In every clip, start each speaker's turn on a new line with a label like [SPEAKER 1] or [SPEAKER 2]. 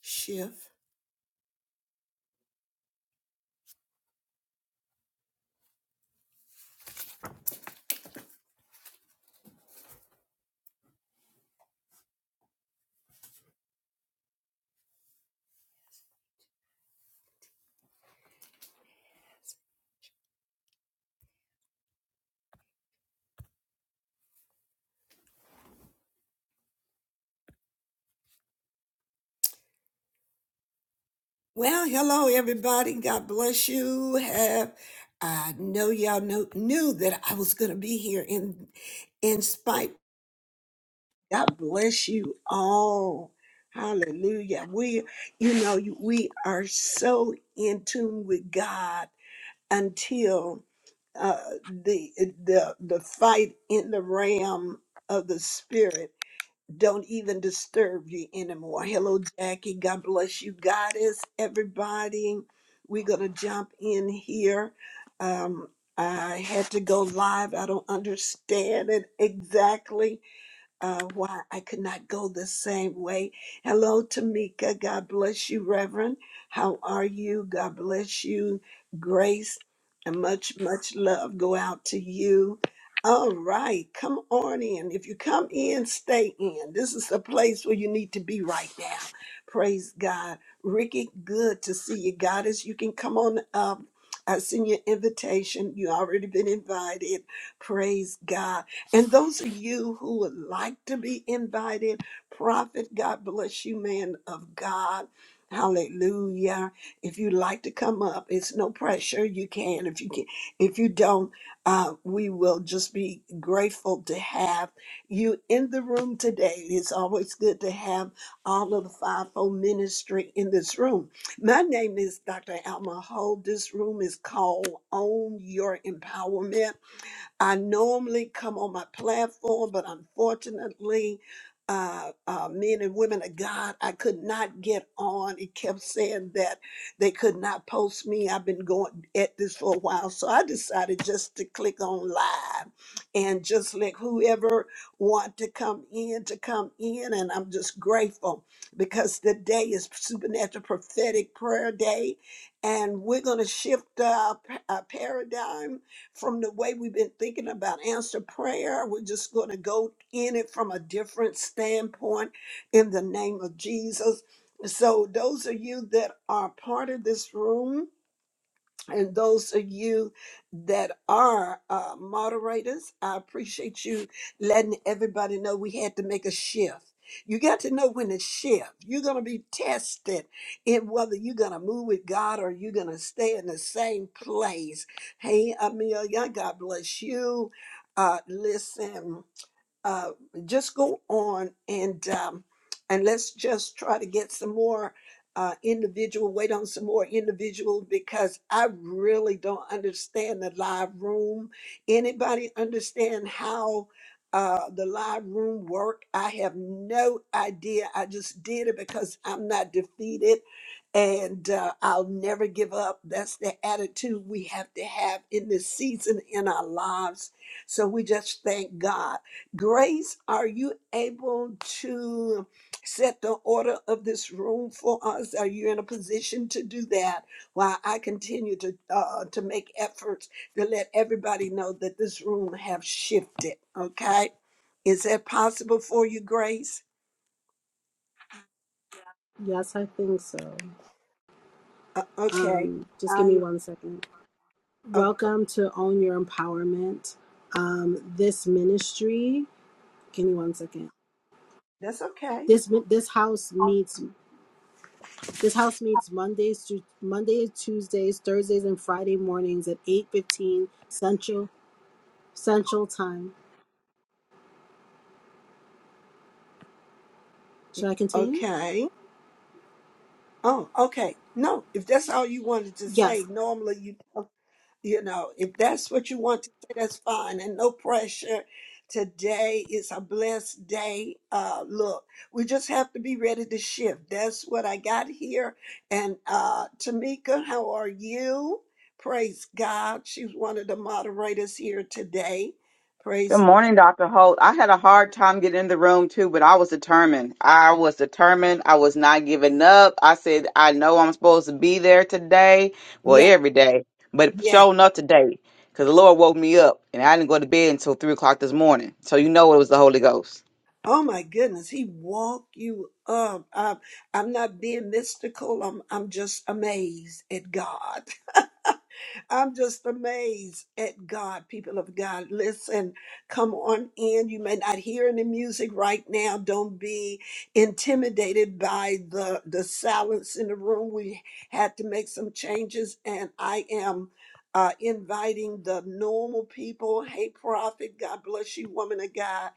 [SPEAKER 1] shift. Well, hello everybody. God bless you. Have I know y'all know, knew that I was going to be here in in spite. God bless you all. Hallelujah. We, you know, you- we are so in tune with God until uh, the the the fight in the realm of the spirit don't even disturb you anymore. Hello, Jackie. God bless you, goddess, everybody. We're going to jump in here. Um, I had to go live. I don't understand it exactly, uh, why I could not go the same way. Hello, Tamika. God bless you, Reverend. How are you? God bless you, Grace. And much, much love go out to you. All right, come on in. If you come in, stay in. This is the place where you need to be right now. Praise God. Ricky, good to see you, Goddess. You can come on up. I send your invitation. You already been invited. Praise God. And those of you who would like to be invited, Prophet, God bless you, man of God. Hallelujah. If you'd like to come up, it's no pressure. You can. If you can, if you don't, uh, we will just be grateful to have you in the room today. It's always good to have all of the fivefold ministry in this room. My name is Dr. Alma Ho. This room is called Own Your Empowerment. I normally come on my platform, but unfortunately, uh, uh, men and women of God, I could not get on. It kept saying that they could not post me. I've been going at this for a while. So I decided just to click on live and just let whoever want to come in to come in. And I'm just grateful because today is supernatural prophetic prayer day. And we're going to shift our, our paradigm from the way we've been thinking about answer prayer. We're just going to go in it from a different standpoint in the name of Jesus. So, those of you that are part of this room, and those of you that are uh, moderators, I appreciate you letting everybody know we had to make a shift. You got to know when to shift. You're going to be tested in whether you're going to move with God or you're going to stay in the same place. Hey, Amelia, God bless you. Uh, listen uh, just go on and um, and let's just try to get some more uh, individual wait on some more individuals because I really don't understand the live room. Anybody understand how uh, the live room work? I have no idea. I just did it because I'm not defeated and uh, I'll never give up. That's the attitude we have to have in this season in our lives. So we just thank God. Grace, are you able to set the order of this room for us? Are you in a position to do that? While I continue to uh, to make efforts to let everybody know that this room have shifted. Okay, is that possible for you, Grace?
[SPEAKER 2] Yes, I think so.
[SPEAKER 1] Uh, okay,
[SPEAKER 2] Um, just give
[SPEAKER 1] I
[SPEAKER 2] me one second.
[SPEAKER 1] uh, okay.
[SPEAKER 2] Welcome to Own Your Empowerment. Um, this ministry. Give me one second.
[SPEAKER 1] That's okay.
[SPEAKER 2] This mi- this house meets this house meets Mondays through Monday, Tuesdays, Thursdays, and Friday mornings at eight fifteen Central Central Time. Should I continue?
[SPEAKER 1] Okay. Oh, okay. No, if that's all you wanted to say,
[SPEAKER 2] Yes.
[SPEAKER 1] normally you you know, if that's what you want to say, that's fine and no pressure. Today is a blessed day. Uh look, we just have to be ready to shift. That's what I got here. And uh Tamika, how are you? Praise God. She's one of the moderators here today.
[SPEAKER 3] Good
[SPEAKER 1] Praise
[SPEAKER 3] morning, Dr. Holt. I had a hard time getting in the room too, but I was determined. I was determined. I was not giving up. I said, I know I'm supposed to be there today. Well,
[SPEAKER 1] yeah,
[SPEAKER 3] every day, but
[SPEAKER 1] yes.
[SPEAKER 3] showing up today because the Lord woke me up and I didn't go to bed until three o'clock this morning. So, you know, it was the Holy Ghost.
[SPEAKER 1] Oh my goodness, he walked you up. I'm, I'm not being mystical. I'm I'm just amazed at God. I'm just amazed at God, people of God. Listen, come on in. You may not hear any music right now. Don't be intimidated by the the silence in the room. We had to make some changes, and I am uh, inviting the normal people. Hey, prophet, God bless you, woman of God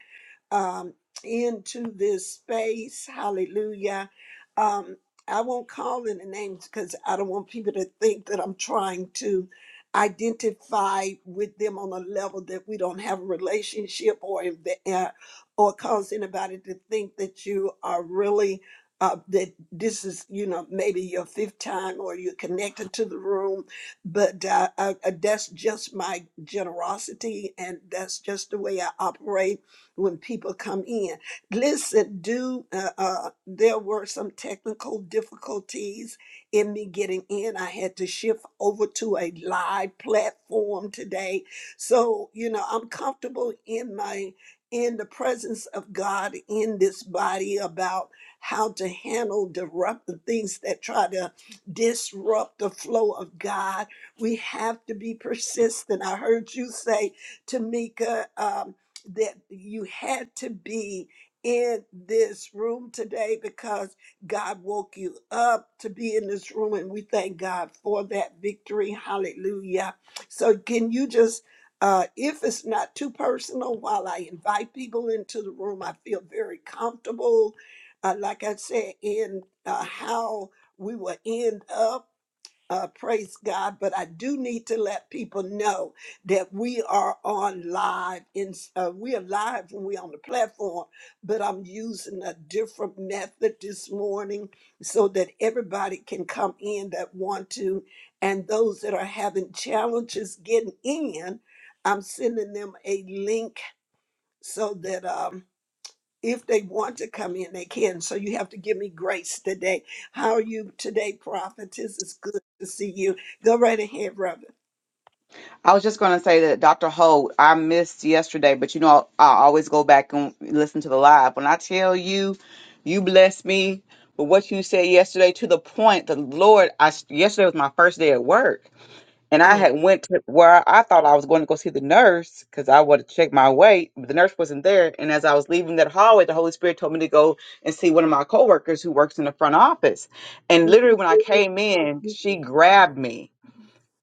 [SPEAKER 1] um, into this space. Hallelujah. Um, I won't call any names because I don't want people to think that I'm trying to identify with them on a level that we don't have a relationship or inve- uh, or cause anybody to think that you are really uh, that this is you know maybe your fifth time or you're connected to the room but uh, uh, uh, that's just my generosity and that's just the way i operate when people come in. Listen, do uh, uh, there were some technical difficulties in me getting in. I had to shift over to a live platform today. So, you know, I'm comfortable in my in the presence of God in this body about how to handle disrupt the things that try to disrupt the flow of God. We have to be persistent. I heard you say, Tamika. Um, that you had to be in this room today because God woke you up to be in this room, and we thank God for that victory. Hallelujah. So, can you just, uh, if it's not too personal, while I invite people into the room, I feel very comfortable. Uh, like I said, in uh, how we will end up uh, praise God. But I do need to let people know that we are on live. In uh, we are live when we're on the platform, but I'm using a different method this morning so that everybody can come in that want to, and those that are having challenges getting in, I'm sending them a link so that. Um, if they want to come in, they can. So you have to give me grace today. How are you today, prophetess? It's good to see you. Go right ahead, brother.
[SPEAKER 3] I was just going to say that Dr. Holt, I missed yesterday, but you know, I always go back and listen to the live. When I tell you, you blessed me with what you said yesterday to the point the Lord, I yesterday was my first day at work, and I
[SPEAKER 1] Oh,
[SPEAKER 3] had went to where I thought I was going to go see the nurse because I wanted to check my weight, but the nurse wasn't there. And as I was leaving that hallway, the Holy Spirit told me to go and see one of my coworkers who works in the front office. And
[SPEAKER 1] mhm.
[SPEAKER 3] literally, when I came in, she grabbed me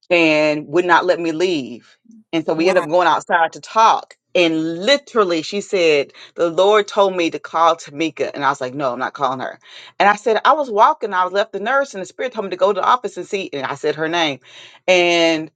[SPEAKER 3] and would not let me leave. And so we ended
[SPEAKER 1] wow.
[SPEAKER 3] up going outside to talk. And literally, she said, The Lord told me to call Tamika. And I was like, No, I'm not calling her. And I said, I was walking, I was left the nurse, and the spirit told me to go to the office and see. And I said her name. And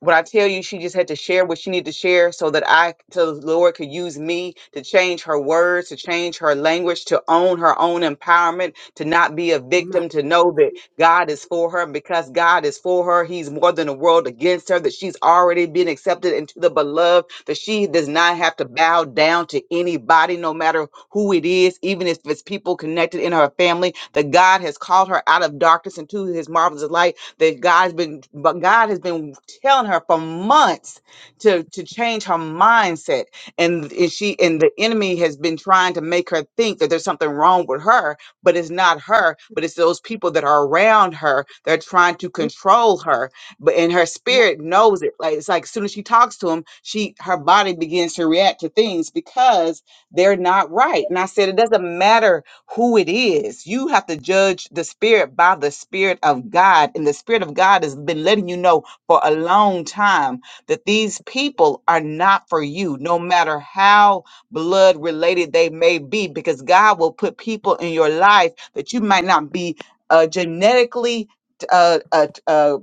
[SPEAKER 3] when I tell you, she just had to share what she needed to share so that I, so the Lord could use me to change her words, to change her language, to own her own empowerment, to not be a
[SPEAKER 1] My,
[SPEAKER 3] victim, to know that God is for her. And because God is for her, He's more than a world against her, that she's already been accepted into the beloved, that she does not have to bow down to anybody, no matter who it is, even if it's people connected in her family, that God has called her out of darkness into his marvelous light. That God's been but God has been telling her for months to, to change her mindset. And, and she and the enemy has been trying to make her think that there's something wrong with her but it's not her, but it's those people that are around her they are trying to
[SPEAKER 1] mm,
[SPEAKER 3] control her. But and her
[SPEAKER 1] my,
[SPEAKER 3] spirit knows it. Like it's like as soon as she talks to him, she her body begins to react to things because they're not right. And I said it doesn't matter who it is. You have to judge the spirit by the spirit of God. And the spirit of God has been letting you know for a long time that these people are not for you, no matter how blood related they may be, because God will put people in your life that you might not be uh, genetically uh, uh, uh,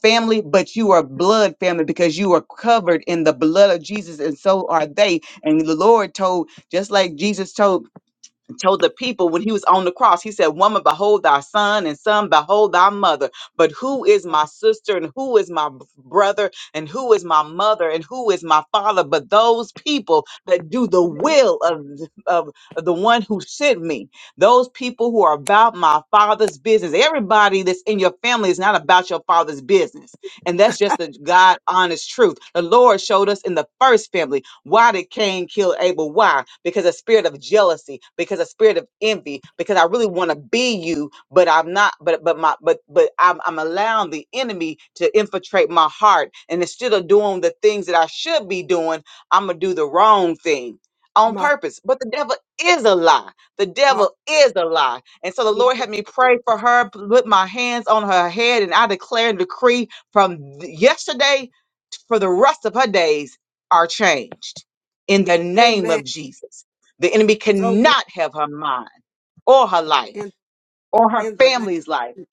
[SPEAKER 3] family, but you are blood family because you are covered in the blood of Jesus, and so are they. And the Lord told, just like Jesus told and told the people when he was on the cross, he said, Woman, behold thy son, and son, behold thy mother. But who is my sister, and who is my b- brother, and who is my mother, and who is my father? But those people that do the will of, of the one who sent me, those people who are about my father's business. Everybody that's in your family is not about your father's business. And that's just the God honest truth. The Lord showed us in the first family why did Cain kill Abel? Why? Because a spirit of jealousy, because a spirit of envy, because I really want to be you, but I'm not, but but my but but I'm I'm allowing the enemy to infiltrate my heart. And instead of doing the things that I should be doing, I'm gonna do the wrong thing on
[SPEAKER 1] my,
[SPEAKER 3] purpose. But the devil is a lie. The
[SPEAKER 1] oh,
[SPEAKER 3] devil is a lie. And so the
[SPEAKER 1] yeah.
[SPEAKER 3] Lord had me pray for her, put my hands on her head, and I declare and decree from th- yesterday for the rest of her days are changed in the name
[SPEAKER 1] Amen.
[SPEAKER 3] of Jesus. The enemy
[SPEAKER 1] So be
[SPEAKER 3] cannot have her mind or her life
[SPEAKER 1] in,
[SPEAKER 3] or her
[SPEAKER 1] in the
[SPEAKER 3] family's life
[SPEAKER 1] name.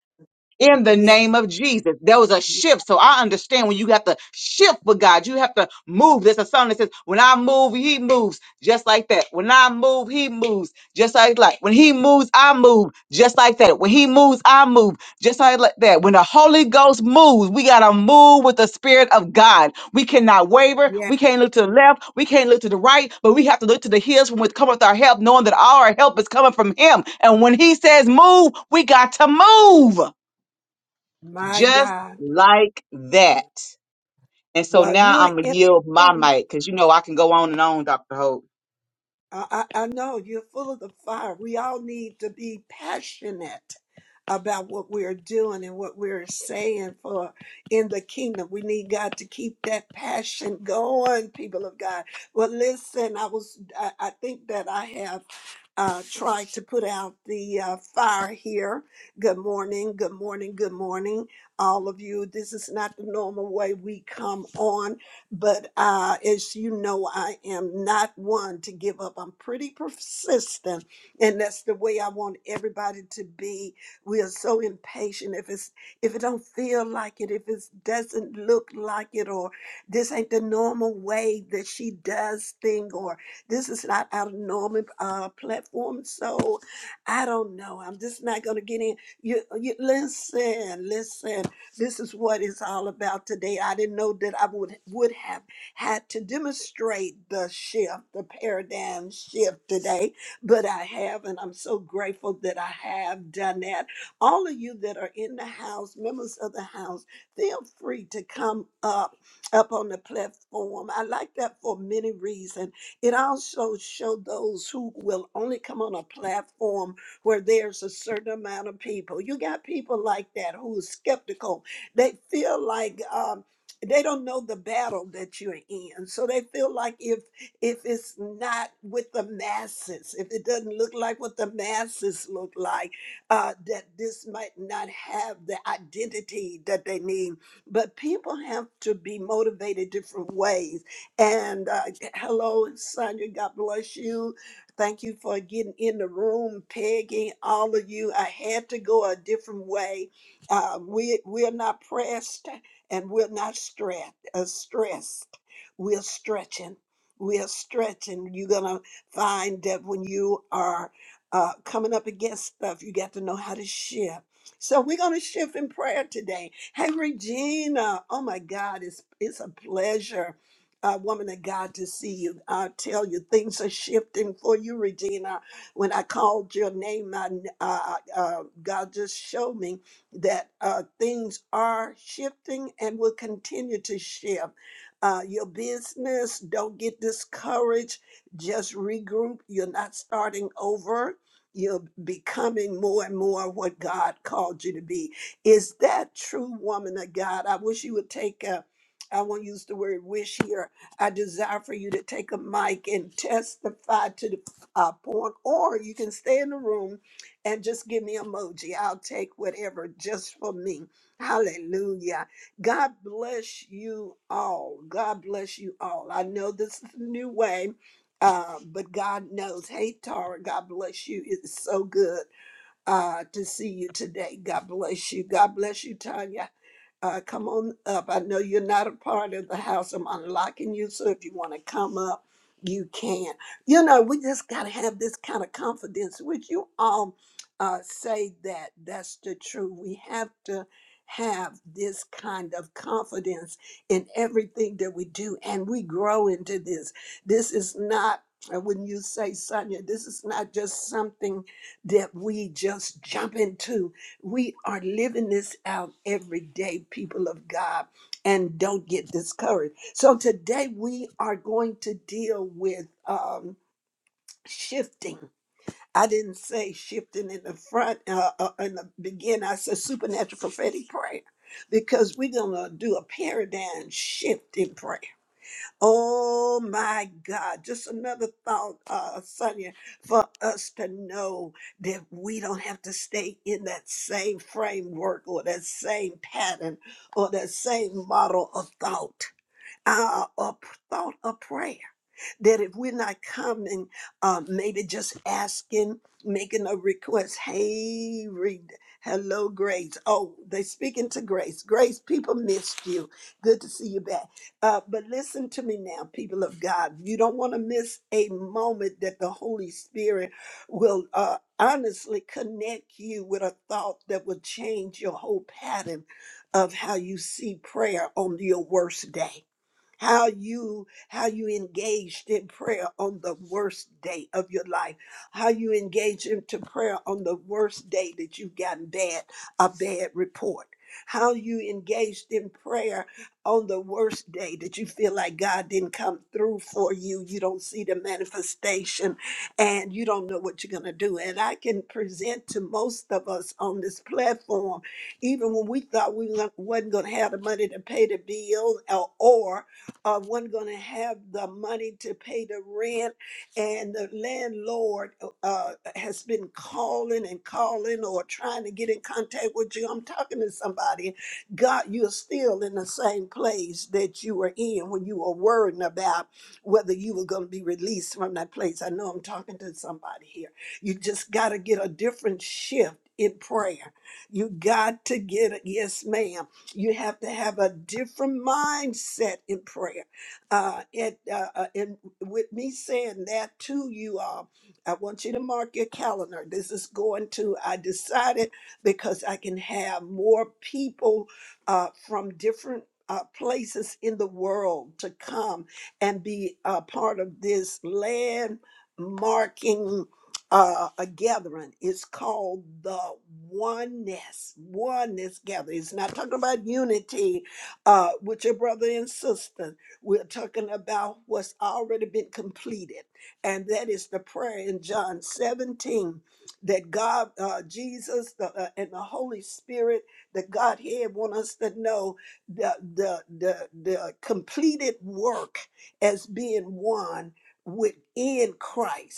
[SPEAKER 3] in the
[SPEAKER 1] Yeah,
[SPEAKER 3] name of Jesus. There was a
[SPEAKER 1] yeah.
[SPEAKER 3] shift. So I understand when you have to shift with God, you have to move. There's a song that says, When I move, he moves, just like that. When I move, he moves, just like that. When he moves, I move, just like that. When he moves, I move, just like like that. When the Holy Ghost moves, we got to move with the Spirit of God. We cannot waver.
[SPEAKER 1] yeah.
[SPEAKER 3] We can't look to the left. We can't look to the right, but we have to look to the hills from which cometh our help, knowing that all our help is coming from him. And when he says move, we got to move.
[SPEAKER 1] My
[SPEAKER 3] Just
[SPEAKER 1] God.
[SPEAKER 3] like that. And so
[SPEAKER 1] Well,
[SPEAKER 3] now
[SPEAKER 1] you're
[SPEAKER 3] I'm going to yield my
[SPEAKER 1] in.
[SPEAKER 3] mic because you know I can go on and on, Dr. Hope.
[SPEAKER 1] I, I I know you're full of the fire. We all need to be passionate about what we're doing and what we're saying for in the kingdom. We need God to keep that passion going, people of God. Well, listen, I was I, I think that I have uh, try to put out the uh, fire here. Good morning, good morning, good morning, all of you. This is not the normal way we come on, but uh, as you know, I am not one to give up. I'm pretty persistent, and that's the way I want everybody to be. We are so impatient if it's if it don't feel like it, if it doesn't look like it, or this ain't the normal way that she does thing, or this is not our normal uh, platform, so I don't know. I'm just not going to get in. You, you listen, listen. This is what it's all about today. I didn't know that I would would have had to demonstrate the shift, the paradigm shift today, but I have, and I'm so grateful that I have done that. All of you that are in the house, members of the house, feel free to come up up on the platform. I like that for many reasons. It also showed those who will only come on a platform where there's a certain amount of people. You got people like that who are skeptical. They feel like um, they don't know the battle that you're in, so they feel like if if it's not with the masses, if it doesn't look like what the masses look like, uh, that this might not have the identity that they need. But people have to be motivated different ways and uh, hello, Sonia. God bless you. Thank you for getting in the room, Peggy. All of you. I had to go a different way. Uh, we we're not pressed and we're not stressed. Uh, stressed. We're stretching. We're stretching. You're gonna find that when you are uh, coming up against stuff, you got to know how to shift. So we're gonna shift in prayer today. Hey, Regina. Oh my God, it's it's a pleasure uh, woman of God, to see you. I tell you, things are shifting for you, Regina. When I called your name, I, kn- uh, uh, uh, God just showed me that uh, things are shifting and will continue to shift. Uh, your business, don't get discouraged. Just regroup. You're not starting over. You're becoming more and more what God called you to be. Is that true, woman of God? I wish you would take a I won't use the word wish here. I desire for you to take a mic and testify to the uh, point, or you can stay in the room and just give me emoji. I'll take whatever just for me. Hallelujah. God bless you all. God bless you all. I know this is a new way, uh, but God knows. Hey, Tara, God bless you. It's so good uh, to see you today. God bless you. God bless you, Tanya. Uh, come on up. I know you're not a part of the house. I'm unlocking you. So if you want to come up, you can. You know, we just got to have this kind of confidence. Would you all uh, say that that's the truth? We have to have this kind of confidence in everything that we do, and we grow into this. This is not, uh, when you say, Sonia, this is not just something that we just jump into. We are living this out every day, people of God, and don't get discouraged. So today we are going to deal with um, shifting. I didn't say shifting in the front uh, uh, in the beginning. I said supernatural prophetic prayer because we're gonna do a paradigm shift in prayer. Oh my God, just another thought, uh, Sonia, for us to know that we don't have to stay in that same framework or that same pattern or that same model of thought, uh, or p- thought of prayer that if we're not coming, uh, maybe just asking, making a request, hey, read, hello, Grace. Oh, they speaking to Grace. Grace, people missed you. Good to see you back. Uh, but listen to me now, people of God. You don't want to miss a moment that the Holy Spirit will uh, honestly connect you with a thought that will change your whole pattern of how you see prayer on your worst day how you how you engaged in prayer on the worst day of your life how you engaged into prayer on the worst day that you've gotten bad a bad report how you engaged in prayer on the worst day that you feel like God didn't come through for you you don't see the manifestation and you don't know what you're going to do and I can present to most of us on this platform even when we thought we wa- wasn't going to have the money to pay the bill or, of one going to have the money to pay the rent and the landlord uh, uh, has been calling and calling or trying to get in contact with you i'm talking to somebody god you're still in the same place that you were in when you were worrying about whether you were going to be released from that place i know i'm talking to somebody here you just got to get a different shift in prayer you got to get it yes ma'am you have to have a different mindset in prayer. Uh, and, uh, uh, and with me saying that to you all, I want you to mark your calendar. This is going to, I decided because I can have more people uh, from different uh, places in the world to come and be a part of this landmarking uh, a gathering. It's called the oneness, oneness gathering. It's not talking about unity uh, with your brother and sister. We're talking about what's already been completed. And that is the prayer in John 17 that God, uh, Jesus, the, uh, and the Holy Spirit, the Godhead want us to know the, the, the, the completed work as being one within Christ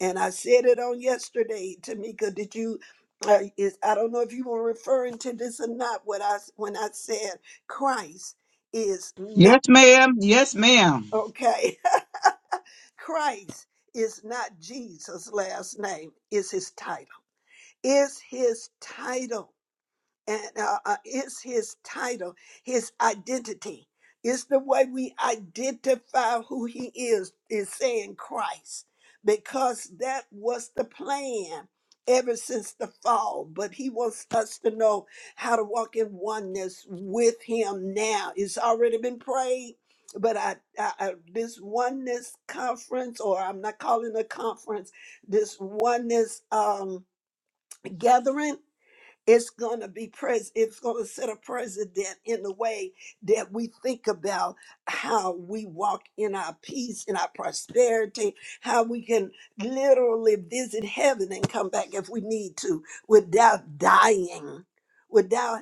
[SPEAKER 1] and I said it on yesterday, Tamika. Did you? Uh, is I don't know if you were referring to this or not. What I s- when I said Christ is not
[SPEAKER 3] Yes, ma'am. Yes, ma'am.
[SPEAKER 1] okay. Christ is not Jesus' last name. Is his title. Is his title. and uh, uh, it's his title, his identity. It's the way we identify who he is, is saying Christ, because that was the plan ever since the fall. But he wants us to know how to walk in oneness with him now. It's already been prayed. But I, I, I- this oneness conference, or I'm not calling it a conference, this oneness um, gathering it's going to be pres. It's going to set a precedent in the way that we think about how we walk in our peace, in our prosperity, how we can literally visit heaven and come back if we need to without dying, without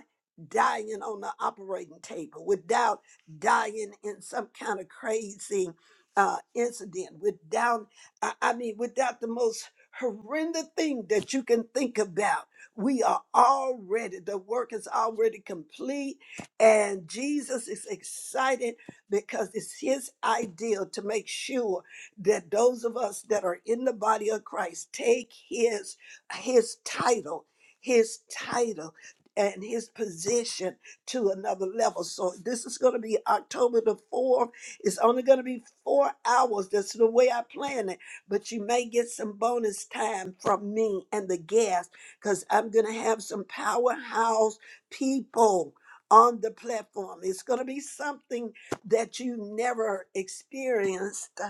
[SPEAKER 1] dying on the operating table, without dying in some kind of crazy uh, incident, without, I I mean, without the most horrendous thing that you can think about we are already, the work is already complete. And Jesus is excited because it's his ideal to make sure that those of us that are in the body of Christ take his his title, his title and his position to another level. So this is going to be October the 4th. It's only going to be 4 hours. That's the way I plan it, but you may get some bonus time from me and the guest because I'm going to have some powerhouse people on the platform. It's going to be something that you never experienced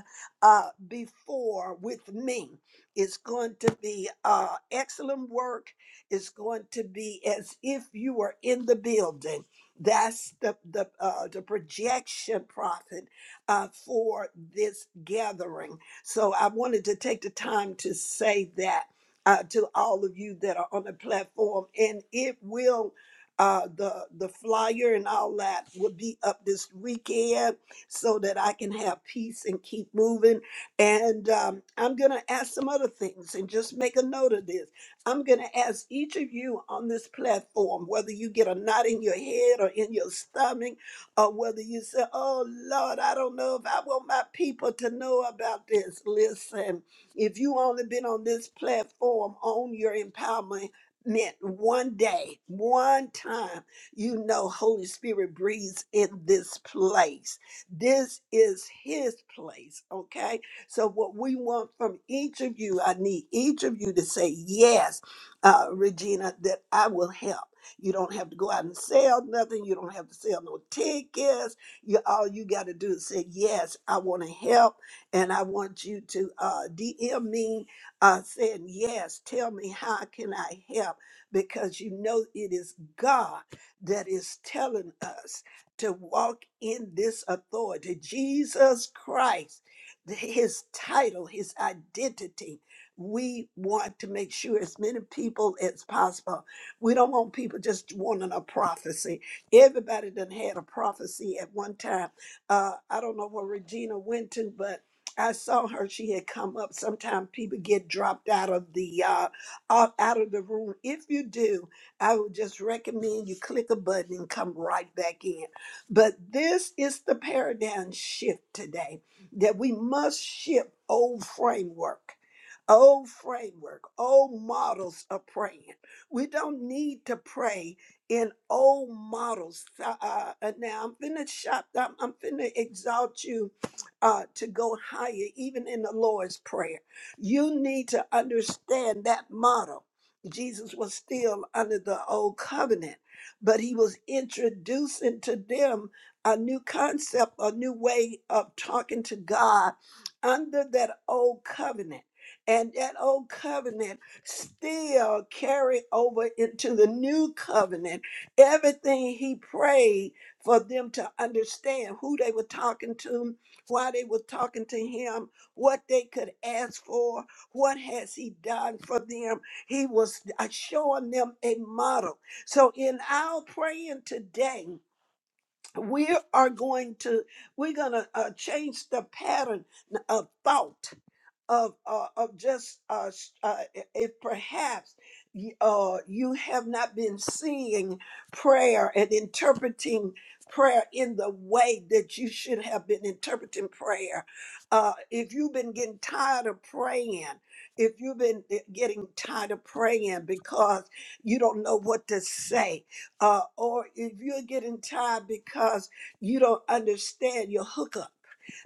[SPEAKER 1] uh, before with me. It's going to be uh, excellent work. It's going to be as if you were in the building. That's the the uh, the projection prophet uh, for this gathering. So I wanted to take the time to say that uh, to all of you that are on the platform, and it will. Uh, the the flyer and all that will be up this weekend so that I can have peace and keep moving. And um, I'm gonna ask some other things and just make a note of this. I'm gonna ask each of you on this platform whether you get a knot in your head or in your stomach, or whether you say, "Oh Lord, I don't know if I want my people to know about this." Listen, if you only been on this platform on your empowerment meant one day, one time, you know Holy Spirit breathes in this place. This is his place, okay? So what we want from each of you, I need each of you to say, yes, uh, Regina, that I will help. You don't have to go out and sell nothing. You don't have to sell no tickets. You all you got to do is say, yes, I want to help and I want you to uh, DM me uh, saying, Yes, tell me how can I help? Because you know it is God that is telling us to walk in this authority. Jesus Christ, th- his title, his identity. We want to make sure as many people as possible. We don't want people just wanting a prophecy. Everybody done had a prophecy at one time. Uh, I don't know where Regina went to, but I saw her. She had come up. Sometimes people get dropped out of the uh, out out of the room. If you do, I would just recommend you click a button and come right back in. But this is the paradigm shift today that we must shift old framework, old framework, old models of praying. We don't need to pray in old models. Uh, uh, now I'm finna shop. I'm, I'm finna exalt you uh, to go higher, even in the Lord's Prayer. You need to understand that model. Jesus was still under the old covenant, but he was introducing to them a new concept, a new way of talking to God under that old covenant. And that old covenant still carried over into the new covenant. Everything he prayed for them to understand who they were talking to, while they were talking to him, what they could ask for, what has he done for them. He was uh, showing them a model. So in our praying today, we are going to we're going to uh, change the pattern uh, of thought of uh, of just uh, s- uh, i- if perhaps y- uh, you have not been seeing prayer and interpreting prayer in the way that you should have been interpreting prayer. Uh, if you've been getting tired of praying, if you've been eh, getting tired of praying because you don't know what to say, uh, or if you're getting tired because you don't understand your hookup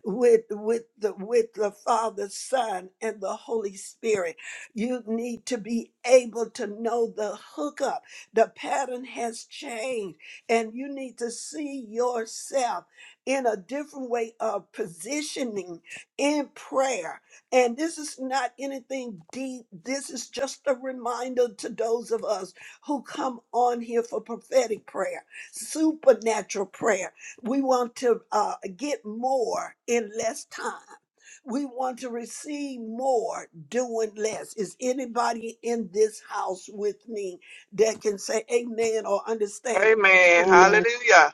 [SPEAKER 1] with with the with the Father, Son, and the Holy Spirit. You need to be able to know the hookup. The pattern has changed, and you need to see yourself in a different way of positioning in prayer. And this is not anything deep. This is just a reminder to those of us who come on here for prophetic prayer, supernatural prayer. We want to uh, get more in less time. We want to receive more doing less. Is anybody in this house with me that can say amen or understand? what I'm
[SPEAKER 4] Amen.
[SPEAKER 1] saying?
[SPEAKER 2] Amen.
[SPEAKER 4] Hallelujah.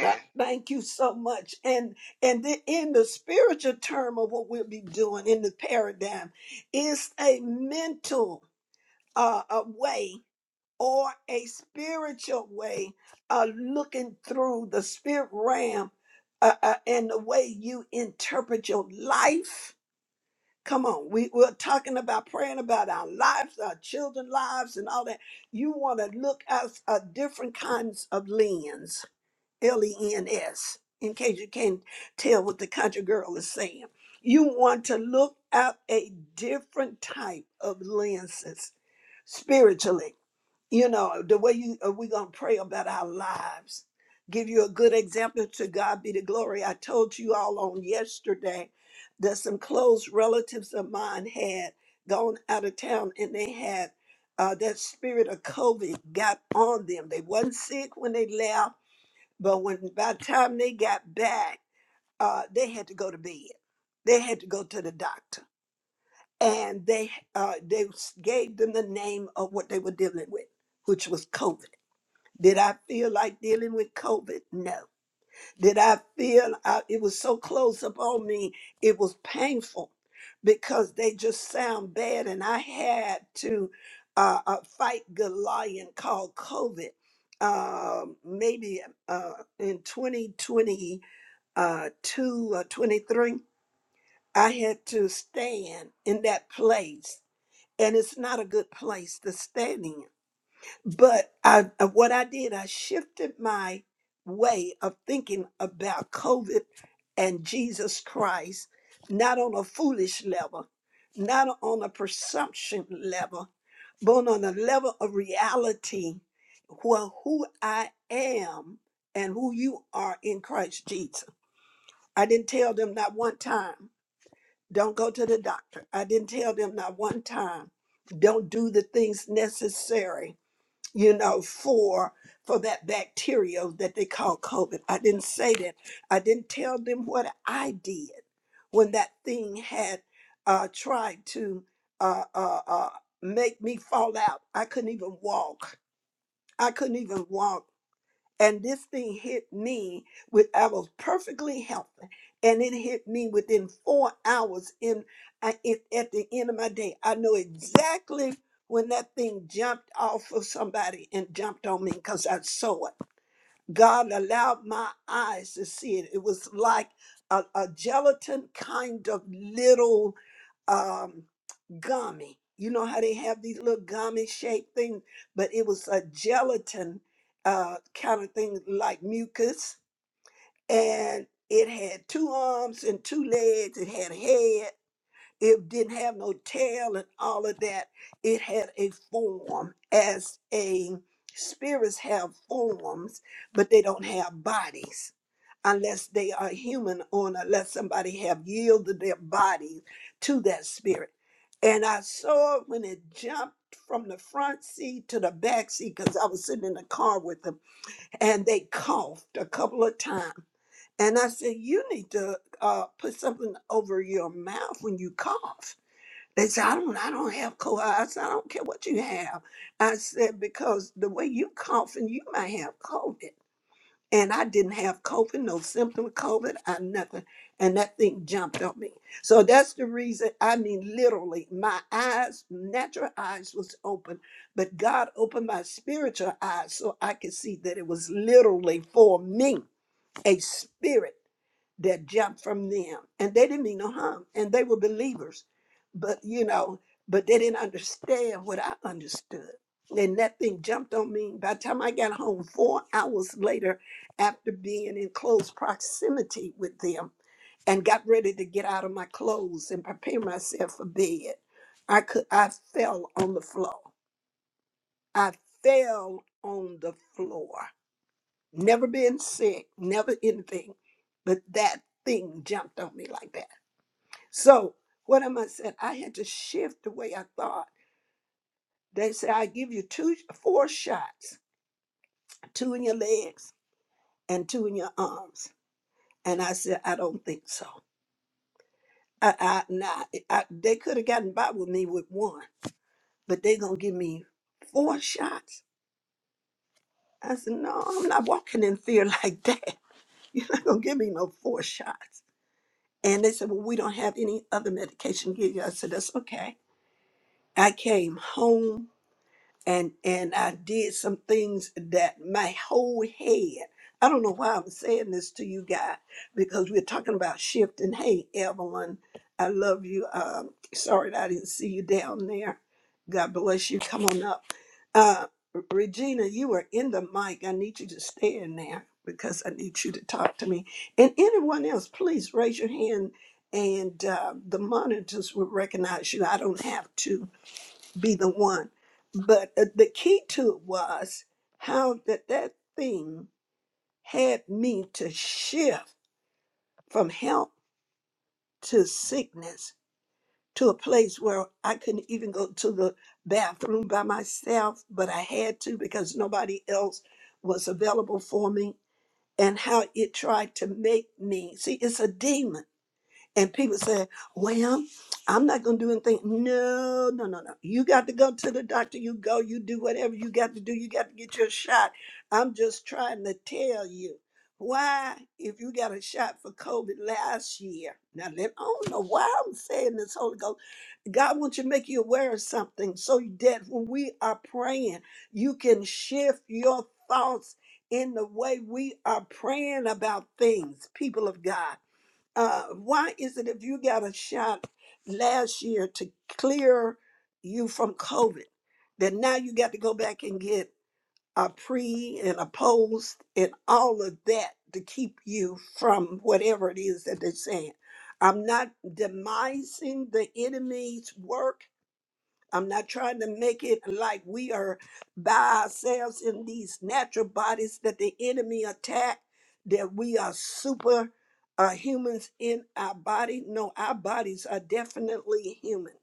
[SPEAKER 1] Uh, Thank you so much. And and then in the spiritual term of what we'll be doing in the paradigm, it's a mental uh, a way or a spiritual way of looking through the spirit realm uh, uh, and the way you interpret your life. Come on, we, we're talking about praying about our lives, our children's lives, and all that. You want to look at uh, different kinds of lens, L E N S, in case you can't tell what the country girl is saying. You want to look at a different type of lenses spiritually you know the way you uh, we gonna pray about our lives give you a good example to god be the glory i told you all on yesterday that some close relatives of mine had gone out of town and they had uh, that spirit of covid got on them they wasn't sick when they left but when by the time they got back uh, they had to go to bed they had to go to the doctor and they uh, they gave them the name of what they were dealing with which was covid did I feel like dealing with COVID? No. Did I feel I, it was so close upon me? It was painful because they just sound bad, and I had to uh, uh, fight Goliath called COVID. Um, maybe uh, in 2022 or 23, I had to stand in that place, and it's not a good place to stand in but I, uh, what I did, I shifted my way of thinking about COVID and Jesus Christ, not on a foolish level, not on a presumption level, but on a level of reality where who I am and who you are in Christ Jesus. I didn't tell them not one time, don't go to the doctor. I didn't tell them not one time, don't do the things necessary you know, for for that bacteria that they call COVID. I didn't say that. I didn't tell them what I did when that thing had uh, tried to uh, uh, uh, make me fall out. I couldn't even walk. I couldn't even walk and this thing hit me with I was perfectly healthy, and it hit me within four hours. In, I, it, at the end of my day, I know exactly when that thing jumped off of somebody and jumped on me because I saw it. God allowed my eyes to see it. It was like a, a gelatin kind of little. um, gummy. You know how they have these little gummy shaped things, but it was a gelatin uh, kind of thing like mucus. And it had two arms and two legs. It had a head. It didn't have no tail and all of that. It had a form as a spirits have forms, but they don't have bodies unless they are human or unless somebody have yielded their bodies to that spirit. And I saw it when it jumped from the front seat to the back seat because I was sitting in the car with them and they coughed a couple of times. And I said, You need to uh, put something over your mouth when you cough. They said, I don't I don't have cold. I said, I don't care what you have. I said, because the way you coughing, you might have COVID and I didn't have COVID, no symptom of COVID, I nothing. And that thing jumped on me. So that's the reason, I mean, literally, my eyes, natural eyes was open, but God opened my spiritual eyes so I could see that it was literally for me, a spirit that jumped from them and they didn't mean no harm and they were believers but you know but they didn't understand what i understood and that thing jumped on me by the time i got home four hours later after being in close proximity with them and got ready to get out of my clothes and prepare myself for bed i could i fell on the floor i fell on the floor never been sick, never anything, but that thing jumped on me like that. So what am I saying? I had to shift the way I thought. They say I give you two, four shots, two in your legs and two in your arms, and I said I don't think so. I, I nah, I, they could have gotten by with me with one, but they gonna give me four shots. I said no, I'm not walking in fear like that. You're not gonna give me no four shots. And they said, Well, we don't have any other medication to give you. I said, That's okay. I came home and and I did some things that my whole head. I don't know why I'm saying this to you guys because we're talking about shifting. Hey, Evelyn, I love you. Um, sorry that I didn't see you down there. God bless you. Come on up. Uh, Regina, you are in the mic. I need you to stay in there because I need you to talk to me. And anyone else, please raise your hand and uh, the monitors will recognize you. I don't have to be the one. But uh, the key to it was how that that thing had me to shift from health to sickness to a place where I couldn't even go to the bathroom by myself, but I had to because nobody else was available for me. And how it tried to make me see, it's a demon And people say, well, I'm not going to do anything. No, no, no, no. You got to go to the doctor. You go, you do whatever you got to do. You got to get your shot. I'm just trying to tell you why, if you got a shot for COVID last year, now let, I don't know why I'm saying this, Holy Ghost. God wants you to make you aware of something so that when we are praying, you can shift your thoughts in the way we are praying about things, people of God uh, why is it if you got a shot last year to clear you from COVID, that now you got to go back and get a pre and a post and all of that to keep you from whatever it is that they're saying? I'm not demising the enemy's work I'm not trying to make it like we are by ourselves in these natural bodies that the enemy attack, that we are super uh, humans in our body. No, our bodies are definitely human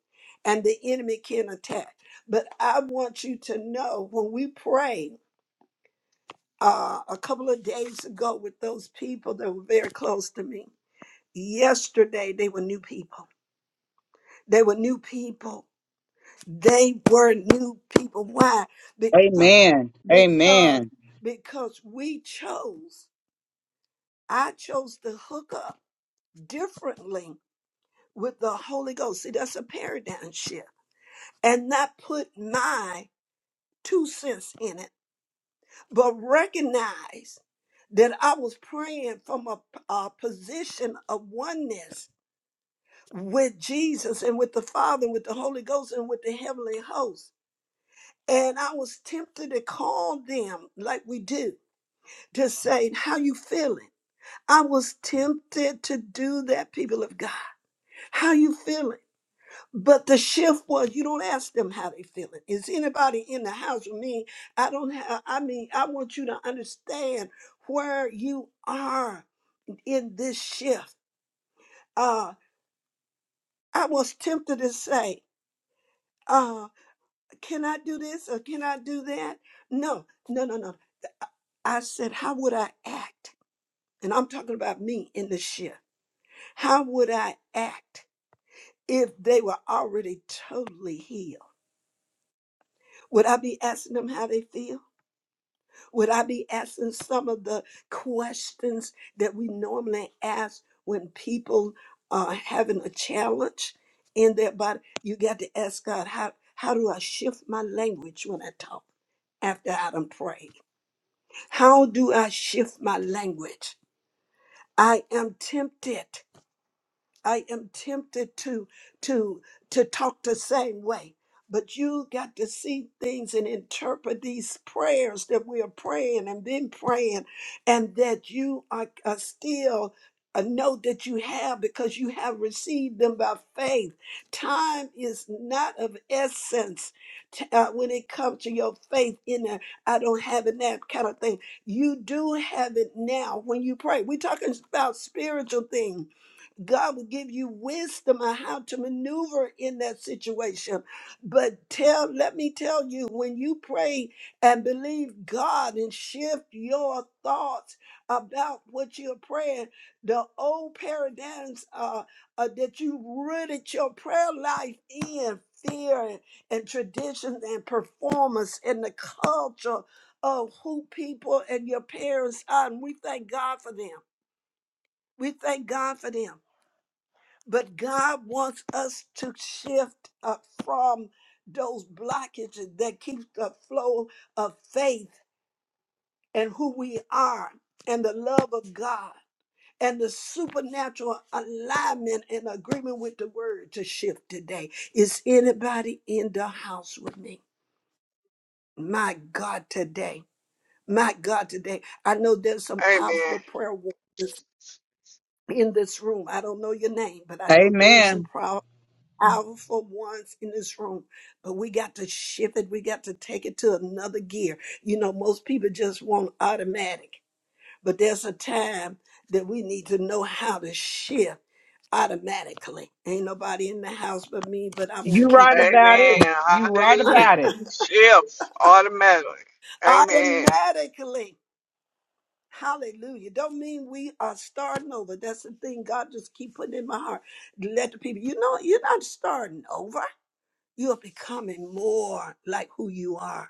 [SPEAKER 1] and the enemy can attack. But I want you to know when we pray uh, a couple of days ago with those people that were very close to me, yesterday they were new people. They were new people they were new people. Why? Because
[SPEAKER 3] Amen.
[SPEAKER 1] because
[SPEAKER 3] Amen.
[SPEAKER 1] because we chose. I chose to hook up differently with the Holy Ghost. See, that's a paradigm shift, and not put my two cents in it, but recognize that I was praying from a, a position of oneness with Jesus and with the Father and with the Holy Ghost and with the heavenly host. And I was tempted to call them like we do to say how you feeling. I was tempted to do that, people of God. How you feeling? But the shift was you don't ask them how they feeling. Is anybody in the house with me? I don't have I mean, I want you to understand where you are in this shift. Uh I was tempted to say, uh, can I do this or can I do that? No, no, no, no. I said, how would I act? And I'm talking about me in this shift. How would I act? if they were already totally healed? Would I be asking them how they feel? Would I be asking some of the questions that we normally ask when people are having a challenge in their body? You got to ask God, how, how do I shift my language when I talk after I done prayed? How do I shift my language? I am tempted. I am tempted to to to talk the same way. But you got to see things and interpret these prayers that we are praying and been praying, and that you are, are still uh, know that you have because you have received them by faith. Time is not of essence t- uh, when it comes to your faith in a I don't have it now kind of thing. You do have it now when you pray. We're talking about spiritual things God will give you wisdom on how to maneuver in that situation. But tell, let me tell you, when you pray and believe God and shift your thoughts about what you're praying, the old paradigms uh, uh, that you rooted your prayer life in fear and, and tradition and performance and the culture of who people and your parents are. And we thank God for them. We thank God for them. But God wants us to shift uh, from those blockages that keep the flow of faith and who we are and the love of God and the supernatural alignment and agreement with the word to shift today. Is anybody in the house with me? My God, today. My God, today. I know there's some
[SPEAKER 4] Amen.
[SPEAKER 1] powerful prayer wa- in this room. I don't know your name, but I know there's some
[SPEAKER 3] Amen.
[SPEAKER 1] power. powerful ones in this room, but we got to shift it. We got to take it to another gear. You know, most people just want automatic, but there's a time that we need to know how to shift automatically. Ain't nobody in the house but me, but I'm going to
[SPEAKER 3] You
[SPEAKER 1] keep
[SPEAKER 3] right about it.
[SPEAKER 4] Amen.
[SPEAKER 3] You right
[SPEAKER 1] right.
[SPEAKER 4] Hallelujah.
[SPEAKER 3] about it.
[SPEAKER 4] Shifts automatically. Amen.
[SPEAKER 1] automatically. Hallelujah. Don't mean we are starting over. That's the thing God just keep putting in my heart. Let the people, you know, you're not starting over. You're becoming more like who you are.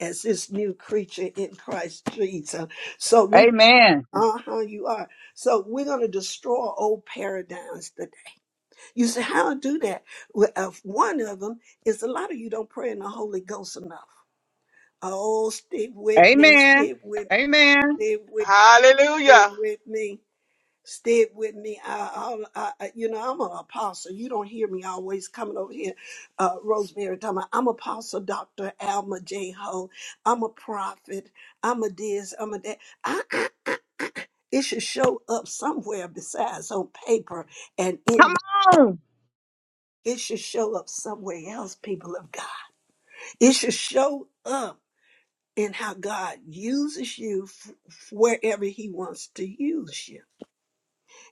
[SPEAKER 1] as this new creature in Christ Jesus. So we,
[SPEAKER 3] Amen.
[SPEAKER 1] uh huh, you are. So we're going to destroy old paradigms. That you say, how to do that? Well, uh, one of them is a lot of you don't pray in the Holy Ghost enough. Oh, stick with me,
[SPEAKER 3] Amen.
[SPEAKER 1] stick with,
[SPEAKER 3] Amen.
[SPEAKER 1] stick with, stick
[SPEAKER 4] Hallelujah.
[SPEAKER 1] with me stayed with me. I, I, I, you know, I'm an apostle. You don't hear me always coming over here, uh, Rosemary, talking about, I'm apostle Dr. Alma J. Ho. I'm a prophet. I'm a this, I'm a that. I, I, it should show up somewhere besides on paper and in
[SPEAKER 3] Come on.
[SPEAKER 1] it should show up somewhere else, people of God. It should show up in how God uses you f- wherever He wants to use you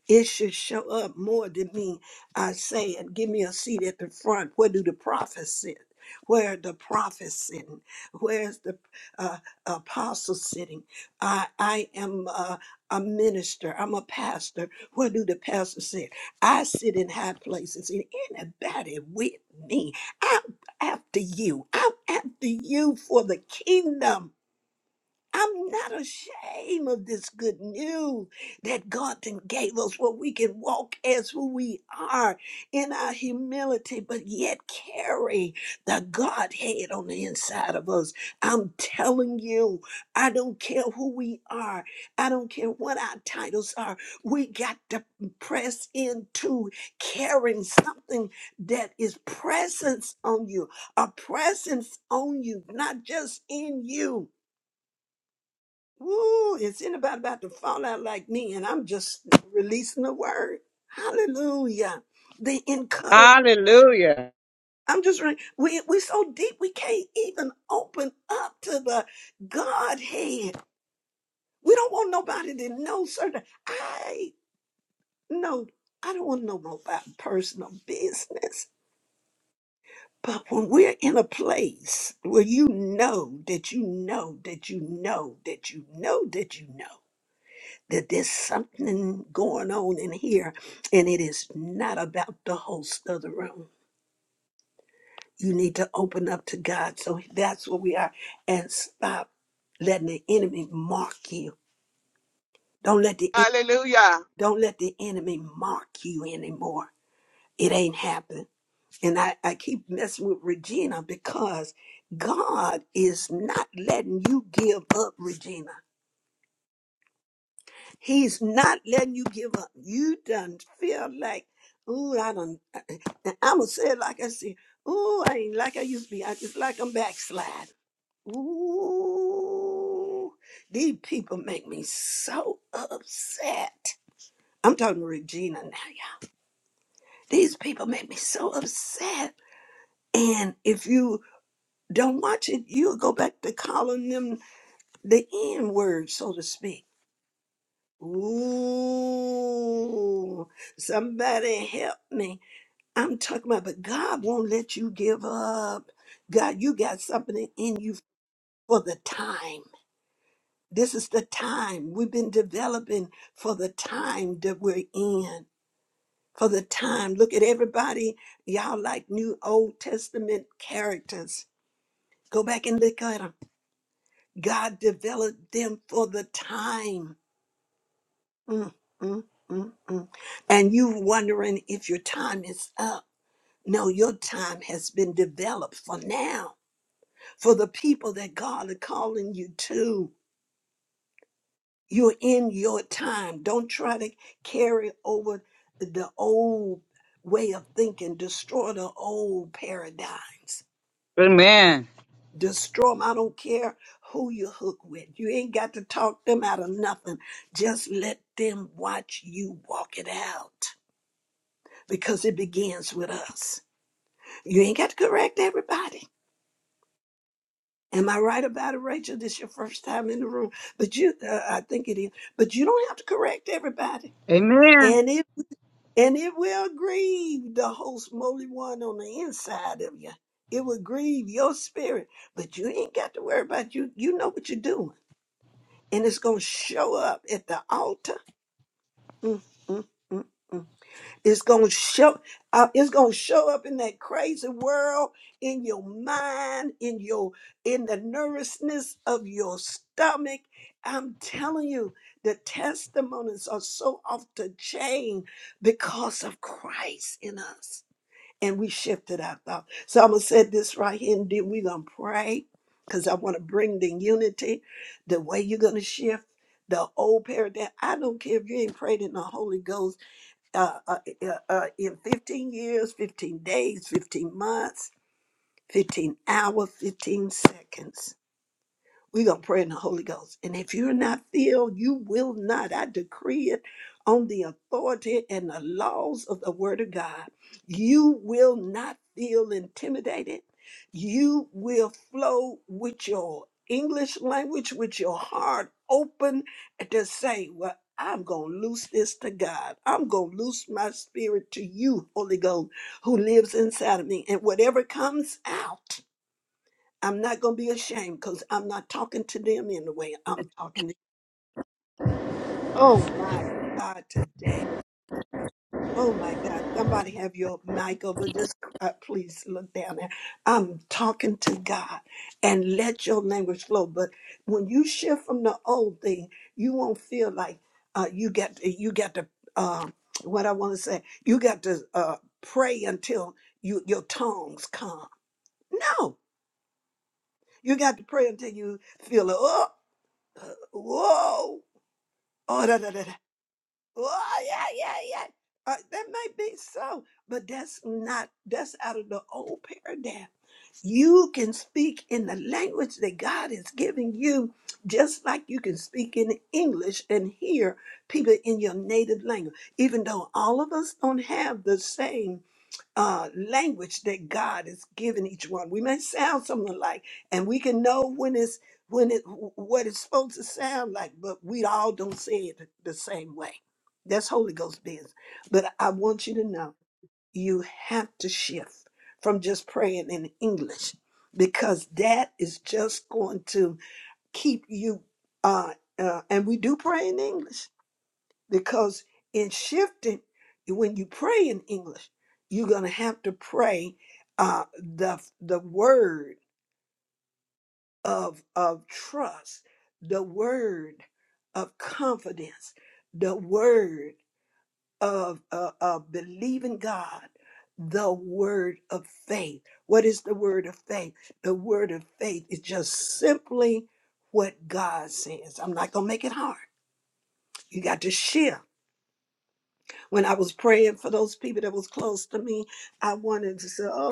[SPEAKER 1] It should show up more than me uh, saying, Give me a seat at the front. Where do the prophets sit? Where are the prophets sitting? Where's the uh, apostle sitting? I, I am uh, a minister. I'm a pastor. Where do the pastors sit? I sit in high places, and anybody with me, I'm after you. I'm after you for the kingdom. I'm not ashamed of this good news that God then gave us where we can walk as who we are in our humility, but yet carry the Godhead on the inside of us. I'm telling you, I don't care who we are, I don't care what our titles are. We got to press into carrying something that is presence on you, a presence on you, not just in you Woo, is anybody about to fall out like me? And I'm just releasing the word. Hallelujah. They encourage.
[SPEAKER 3] Hallelujah.
[SPEAKER 1] I'm just, re- we, we so deep, we can't even open up to the Godhead. We don't want nobody to know certain. I know, I don't want to know about personal business. But when we're in a place where you know that you know that you know that you know that you know. that there's something going on in here and it is not about the host of the room. You need to open up to God. So that's where we are. And stop letting the enemy mark you. Don't let the en-
[SPEAKER 4] Hallelujah.
[SPEAKER 1] don't let the enemy mark you anymore. It ain't happened. And I, I keep messing with Regina because God is not letting you give up, Regina. He's not letting you give up. You done feel like, ooh, I done, I'ma say it like I said, ooh, I ain't like I used to be. I just like I'm backsliding. Ooh, these people make me so upset. I'm talking to Regina now, y'all. These people make me so upset. And if you don't watch it, you'll go back to calling them the N word, so to speak. Ooh, somebody help me. I'm talking about, but God won't let you give up. God, you got something in you for the time. This is the time we've been developing for the time that we're in. For the time. Look at everybody. Y'all like new Old Testament characters. Go back and look at them. God developed them for the time. mm, mm, mm, mm. And you wondering if your time is up. No, your time has been developed for now, for the people that God is calling you to. You're in your time. Don't try to carry over the old way of thinking, destroy the old paradigms.
[SPEAKER 3] Amen.
[SPEAKER 1] Destroy them. I don't care who you hook with. You ain't got to talk them out of nothing. Just let them watch you walk it out because it begins with us. You ain't got to correct everybody. Am I right about it, Rachel? This is your first time in the room, but you—I think it is. But you don't have to correct everybody,
[SPEAKER 3] Amen.
[SPEAKER 1] and it and it will grieve the host moly one on the inside of you. It will grieve your spirit, but you ain't got to worry about it. you. You know what you're doing, and it's gonna show up at the altar. Mm, mm, mm. mm. It's gonna show. Uh, it's gonna show up in that crazy world, in your mind, in your in the nervousness of your stomach. I'm telling you, the testimonies are so off the chain because of Christ in us, and we shifted our thought. So I'm gonna say this right here, and then we're gonna pray because I want to bring the unity. The way you're gonna shift the old paradigm. I don't care if you ain't prayed in the Holy Ghost uh, uh, uh, uh, in 15 years, 15 days, 15 months, 15 hours, 15 seconds. We're going to pray in the Holy Ghost. And if you're not filled, you will not. I decree it on the authority and the laws of the Word of God. You will not feel intimidated. You will flow with your English language, with your heart open to say, Well, I'm going to loose this to God. I'm going to loose my spirit to you, Holy Ghost, who lives inside of me. And whatever comes out, I'm not going to be ashamed because I'm not talking to them in the way I'm talking to you. Oh my God, today. Oh my God. Somebody have your mic over. Just uh, please look down there. I'm talking to God and let your language flow. But when you shift from the old thing, you won't feel like uh, you got you got to, uh, what I want to say, you got to uh, pray until you your tongues calm. No, you got to pray until you feel, oh, whoa. Oh, da, da, da, da. oh yeah, yeah, yeah. Uh, that might be so, but that's not, that's out of the old paradigm. You can speak in the language that God is giving you, just like you can speak in English and hear people in your native language. Even though all of us don't have the same uh, language that God has given each one. We may sound something like, and we can know when it's when it what it's supposed to sound like, but we all don't say it the same way. That's Holy Ghost business. But I want you to know you have to shift from just praying in English because that is just going to keep you. Uh, uh, and we do pray in English because in shifting when you pray in english you're going to have to pray uh, the the word of of trust the word of confidence the word of uh, of believing god the word of faith what is the word of faith the word of faith is just simply what god says i'm not going to make it hard you got to shift when I was praying for those people that was close to me, I wanted to say, "Oh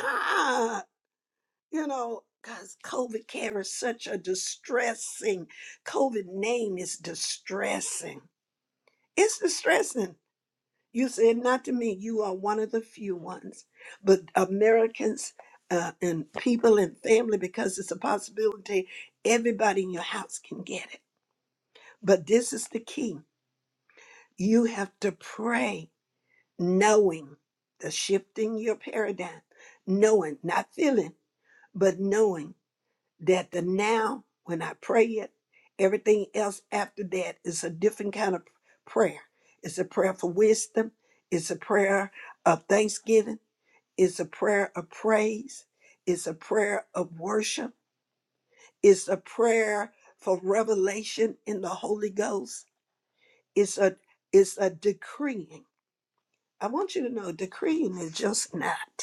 [SPEAKER 1] God," you know, because COVID carries such a distressing. COVID name is distressing. It's distressing. You said not to me. You are one of the few ones, but Americans uh, and people and family, because it's a possibility. Everybody in your house can get it. But this is the key. You have to pray knowing the shifting your paradigm, knowing, not feeling, but knowing that the now, when I pray it, everything else after that is a different kind of prayer. It's a prayer for wisdom, it's a prayer of thanksgiving, it's a prayer of praise, it's a prayer of worship, it's a prayer for revelation in the Holy Ghost. It's a it's a decreeing. I want you to know decreeing is just not.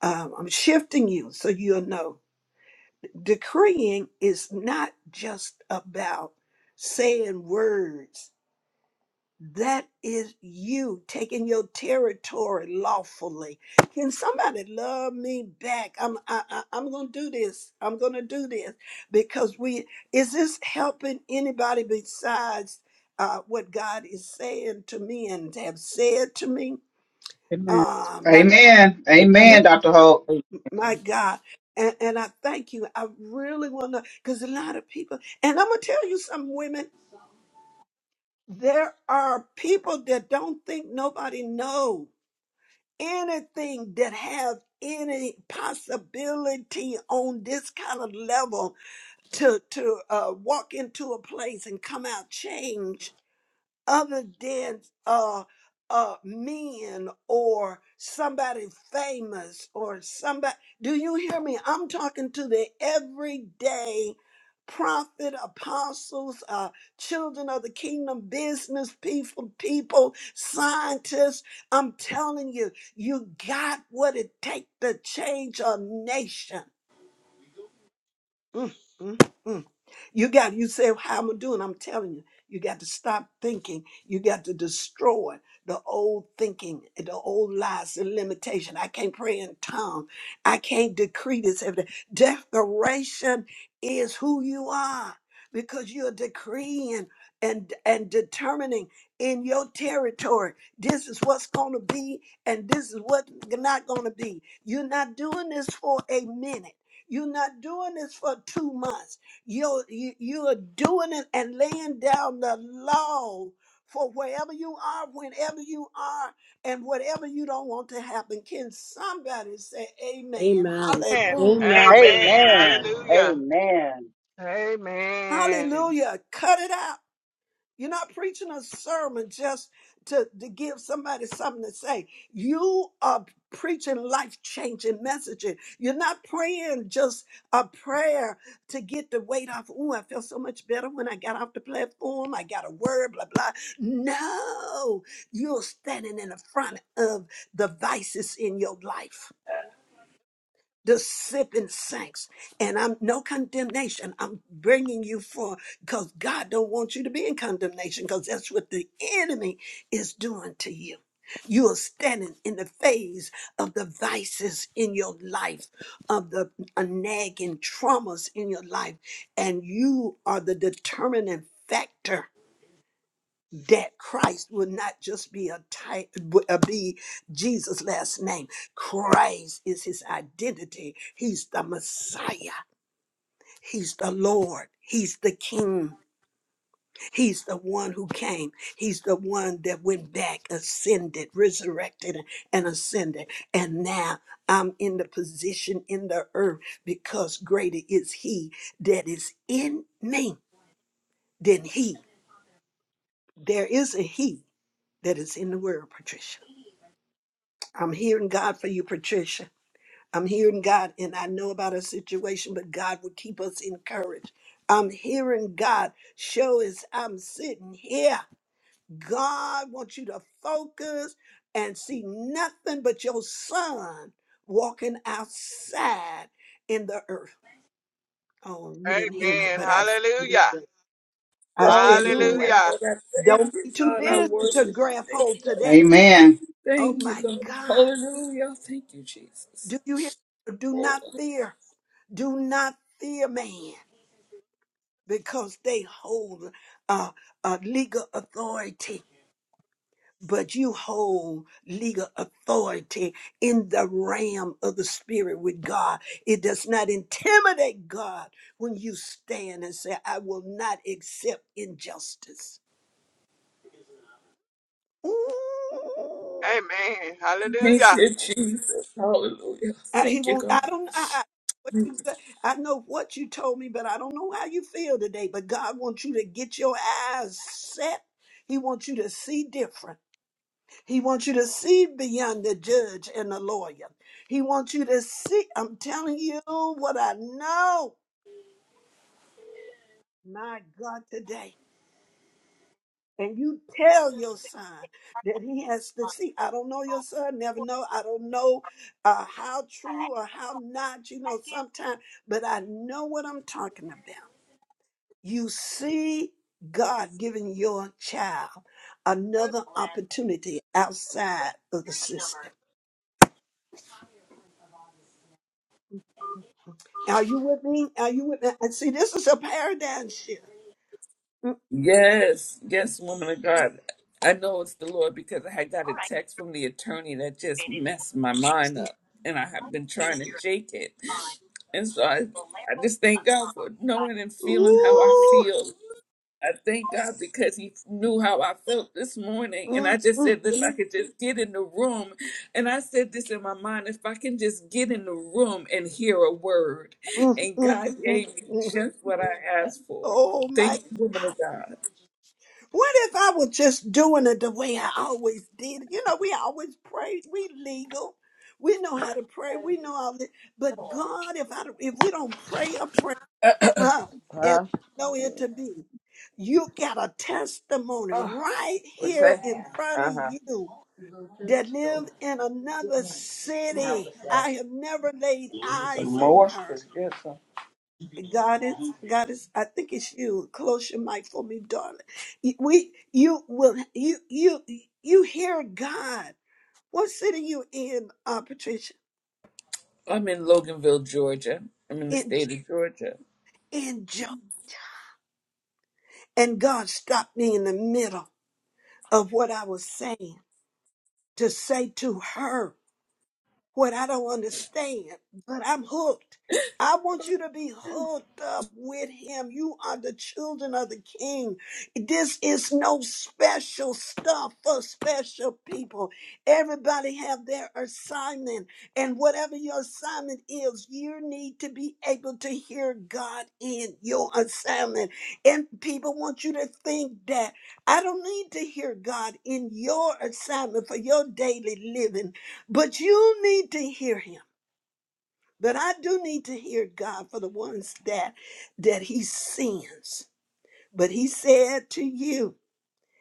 [SPEAKER 1] Um, I'm shifting you so you'll know. Decreeing is not just about saying words. That is you taking your territory lawfully. Can somebody love me back? I'm I, I, I'm gonna do this. I'm gonna do this because we is this helping anybody besides uh, what God is saying to me and have said to me?
[SPEAKER 3] Amen.
[SPEAKER 1] Ah, my,
[SPEAKER 3] Amen.
[SPEAKER 1] my
[SPEAKER 3] Amen,
[SPEAKER 5] Amen.
[SPEAKER 3] Dr. Hope.
[SPEAKER 5] Amen.
[SPEAKER 1] My God. And, and I thank you. I really want to, because a lot of people, and I'm going to tell you some women, there are people that don't think nobody know anything that have any possibility on this kind of level to to uh, walk into a place and come out changed other than uh, uh, men or somebody famous or somebody. Do you hear me? I'm talking to the everyday prophet, apostles, uh, children of the kingdom, business people, people, scientists. I'm telling you, you got what it takes to change a nation. Mm, mm, mm. You got you say how am I doing?" I'm telling you, you got to stop thinking. You got to destroy the old thinking, the old lies, the limitation. I can't pray in tongues. I can't decree this. every day. Declaration is who you are because you're decreeing and and determining in your territory. This is what's gonna be, and this is what's not gonna be. You're not doing this for a minute. You're not doing this for two months. You're, you you are doing it and laying down the law for wherever you are, whenever you are, and whatever you don't want to happen. Can somebody say amen?
[SPEAKER 2] Amen.
[SPEAKER 4] Amen.
[SPEAKER 1] Hallelujah.
[SPEAKER 2] Amen.
[SPEAKER 6] up
[SPEAKER 4] Amen.
[SPEAKER 3] Amen.
[SPEAKER 4] Hallelujah.
[SPEAKER 3] Amen.
[SPEAKER 4] Amen.
[SPEAKER 1] Hallelujah. Cut it out. You're not preaching a sermon just to, to give somebody something to say. You are preaching life changing messaging. You're not praying just a prayer to get the weight off. Oh, I felt so much better when I got off the platform. I got a word, blah, blah. No, you're standing in the front of the vices in your life the sipping saints and i'm no condemnation i'm bringing you for because god don't want you to be in condemnation because that's what the enemy is doing to you you are standing in the phase of the vices in your life of the uh, nagging traumas in your life and you are the determining factor that Christ will not just be a type, uh, be Jesus' last name. Christ is his identity. He's the Messiah. He's the Lord. He's the King. He's the one who came. He's the one that went back, ascended, resurrected, and ascended. And now I'm in the position in the earth because greater is he that is in me than he. There is a he that is in the world, Patricia I'm hearing God for you, Patricia. I'm hearing God, and I know about a situation, but God will keep us encouraged. I'm hearing God show as I'm sitting here. God wants you to focus and see nothing but your son walking outside in the earth. Oh, you didn't hear me,
[SPEAKER 4] Amen.
[SPEAKER 1] but I said it
[SPEAKER 4] Hallelujah.
[SPEAKER 1] anyway. I said it
[SPEAKER 7] Hallelujah,
[SPEAKER 1] anyway.
[SPEAKER 4] Hallelujah.
[SPEAKER 7] Lord. I thank
[SPEAKER 1] Don't
[SPEAKER 7] you,
[SPEAKER 1] be too
[SPEAKER 7] God. I
[SPEAKER 1] busy to
[SPEAKER 7] worship you.
[SPEAKER 1] grab
[SPEAKER 7] Thank you,
[SPEAKER 1] hold to that.
[SPEAKER 3] Amen.
[SPEAKER 7] God.
[SPEAKER 1] Oh
[SPEAKER 7] Thank you,
[SPEAKER 1] my
[SPEAKER 7] God.
[SPEAKER 1] God.
[SPEAKER 7] Hallelujah. Thank you, Jesus.
[SPEAKER 1] Do you hear? Do
[SPEAKER 7] Oh,
[SPEAKER 1] not fear. Do not fear man because they hold uh, a legal authority, but you hold legal authority in the realm of the spirit with God. It does not intimidate God when you stand and say, I will not accept injustice. Ooh.
[SPEAKER 4] Amen.
[SPEAKER 7] thank
[SPEAKER 4] Hallelujah.
[SPEAKER 7] you, Jesus. Hallelujah.
[SPEAKER 1] I, he
[SPEAKER 7] Thank you,
[SPEAKER 1] won't.
[SPEAKER 7] God.
[SPEAKER 1] I don't. I, I, what you, I know what you told me, but I don't know how you feel today. But God wants you to get your eyes set. He wants you to see different. He wants you to see beyond the judge and the lawyer. He wants you to see. I'm telling you what I know. My God, today. and you tell your son that he has to see. I don't know your son, never know. I don't know uh, how true or how not, you know, sometimes, but I know what I'm talking about. You see God giving your child another opportunity outside of the system. Are you with me? Are you with me? And see, this is a paradigm shift. Mm,
[SPEAKER 7] Yes, yes, woman of God. I know it's the Lord because I had got a text from the attorney that just messed my mind
[SPEAKER 1] mm.
[SPEAKER 7] up, and I have been trying to shake it. And so I, I just thank God for knowing and feeling how I
[SPEAKER 1] Ooh.
[SPEAKER 7] feel. I thank God because he knew how I felt this morning. And I
[SPEAKER 1] Mm,
[SPEAKER 7] just
[SPEAKER 1] mm,
[SPEAKER 7] said, if I could just get in the room. And I said this in my mind if I can just get in the room and hear a word.
[SPEAKER 1] mm,
[SPEAKER 7] And
[SPEAKER 1] mm,
[SPEAKER 7] God
[SPEAKER 1] mm,
[SPEAKER 7] gave me
[SPEAKER 1] mm.
[SPEAKER 7] just what I asked for.
[SPEAKER 1] Oh
[SPEAKER 7] Thank
[SPEAKER 1] my
[SPEAKER 7] you, woman of God.
[SPEAKER 1] What if I was just doing it the way I always did? You know, we always pray. We legal. We know how to pray. We know all this. But God, if I if we don't pray a prayer, huh, as
[SPEAKER 5] Huh?
[SPEAKER 1] we know it to be, you got a testimony
[SPEAKER 5] Oh,
[SPEAKER 1] right
[SPEAKER 5] what's
[SPEAKER 1] here
[SPEAKER 5] that?
[SPEAKER 1] in front of
[SPEAKER 5] Uh huh.
[SPEAKER 1] you that live in another city. I have never laid
[SPEAKER 5] Some
[SPEAKER 1] eyes on
[SPEAKER 5] more
[SPEAKER 1] her.
[SPEAKER 5] is good.
[SPEAKER 1] Goddess, goddess, I think it's you. Close your mic for me, darling. Y- We, you will, you, you, you hear God. What city you in, uh, Patricia?
[SPEAKER 7] I'm in Loganville, Georgia. I'm in the
[SPEAKER 1] In,
[SPEAKER 7] state of Georgia.
[SPEAKER 1] in joy. And God stopped me in the middle of what I was saying to say to her. what I don't understand, but I'm hooked. I want you to be hooked up with him. You are the children of the king. This is no special stuff for special people. Everybody have their assignment, and whatever your assignment is, you need to be able to hear God in your assignment. And people want you to think that I don't need to hear God in your assignment for your daily living. But you need to hear him. But I do need to hear God for the ones that that he sends. But he said to you,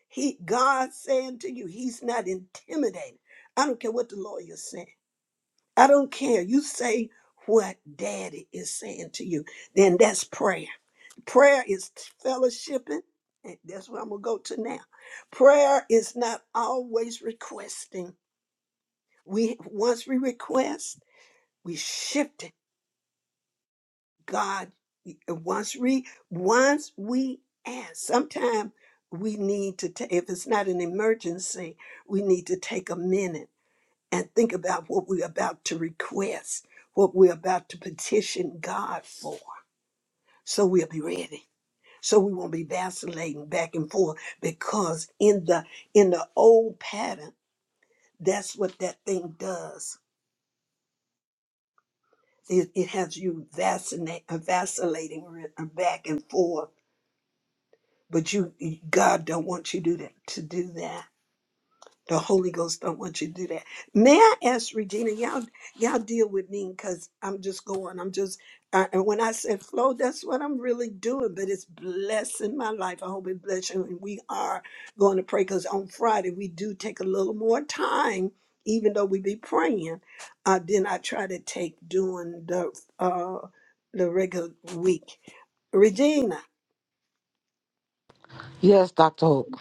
[SPEAKER 1] he God saying to you, he's not intimidated. I don't care what the lawyer's saying. I don't care. You say what daddy is saying to you, then that's prayer. Prayer is fellowshipping. and That's what I'm gonna go to now. Prayer is not always requesting. We once we request, we shift it God, once we once we ask, sometimes we need to take if it's not an emergency, we need to take a minute and think about what we're about to request, what we're about to petition God for, so we'll be ready. So we won't be vacillating back and forth because in the in the old pattern, that's what that thing does. It, it has you vacillate, vacillating back and forth But you, God don't want you do that, to do that. The Holy Ghost don't want you to do that. May I ask Regina, y'all, y'all deal with me because I'm just going. I'm just, uh, and when I said flow, that's what I'm really doing. But it's blessing my life. I hope it bless you. And we are going to pray because on Friday we do take a little more time, even though we be praying. Uh, then I try to take doing the uh, the regular week. Regina.
[SPEAKER 8] Yes, Dr. Hope,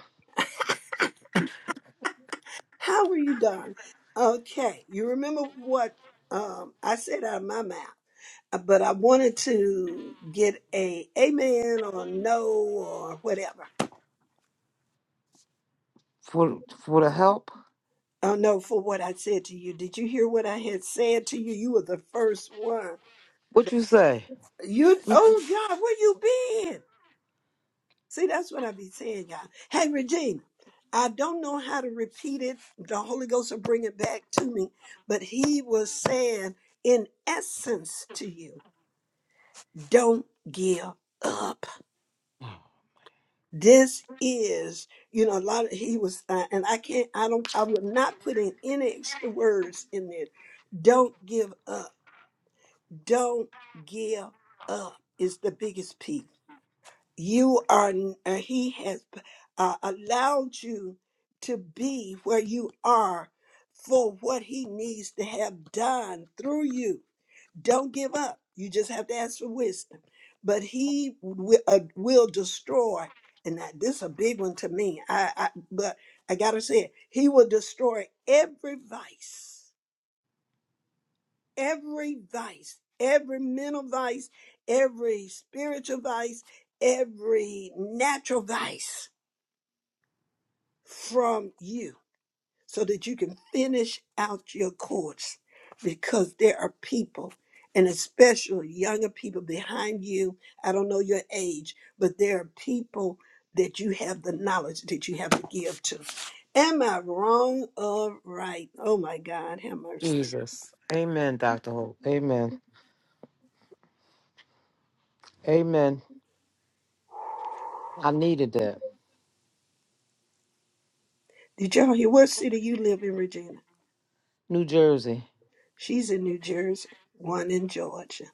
[SPEAKER 1] How were you done? Okay, you remember what um, I said out of my mouth, uh, but I wanted to get a amen or no or whatever.
[SPEAKER 8] for for the help.
[SPEAKER 1] Oh no, for what I said to you. Did you hear what I had said to you? You were the first one.
[SPEAKER 8] What
[SPEAKER 1] that-
[SPEAKER 8] you say?
[SPEAKER 1] You, oh God, where you been? See, that's what I be saying, y'all. Hey, Regina, I don't know how to repeat it. The Holy Ghost will bring it back to me, but He was saying, in essence, to you. don't give up this is you know a lot of he was uh, and i can't i don't i would not put in any extra words in there don't give up don't give up is the biggest piece you are n- uh, he has uh, allowed you to be where you are for what he needs to have done through you Don't give up. You just have to ask for wisdom. But he will, uh, will destroy, and that, this is a big one to me. I, I but I gotta say it. He will destroy every vice, every vice, every mental vice, every spiritual vice, every natural vice from you so that you can finish out your course because there are people and especially younger people behind you i don't know your age but there are people that you have the knowledge that you have to give to am i wrong or right oh my god have mercy
[SPEAKER 8] Jesus. Amen, Dr. Hope. Amen. Amen. I needed that.
[SPEAKER 1] did y'all hear what city you live in regina
[SPEAKER 8] New Jersey.
[SPEAKER 1] she's in new jersey one in georgia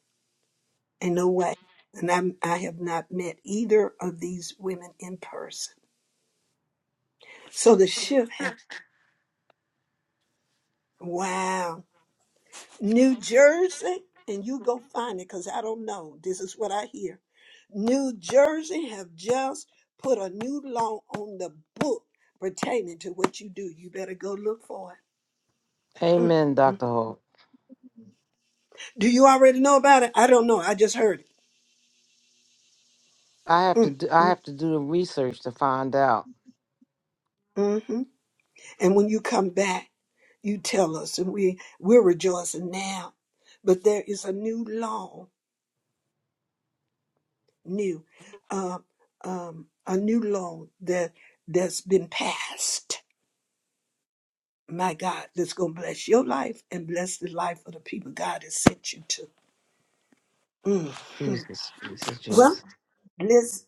[SPEAKER 1] ain't no way and I'm, i have not met either of these women in person so the shift happened wow New Jersey, and you go find it because I don't know. This is what I hear. New Jersey have just put a new law on the book pertaining to what you do. You better go look for it. Mm,
[SPEAKER 8] Amen,
[SPEAKER 1] mm.
[SPEAKER 8] Dr. Hope.
[SPEAKER 1] Do you already know about it? I don't know. I just heard it.
[SPEAKER 8] I have to
[SPEAKER 1] Mm,
[SPEAKER 8] do I
[SPEAKER 1] mm,
[SPEAKER 8] have to do the research to find out.
[SPEAKER 1] mhm. And when you come back, you tell us, and we we're rejoicing now. But there is a new law, new, uh, um, a new law that that's been passed my God, that's going to bless your life and bless the life of the people God has sent you to. Mhm.
[SPEAKER 8] Jesus, Jesus,
[SPEAKER 1] Well,
[SPEAKER 8] Jesus.
[SPEAKER 1] listen.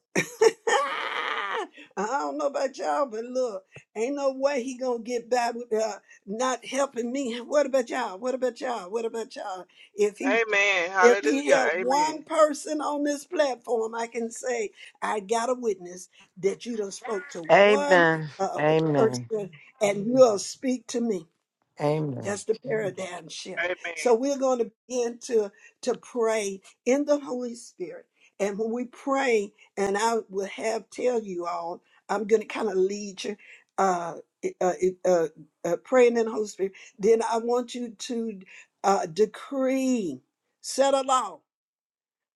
[SPEAKER 1] I don't know about y'all, but look, ain't no way he gonna get by with uh, not helping me. What about y'all? What about y'all? What about y'all? If he
[SPEAKER 4] Amen.
[SPEAKER 1] if he
[SPEAKER 4] Hallelujah.
[SPEAKER 1] had
[SPEAKER 4] Amen.
[SPEAKER 1] one person on this platform, I can say I got a witness that you done spoke to one
[SPEAKER 8] Amen.
[SPEAKER 1] uh,
[SPEAKER 8] Amen.
[SPEAKER 1] person, and you'll speak to me.
[SPEAKER 8] Amen.
[SPEAKER 1] That's the paradigm shift.
[SPEAKER 4] Amen.
[SPEAKER 1] So we're going to begin to to pray in the Holy Spirit. And when we pray, and I will have tell you all, I'm going to kind of lead you, uh, uh, uh, uh, praying in the Holy Spirit. Then I want you to uh, decree, set a law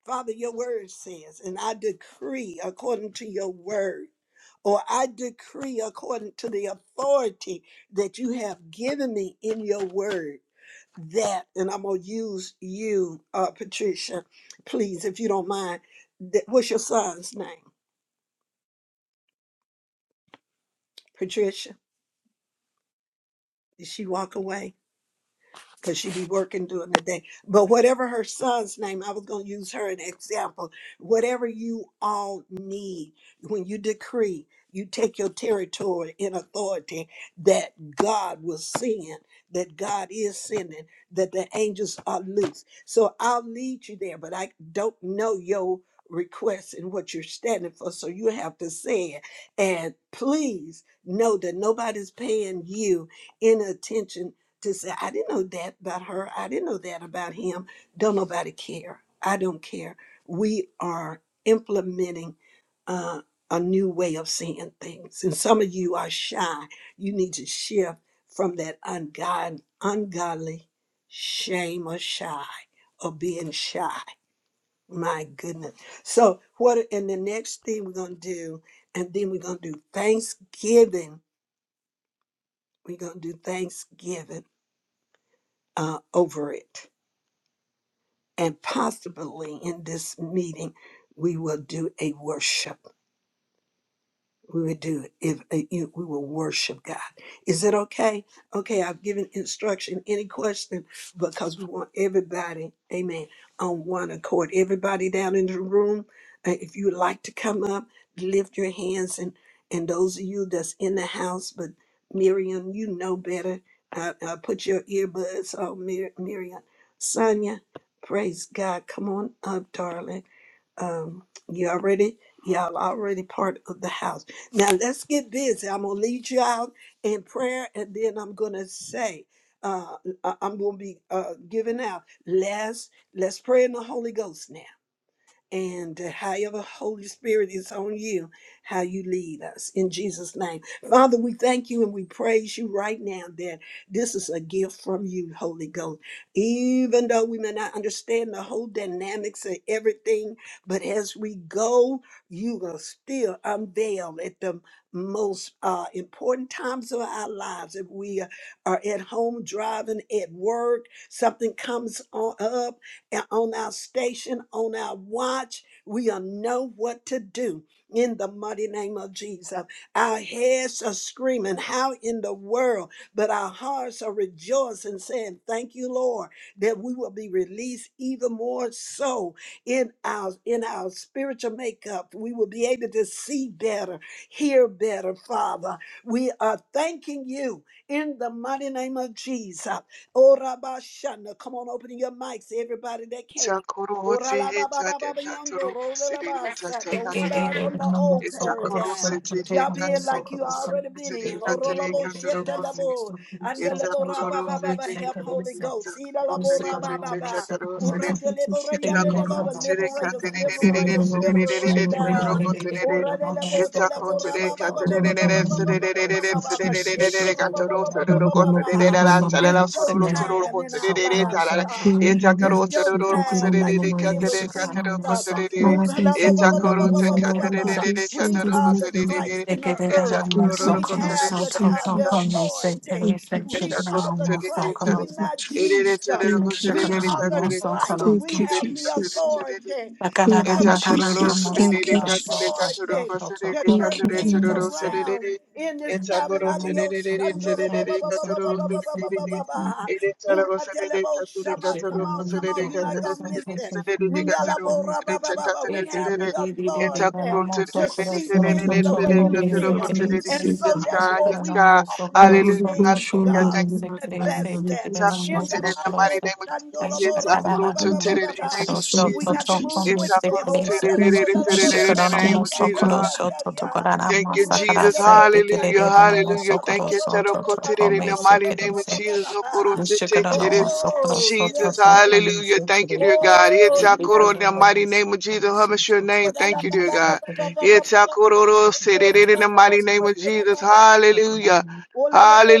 [SPEAKER 1] Father, your word says, and I decree according to your word, or I decree according to the authority that you have given me in your word, that, and I'm going to use you, uh, Patricia, please, if you don't mind. That, what's your son's name? Patricia? Did she walk away? because she be working during the day. But whatever her son's name, I was going to use her an example. Whatever you all need, when you decree, you take your territory in authority that God will send, that God is sending, that the angels are loose. So I'll lead you there, but I don't know your request and what you're standing for. So you have to say it. And please know that nobody's paying you any attention to say, I didn't know that about her. I didn't know that about him. Don't nobody care. I don't care. We are implementing uh, a new way of seeing things. And some of you are shy. You need to shift from that ungod- ungodly shame or shy or being shy. My goodness. So, what, and the next thing we're going to do, and then we're going to do Thanksgiving. We're going to do Thanksgiving uh, over it and possibly in this meeting we will do a worship we would do it if uh, you, we will worship god is it okay okay i've given instruction any question because we want everybody amen on one accord everybody down in the room uh, if you would like to come up lift your hands and and those of you that's in the house but miriam you know better uh, uh, put your earbuds on Mir- miriam sonia praise god come on up darling um, you already y'all already part of the house now let's get busy. I'm gonna lead you out in prayer, and then I'm gonna say, uh, I- I'm gonna be uh, giving out. Let's let's pray in the Holy Ghost now and that however Holy Spirit is on you, how you lead us in Jesus' name. Father, we thank you and we praise you right now that this is a gift from you, Holy Ghost. Even though we may not understand the whole dynamics of everything, but as we go, you will still unveil at the most uh, important times of our lives. If we are at home driving, at work, something comes on up and on our station, on our watch. We'll know what to do in the mighty name of Jesus. Our heads are screaming, How in the world? But our hearts are rejoicing, saying, Thank you, Lord, that we will be released even more so in our in our spiritual makeup. We will be able to see better, hear better, Father. We are thanking you in the mighty name of Jesus. Oh, Rabashana. Come on, open your mics, everybody that can.
[SPEAKER 4] Chakoro hote he tate
[SPEAKER 1] Oralababababayondo,
[SPEAKER 4] katoro
[SPEAKER 1] rolalabasa. Don't
[SPEAKER 9] Thank
[SPEAKER 4] siri
[SPEAKER 1] start from the old
[SPEAKER 4] It's a coro
[SPEAKER 1] paradigm.
[SPEAKER 4] city,
[SPEAKER 1] Jump
[SPEAKER 4] that
[SPEAKER 1] in like you already been
[SPEAKER 4] city,
[SPEAKER 1] in.
[SPEAKER 4] that
[SPEAKER 1] Orolabo
[SPEAKER 4] city,
[SPEAKER 1] shetelabo,
[SPEAKER 4] it's a
[SPEAKER 1] andelebo
[SPEAKER 4] cororo
[SPEAKER 1] rababababa.
[SPEAKER 4] sete
[SPEAKER 1] Help Holy
[SPEAKER 4] it's a
[SPEAKER 1] Ghost.
[SPEAKER 4] cororo
[SPEAKER 1] Idalabo
[SPEAKER 4] sete it's a
[SPEAKER 1] rabababa.
[SPEAKER 4] cororo
[SPEAKER 10] Thank you,
[SPEAKER 4] sete
[SPEAKER 1] Uratelebo
[SPEAKER 4] it's a
[SPEAKER 10] Lord,
[SPEAKER 1] rayanelabo.
[SPEAKER 4] cororo
[SPEAKER 10] and
[SPEAKER 4] sete
[SPEAKER 1] Liberate us,
[SPEAKER 10] I'm
[SPEAKER 1] liberate us,
[SPEAKER 4] it's a
[SPEAKER 1] liberate us.
[SPEAKER 4] cororo sete
[SPEAKER 1] Oradelebo
[SPEAKER 4] it's a cororo
[SPEAKER 1] telebo
[SPEAKER 4] sete it's a cororo sete it's
[SPEAKER 1] rababababababababababababa.
[SPEAKER 4] a cororo sete
[SPEAKER 1] Shetorobababababababa.
[SPEAKER 4] it's a
[SPEAKER 1] It's your
[SPEAKER 4] cororo
[SPEAKER 1] time in
[SPEAKER 4] sete
[SPEAKER 1] our lives, God.
[SPEAKER 4] it's a cororo sete it's a
[SPEAKER 1] It's
[SPEAKER 4] cororo
[SPEAKER 1] your
[SPEAKER 9] you.
[SPEAKER 1] time,
[SPEAKER 4] sete
[SPEAKER 1] like you did
[SPEAKER 9] Thank you.
[SPEAKER 1] with Jesus. Ooh, la, la, ba,
[SPEAKER 4] it's
[SPEAKER 1] ba,
[SPEAKER 4] a
[SPEAKER 1] ba, ba,
[SPEAKER 4] cororo
[SPEAKER 1] ba, ba, ba, ba,
[SPEAKER 10] not
[SPEAKER 1] ba, ba.
[SPEAKER 10] over
[SPEAKER 4] sete
[SPEAKER 10] this
[SPEAKER 4] it's
[SPEAKER 10] one, but
[SPEAKER 1] We are the Christ in the
[SPEAKER 4] a
[SPEAKER 1] earth.
[SPEAKER 10] I'm Thank you,
[SPEAKER 4] cororo
[SPEAKER 1] We have
[SPEAKER 10] Jesus.
[SPEAKER 1] the, ti-
[SPEAKER 10] Thank
[SPEAKER 4] sete
[SPEAKER 10] you,
[SPEAKER 1] the
[SPEAKER 10] Jesus.
[SPEAKER 1] authority.
[SPEAKER 4] Yes, God. Yes,
[SPEAKER 1] We are the Christ.
[SPEAKER 10] Thank
[SPEAKER 1] We're
[SPEAKER 10] you,
[SPEAKER 1] not
[SPEAKER 10] Jesus.
[SPEAKER 1] Jesus.
[SPEAKER 10] Thank you,
[SPEAKER 1] We
[SPEAKER 10] Jesus.
[SPEAKER 1] are the Christ.
[SPEAKER 10] Thank
[SPEAKER 1] We
[SPEAKER 10] you, Jesus. Thank you,
[SPEAKER 1] have the
[SPEAKER 10] Jesus.
[SPEAKER 1] authority to
[SPEAKER 10] Thank you, Jesus.
[SPEAKER 1] command. We have
[SPEAKER 10] Thank you,
[SPEAKER 1] the authority to
[SPEAKER 10] Jesus.
[SPEAKER 1] turn
[SPEAKER 10] Thank you,
[SPEAKER 1] things
[SPEAKER 10] Jesus.
[SPEAKER 1] around in this time. And adios, shandoro, ba, ba, ba, ba, ba, ba, ba, ba, ba, ba, ba, ba. Uradelebo
[SPEAKER 9] Shikadana
[SPEAKER 1] shama. Come on, come on. You're not going to miss it. Mundelebo rabababa. We have the authority to see
[SPEAKER 10] Thank you, Jesus.
[SPEAKER 1] things the
[SPEAKER 10] Thank
[SPEAKER 1] way you see them. And so, therefore, we
[SPEAKER 4] God.
[SPEAKER 1] call those
[SPEAKER 4] Hallelujah. Hallelujah.
[SPEAKER 1] things,
[SPEAKER 4] Thank
[SPEAKER 1] God, manifested in
[SPEAKER 4] it's in
[SPEAKER 1] the
[SPEAKER 4] the
[SPEAKER 1] mighty
[SPEAKER 4] mighty name of Jesus.
[SPEAKER 1] Sandolabo
[SPEAKER 4] It's a in the
[SPEAKER 1] rababababababa.
[SPEAKER 4] name of
[SPEAKER 1] We
[SPEAKER 4] Jesus.
[SPEAKER 10] you,
[SPEAKER 1] got to move
[SPEAKER 10] Jesus.
[SPEAKER 4] It's
[SPEAKER 10] Thank
[SPEAKER 4] a
[SPEAKER 1] quickly.
[SPEAKER 4] in
[SPEAKER 1] Horadelebo
[SPEAKER 10] you,
[SPEAKER 1] lelebo
[SPEAKER 10] Jesus.
[SPEAKER 4] the name of
[SPEAKER 10] Thank you,
[SPEAKER 4] Jesus.
[SPEAKER 10] God.
[SPEAKER 1] reyadiadiyadiyadiyadiyadiya.
[SPEAKER 4] Thank you, Jesus.
[SPEAKER 1] Uratelebo
[SPEAKER 4] Hallelujah.
[SPEAKER 1] sandolebo
[SPEAKER 4] Hallelujah. Thank you, Terokotere, in the mighty name of Jesus.
[SPEAKER 1] rabababababababababababababababa.
[SPEAKER 4] Okorotetetere.
[SPEAKER 1] Oh,
[SPEAKER 4] Jesus,
[SPEAKER 1] yes, Lord.
[SPEAKER 4] hallelujah. Thank you, dear God.
[SPEAKER 1] Oh, yes,
[SPEAKER 4] Itakoro, In the
[SPEAKER 1] Lord.
[SPEAKER 4] mighty name of Jesus, hummus your name. Thank you, dear God. Itakororosetere, In the mighty name of
[SPEAKER 9] Thank
[SPEAKER 4] Jesus, hallelujah.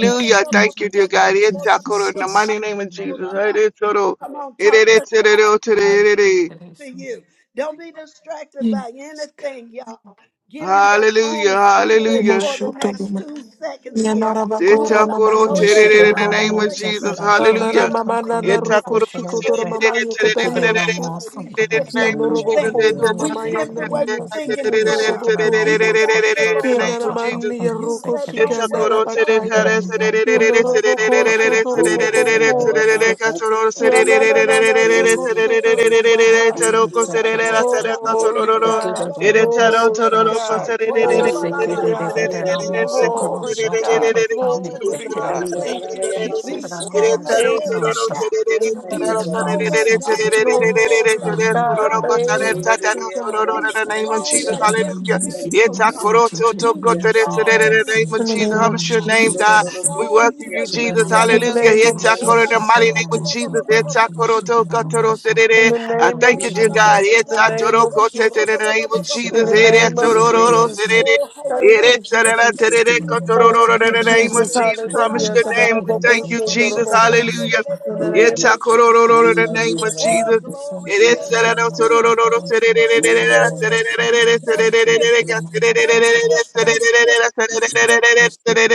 [SPEAKER 10] Thank you,
[SPEAKER 4] Thank you, dear God. Itakoro, In the
[SPEAKER 10] Jesus.
[SPEAKER 4] mighty name of Jesus. Itakoro.
[SPEAKER 1] Come on, talk to
[SPEAKER 4] Itereterero,
[SPEAKER 1] us. to you. Don't be distracted by
[SPEAKER 10] Yes, God.
[SPEAKER 1] anything, y'all. Get in your
[SPEAKER 4] Hallelujah.
[SPEAKER 1] own
[SPEAKER 10] Oh,
[SPEAKER 1] spirit
[SPEAKER 10] my
[SPEAKER 4] Hallelujah.
[SPEAKER 1] for the
[SPEAKER 10] shot of
[SPEAKER 1] next
[SPEAKER 10] my.
[SPEAKER 1] two seconds here.
[SPEAKER 10] Yanarabako,
[SPEAKER 1] Ura la-
[SPEAKER 4] Tetakoro
[SPEAKER 10] Romamayo,
[SPEAKER 1] Go ahead.
[SPEAKER 9] should
[SPEAKER 4] tererere In
[SPEAKER 9] on
[SPEAKER 1] Ala
[SPEAKER 4] the
[SPEAKER 1] ba ba
[SPEAKER 4] name
[SPEAKER 9] on
[SPEAKER 10] Sotorabako.
[SPEAKER 1] ba
[SPEAKER 4] of
[SPEAKER 9] to
[SPEAKER 1] ya
[SPEAKER 9] talk
[SPEAKER 1] da
[SPEAKER 4] Jesus.
[SPEAKER 1] la bo ra ba
[SPEAKER 10] Kanana,
[SPEAKER 4] Hallelujah.
[SPEAKER 1] ba ba
[SPEAKER 10] Mama,
[SPEAKER 1] ba
[SPEAKER 9] on
[SPEAKER 1] ko.
[SPEAKER 10] Nana,
[SPEAKER 9] the
[SPEAKER 1] sha.
[SPEAKER 10] Ruko,
[SPEAKER 4] Etakoro
[SPEAKER 9] sense of
[SPEAKER 10] Shiko,
[SPEAKER 9] the
[SPEAKER 1] Oh
[SPEAKER 10] Toro, Mama,
[SPEAKER 1] God,
[SPEAKER 4] tererere
[SPEAKER 1] oh
[SPEAKER 9] the
[SPEAKER 4] tererere
[SPEAKER 1] God,
[SPEAKER 4] In the
[SPEAKER 9] Gideon
[SPEAKER 1] oh
[SPEAKER 10] Yokatario,
[SPEAKER 1] God,
[SPEAKER 9] almost
[SPEAKER 1] we
[SPEAKER 9] of the
[SPEAKER 1] shift the
[SPEAKER 4] name
[SPEAKER 9] Russell
[SPEAKER 1] way
[SPEAKER 4] of
[SPEAKER 1] we
[SPEAKER 9] from
[SPEAKER 4] Jesus.
[SPEAKER 1] think.
[SPEAKER 10] Kianoroboko
[SPEAKER 9] Falcon.
[SPEAKER 1] We
[SPEAKER 4] Etakoro
[SPEAKER 1] shift
[SPEAKER 10] Ramamayana
[SPEAKER 1] the way we think in
[SPEAKER 9] It should
[SPEAKER 4] tererere
[SPEAKER 1] prayer.
[SPEAKER 9] be an
[SPEAKER 10] Sikandaroboko
[SPEAKER 1] We
[SPEAKER 10] So
[SPEAKER 9] almost
[SPEAKER 1] thank
[SPEAKER 9] of
[SPEAKER 4] tererere
[SPEAKER 1] the
[SPEAKER 9] the
[SPEAKER 4] In the
[SPEAKER 1] Lord
[SPEAKER 9] show
[SPEAKER 4] name of
[SPEAKER 9] to
[SPEAKER 1] God.
[SPEAKER 4] Jesus.
[SPEAKER 9] talk
[SPEAKER 10] Kianamani
[SPEAKER 9] on the
[SPEAKER 1] You
[SPEAKER 10] Roko
[SPEAKER 1] said,
[SPEAKER 9] second
[SPEAKER 4] In
[SPEAKER 1] don't
[SPEAKER 9] exit.
[SPEAKER 4] the
[SPEAKER 10] Shikanara
[SPEAKER 1] worry, don't
[SPEAKER 9] the
[SPEAKER 10] Bakaya
[SPEAKER 1] worry,
[SPEAKER 9] Gideon
[SPEAKER 1] don't
[SPEAKER 9] most
[SPEAKER 1] worry.
[SPEAKER 10] Kianoroboko Sotoromoboko Rama Yanana Roko Sotoromo Bahaya
[SPEAKER 9] of the Shake
[SPEAKER 10] Glory to
[SPEAKER 9] Shukran,
[SPEAKER 10] God. Glory to God. Glory to God.
[SPEAKER 1] Hallelujah.
[SPEAKER 10] Glory to
[SPEAKER 1] Be
[SPEAKER 10] God.
[SPEAKER 1] stronger
[SPEAKER 10] Glory
[SPEAKER 7] Thank
[SPEAKER 1] than
[SPEAKER 10] to
[SPEAKER 1] our
[SPEAKER 10] God.
[SPEAKER 1] flesh.
[SPEAKER 10] Thank you,
[SPEAKER 1] Be
[SPEAKER 10] Jesus.
[SPEAKER 1] stronger
[SPEAKER 10] Thank
[SPEAKER 1] than
[SPEAKER 10] you,
[SPEAKER 1] the
[SPEAKER 10] Jesus.
[SPEAKER 1] doubt.
[SPEAKER 10] Thank
[SPEAKER 1] Be
[SPEAKER 10] you, Jesus.
[SPEAKER 1] stronger, God, against
[SPEAKER 10] Glory to
[SPEAKER 1] the
[SPEAKER 10] God.
[SPEAKER 1] wrong vision.
[SPEAKER 10] Thank you, God.
[SPEAKER 1] Be
[SPEAKER 4] name of
[SPEAKER 1] strong
[SPEAKER 4] Jesus,
[SPEAKER 1] against
[SPEAKER 4] hallelujah.
[SPEAKER 1] it, oh God. Be
[SPEAKER 4] Itakorototokoteretse, In the
[SPEAKER 1] strong,
[SPEAKER 4] name of
[SPEAKER 10] In
[SPEAKER 1] oh
[SPEAKER 10] the
[SPEAKER 4] Jesus,
[SPEAKER 10] name
[SPEAKER 4] humble
[SPEAKER 10] of
[SPEAKER 1] God.
[SPEAKER 4] your name, God.
[SPEAKER 10] Jesus.
[SPEAKER 4] We
[SPEAKER 1] Strong
[SPEAKER 4] welcome
[SPEAKER 1] in the
[SPEAKER 4] you,
[SPEAKER 1] weak
[SPEAKER 4] Jesus.
[SPEAKER 1] places.
[SPEAKER 10] In the
[SPEAKER 4] Hallelujah.
[SPEAKER 10] name of
[SPEAKER 4] Itakoro, In the
[SPEAKER 10] Jesus.
[SPEAKER 4] mighty name
[SPEAKER 1] Oh,
[SPEAKER 4] of Jesus.
[SPEAKER 10] In
[SPEAKER 4] Itakorotokoteretse.
[SPEAKER 10] the
[SPEAKER 4] I
[SPEAKER 10] name of
[SPEAKER 4] thank you, dear
[SPEAKER 1] how it
[SPEAKER 4] God.
[SPEAKER 10] Jesus. In
[SPEAKER 1] goes!
[SPEAKER 10] the name of
[SPEAKER 4] In
[SPEAKER 10] Jesus.
[SPEAKER 4] the name of
[SPEAKER 10] In
[SPEAKER 4] Jesus.
[SPEAKER 10] the name of
[SPEAKER 4] Itakorororose.
[SPEAKER 10] Jesus.
[SPEAKER 1] Oh, Holy
[SPEAKER 10] Thank
[SPEAKER 1] Ghost,
[SPEAKER 10] you,
[SPEAKER 1] Holy
[SPEAKER 4] Itakorororose.
[SPEAKER 1] Ghost,
[SPEAKER 10] Jesus.
[SPEAKER 1] Holy
[SPEAKER 9] Shakadam,
[SPEAKER 1] Ghost,
[SPEAKER 10] Thank
[SPEAKER 9] so
[SPEAKER 4] In
[SPEAKER 10] you,
[SPEAKER 4] the
[SPEAKER 1] Holy
[SPEAKER 9] for us,
[SPEAKER 4] name
[SPEAKER 9] so
[SPEAKER 4] of
[SPEAKER 1] Ghost.
[SPEAKER 10] Jesus.
[SPEAKER 4] Jesus. Humble
[SPEAKER 10] Hallelujah.
[SPEAKER 9] shakadam,
[SPEAKER 4] your name. We
[SPEAKER 10] Kadaraboko
[SPEAKER 4] thank you,
[SPEAKER 7] you.
[SPEAKER 4] Jesus.
[SPEAKER 10] shendorobo.
[SPEAKER 4] Hallelujah.
[SPEAKER 10] In the name
[SPEAKER 7] Thank
[SPEAKER 10] of Jesus.
[SPEAKER 4] Itakorororose. In the name of
[SPEAKER 1] Oh,
[SPEAKER 4] Jesus.
[SPEAKER 1] glory,
[SPEAKER 4] I
[SPEAKER 1] glory, glory, glory, glory, glory. That's it. That's it. That's it.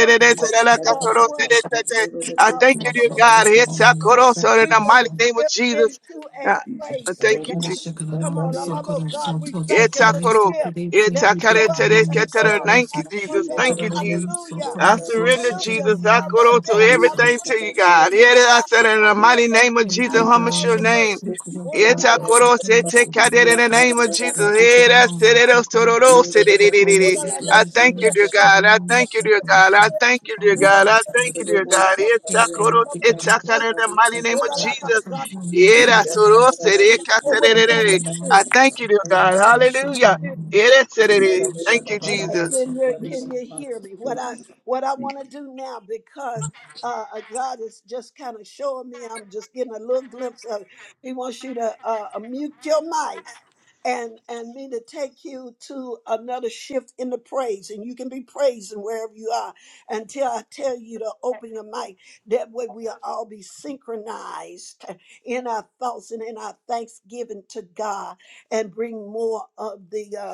[SPEAKER 1] Don't slip into a prayer. Uh,
[SPEAKER 4] thank you, dear God. It's our coro, so In
[SPEAKER 1] We're
[SPEAKER 4] the
[SPEAKER 1] going to
[SPEAKER 4] mighty name of
[SPEAKER 1] step
[SPEAKER 4] Jesus.
[SPEAKER 1] into a
[SPEAKER 4] I I
[SPEAKER 1] praise to
[SPEAKER 4] thank you,
[SPEAKER 1] God.
[SPEAKER 4] Jesus.
[SPEAKER 1] Come on, I'm about God. We thank
[SPEAKER 4] It's
[SPEAKER 1] you.
[SPEAKER 4] our
[SPEAKER 1] Let's
[SPEAKER 4] coro.
[SPEAKER 1] shift.
[SPEAKER 4] It's
[SPEAKER 1] Let's
[SPEAKER 4] our care,
[SPEAKER 1] go
[SPEAKER 4] it's
[SPEAKER 1] up.
[SPEAKER 4] our- it's
[SPEAKER 1] Let's
[SPEAKER 4] our
[SPEAKER 1] go
[SPEAKER 4] care.
[SPEAKER 1] up.
[SPEAKER 4] Thank
[SPEAKER 1] Not
[SPEAKER 4] you,
[SPEAKER 1] going
[SPEAKER 4] Jesus.
[SPEAKER 1] down.
[SPEAKER 4] Thank you, Jesus.
[SPEAKER 1] Hallelujah.
[SPEAKER 4] I surrender,
[SPEAKER 1] Hallelujah.
[SPEAKER 4] Jesus. I
[SPEAKER 1] Stop right
[SPEAKER 4] coro
[SPEAKER 9] so
[SPEAKER 4] to
[SPEAKER 1] there.
[SPEAKER 9] for so
[SPEAKER 4] everything to you,
[SPEAKER 1] Hallelujah.
[SPEAKER 4] God. It is- I
[SPEAKER 1] Stop,
[SPEAKER 4] said in
[SPEAKER 1] stop
[SPEAKER 4] the
[SPEAKER 1] right
[SPEAKER 4] mighty
[SPEAKER 1] there.
[SPEAKER 4] name of
[SPEAKER 9] Thank
[SPEAKER 4] Jesus,
[SPEAKER 1] Not
[SPEAKER 9] you.
[SPEAKER 1] in
[SPEAKER 4] humble
[SPEAKER 1] all
[SPEAKER 4] your
[SPEAKER 1] the
[SPEAKER 4] name.
[SPEAKER 1] words. Oh, la, la, la,
[SPEAKER 4] Itakorosete
[SPEAKER 1] la,
[SPEAKER 4] in the name of
[SPEAKER 1] la, la,
[SPEAKER 4] Jesus.
[SPEAKER 7] you.
[SPEAKER 1] la, la.
[SPEAKER 4] Eh, that's it, it is, so, do,
[SPEAKER 7] Glory to you,
[SPEAKER 4] do, so, di,
[SPEAKER 1] Oh, la, la,
[SPEAKER 4] I
[SPEAKER 1] Let's
[SPEAKER 7] glory,
[SPEAKER 4] thank you,
[SPEAKER 1] shift.
[SPEAKER 4] dear
[SPEAKER 1] Let's
[SPEAKER 4] God. I
[SPEAKER 1] shift.
[SPEAKER 4] thank you, dear
[SPEAKER 1] Let's
[SPEAKER 4] God. I
[SPEAKER 1] shift.
[SPEAKER 4] thank you, dear
[SPEAKER 1] Oh, la, la,
[SPEAKER 4] God. I
[SPEAKER 1] la,
[SPEAKER 4] thank you, dear
[SPEAKER 1] la, la,
[SPEAKER 4] God.
[SPEAKER 1] la,
[SPEAKER 4] Itakoro-
[SPEAKER 1] la, la, la.
[SPEAKER 4] Itakara in the mighty name
[SPEAKER 1] What
[SPEAKER 4] of Jesus.
[SPEAKER 1] are
[SPEAKER 4] Eh, that's so, do, so, di, kata,
[SPEAKER 1] we
[SPEAKER 4] di,
[SPEAKER 1] gonna
[SPEAKER 4] I
[SPEAKER 1] do?
[SPEAKER 4] thank you, dear God. Hallelujah. It is, so, di, di. Thank you,
[SPEAKER 1] Okay,
[SPEAKER 4] Jesus.
[SPEAKER 1] Can you, can you hear me? What I what I want to do now because uh, uh, God is just kind of showing me. I'm just getting a little glimpse of. it. He wants you to uh, uh, mute your mics and and me to take you to another shift in the praise, and you can be praising wherever you are until I tell you to open your mic. That way we'll all be synchronized in our thoughts and in our thanksgiving to God, and bring more of the. uh,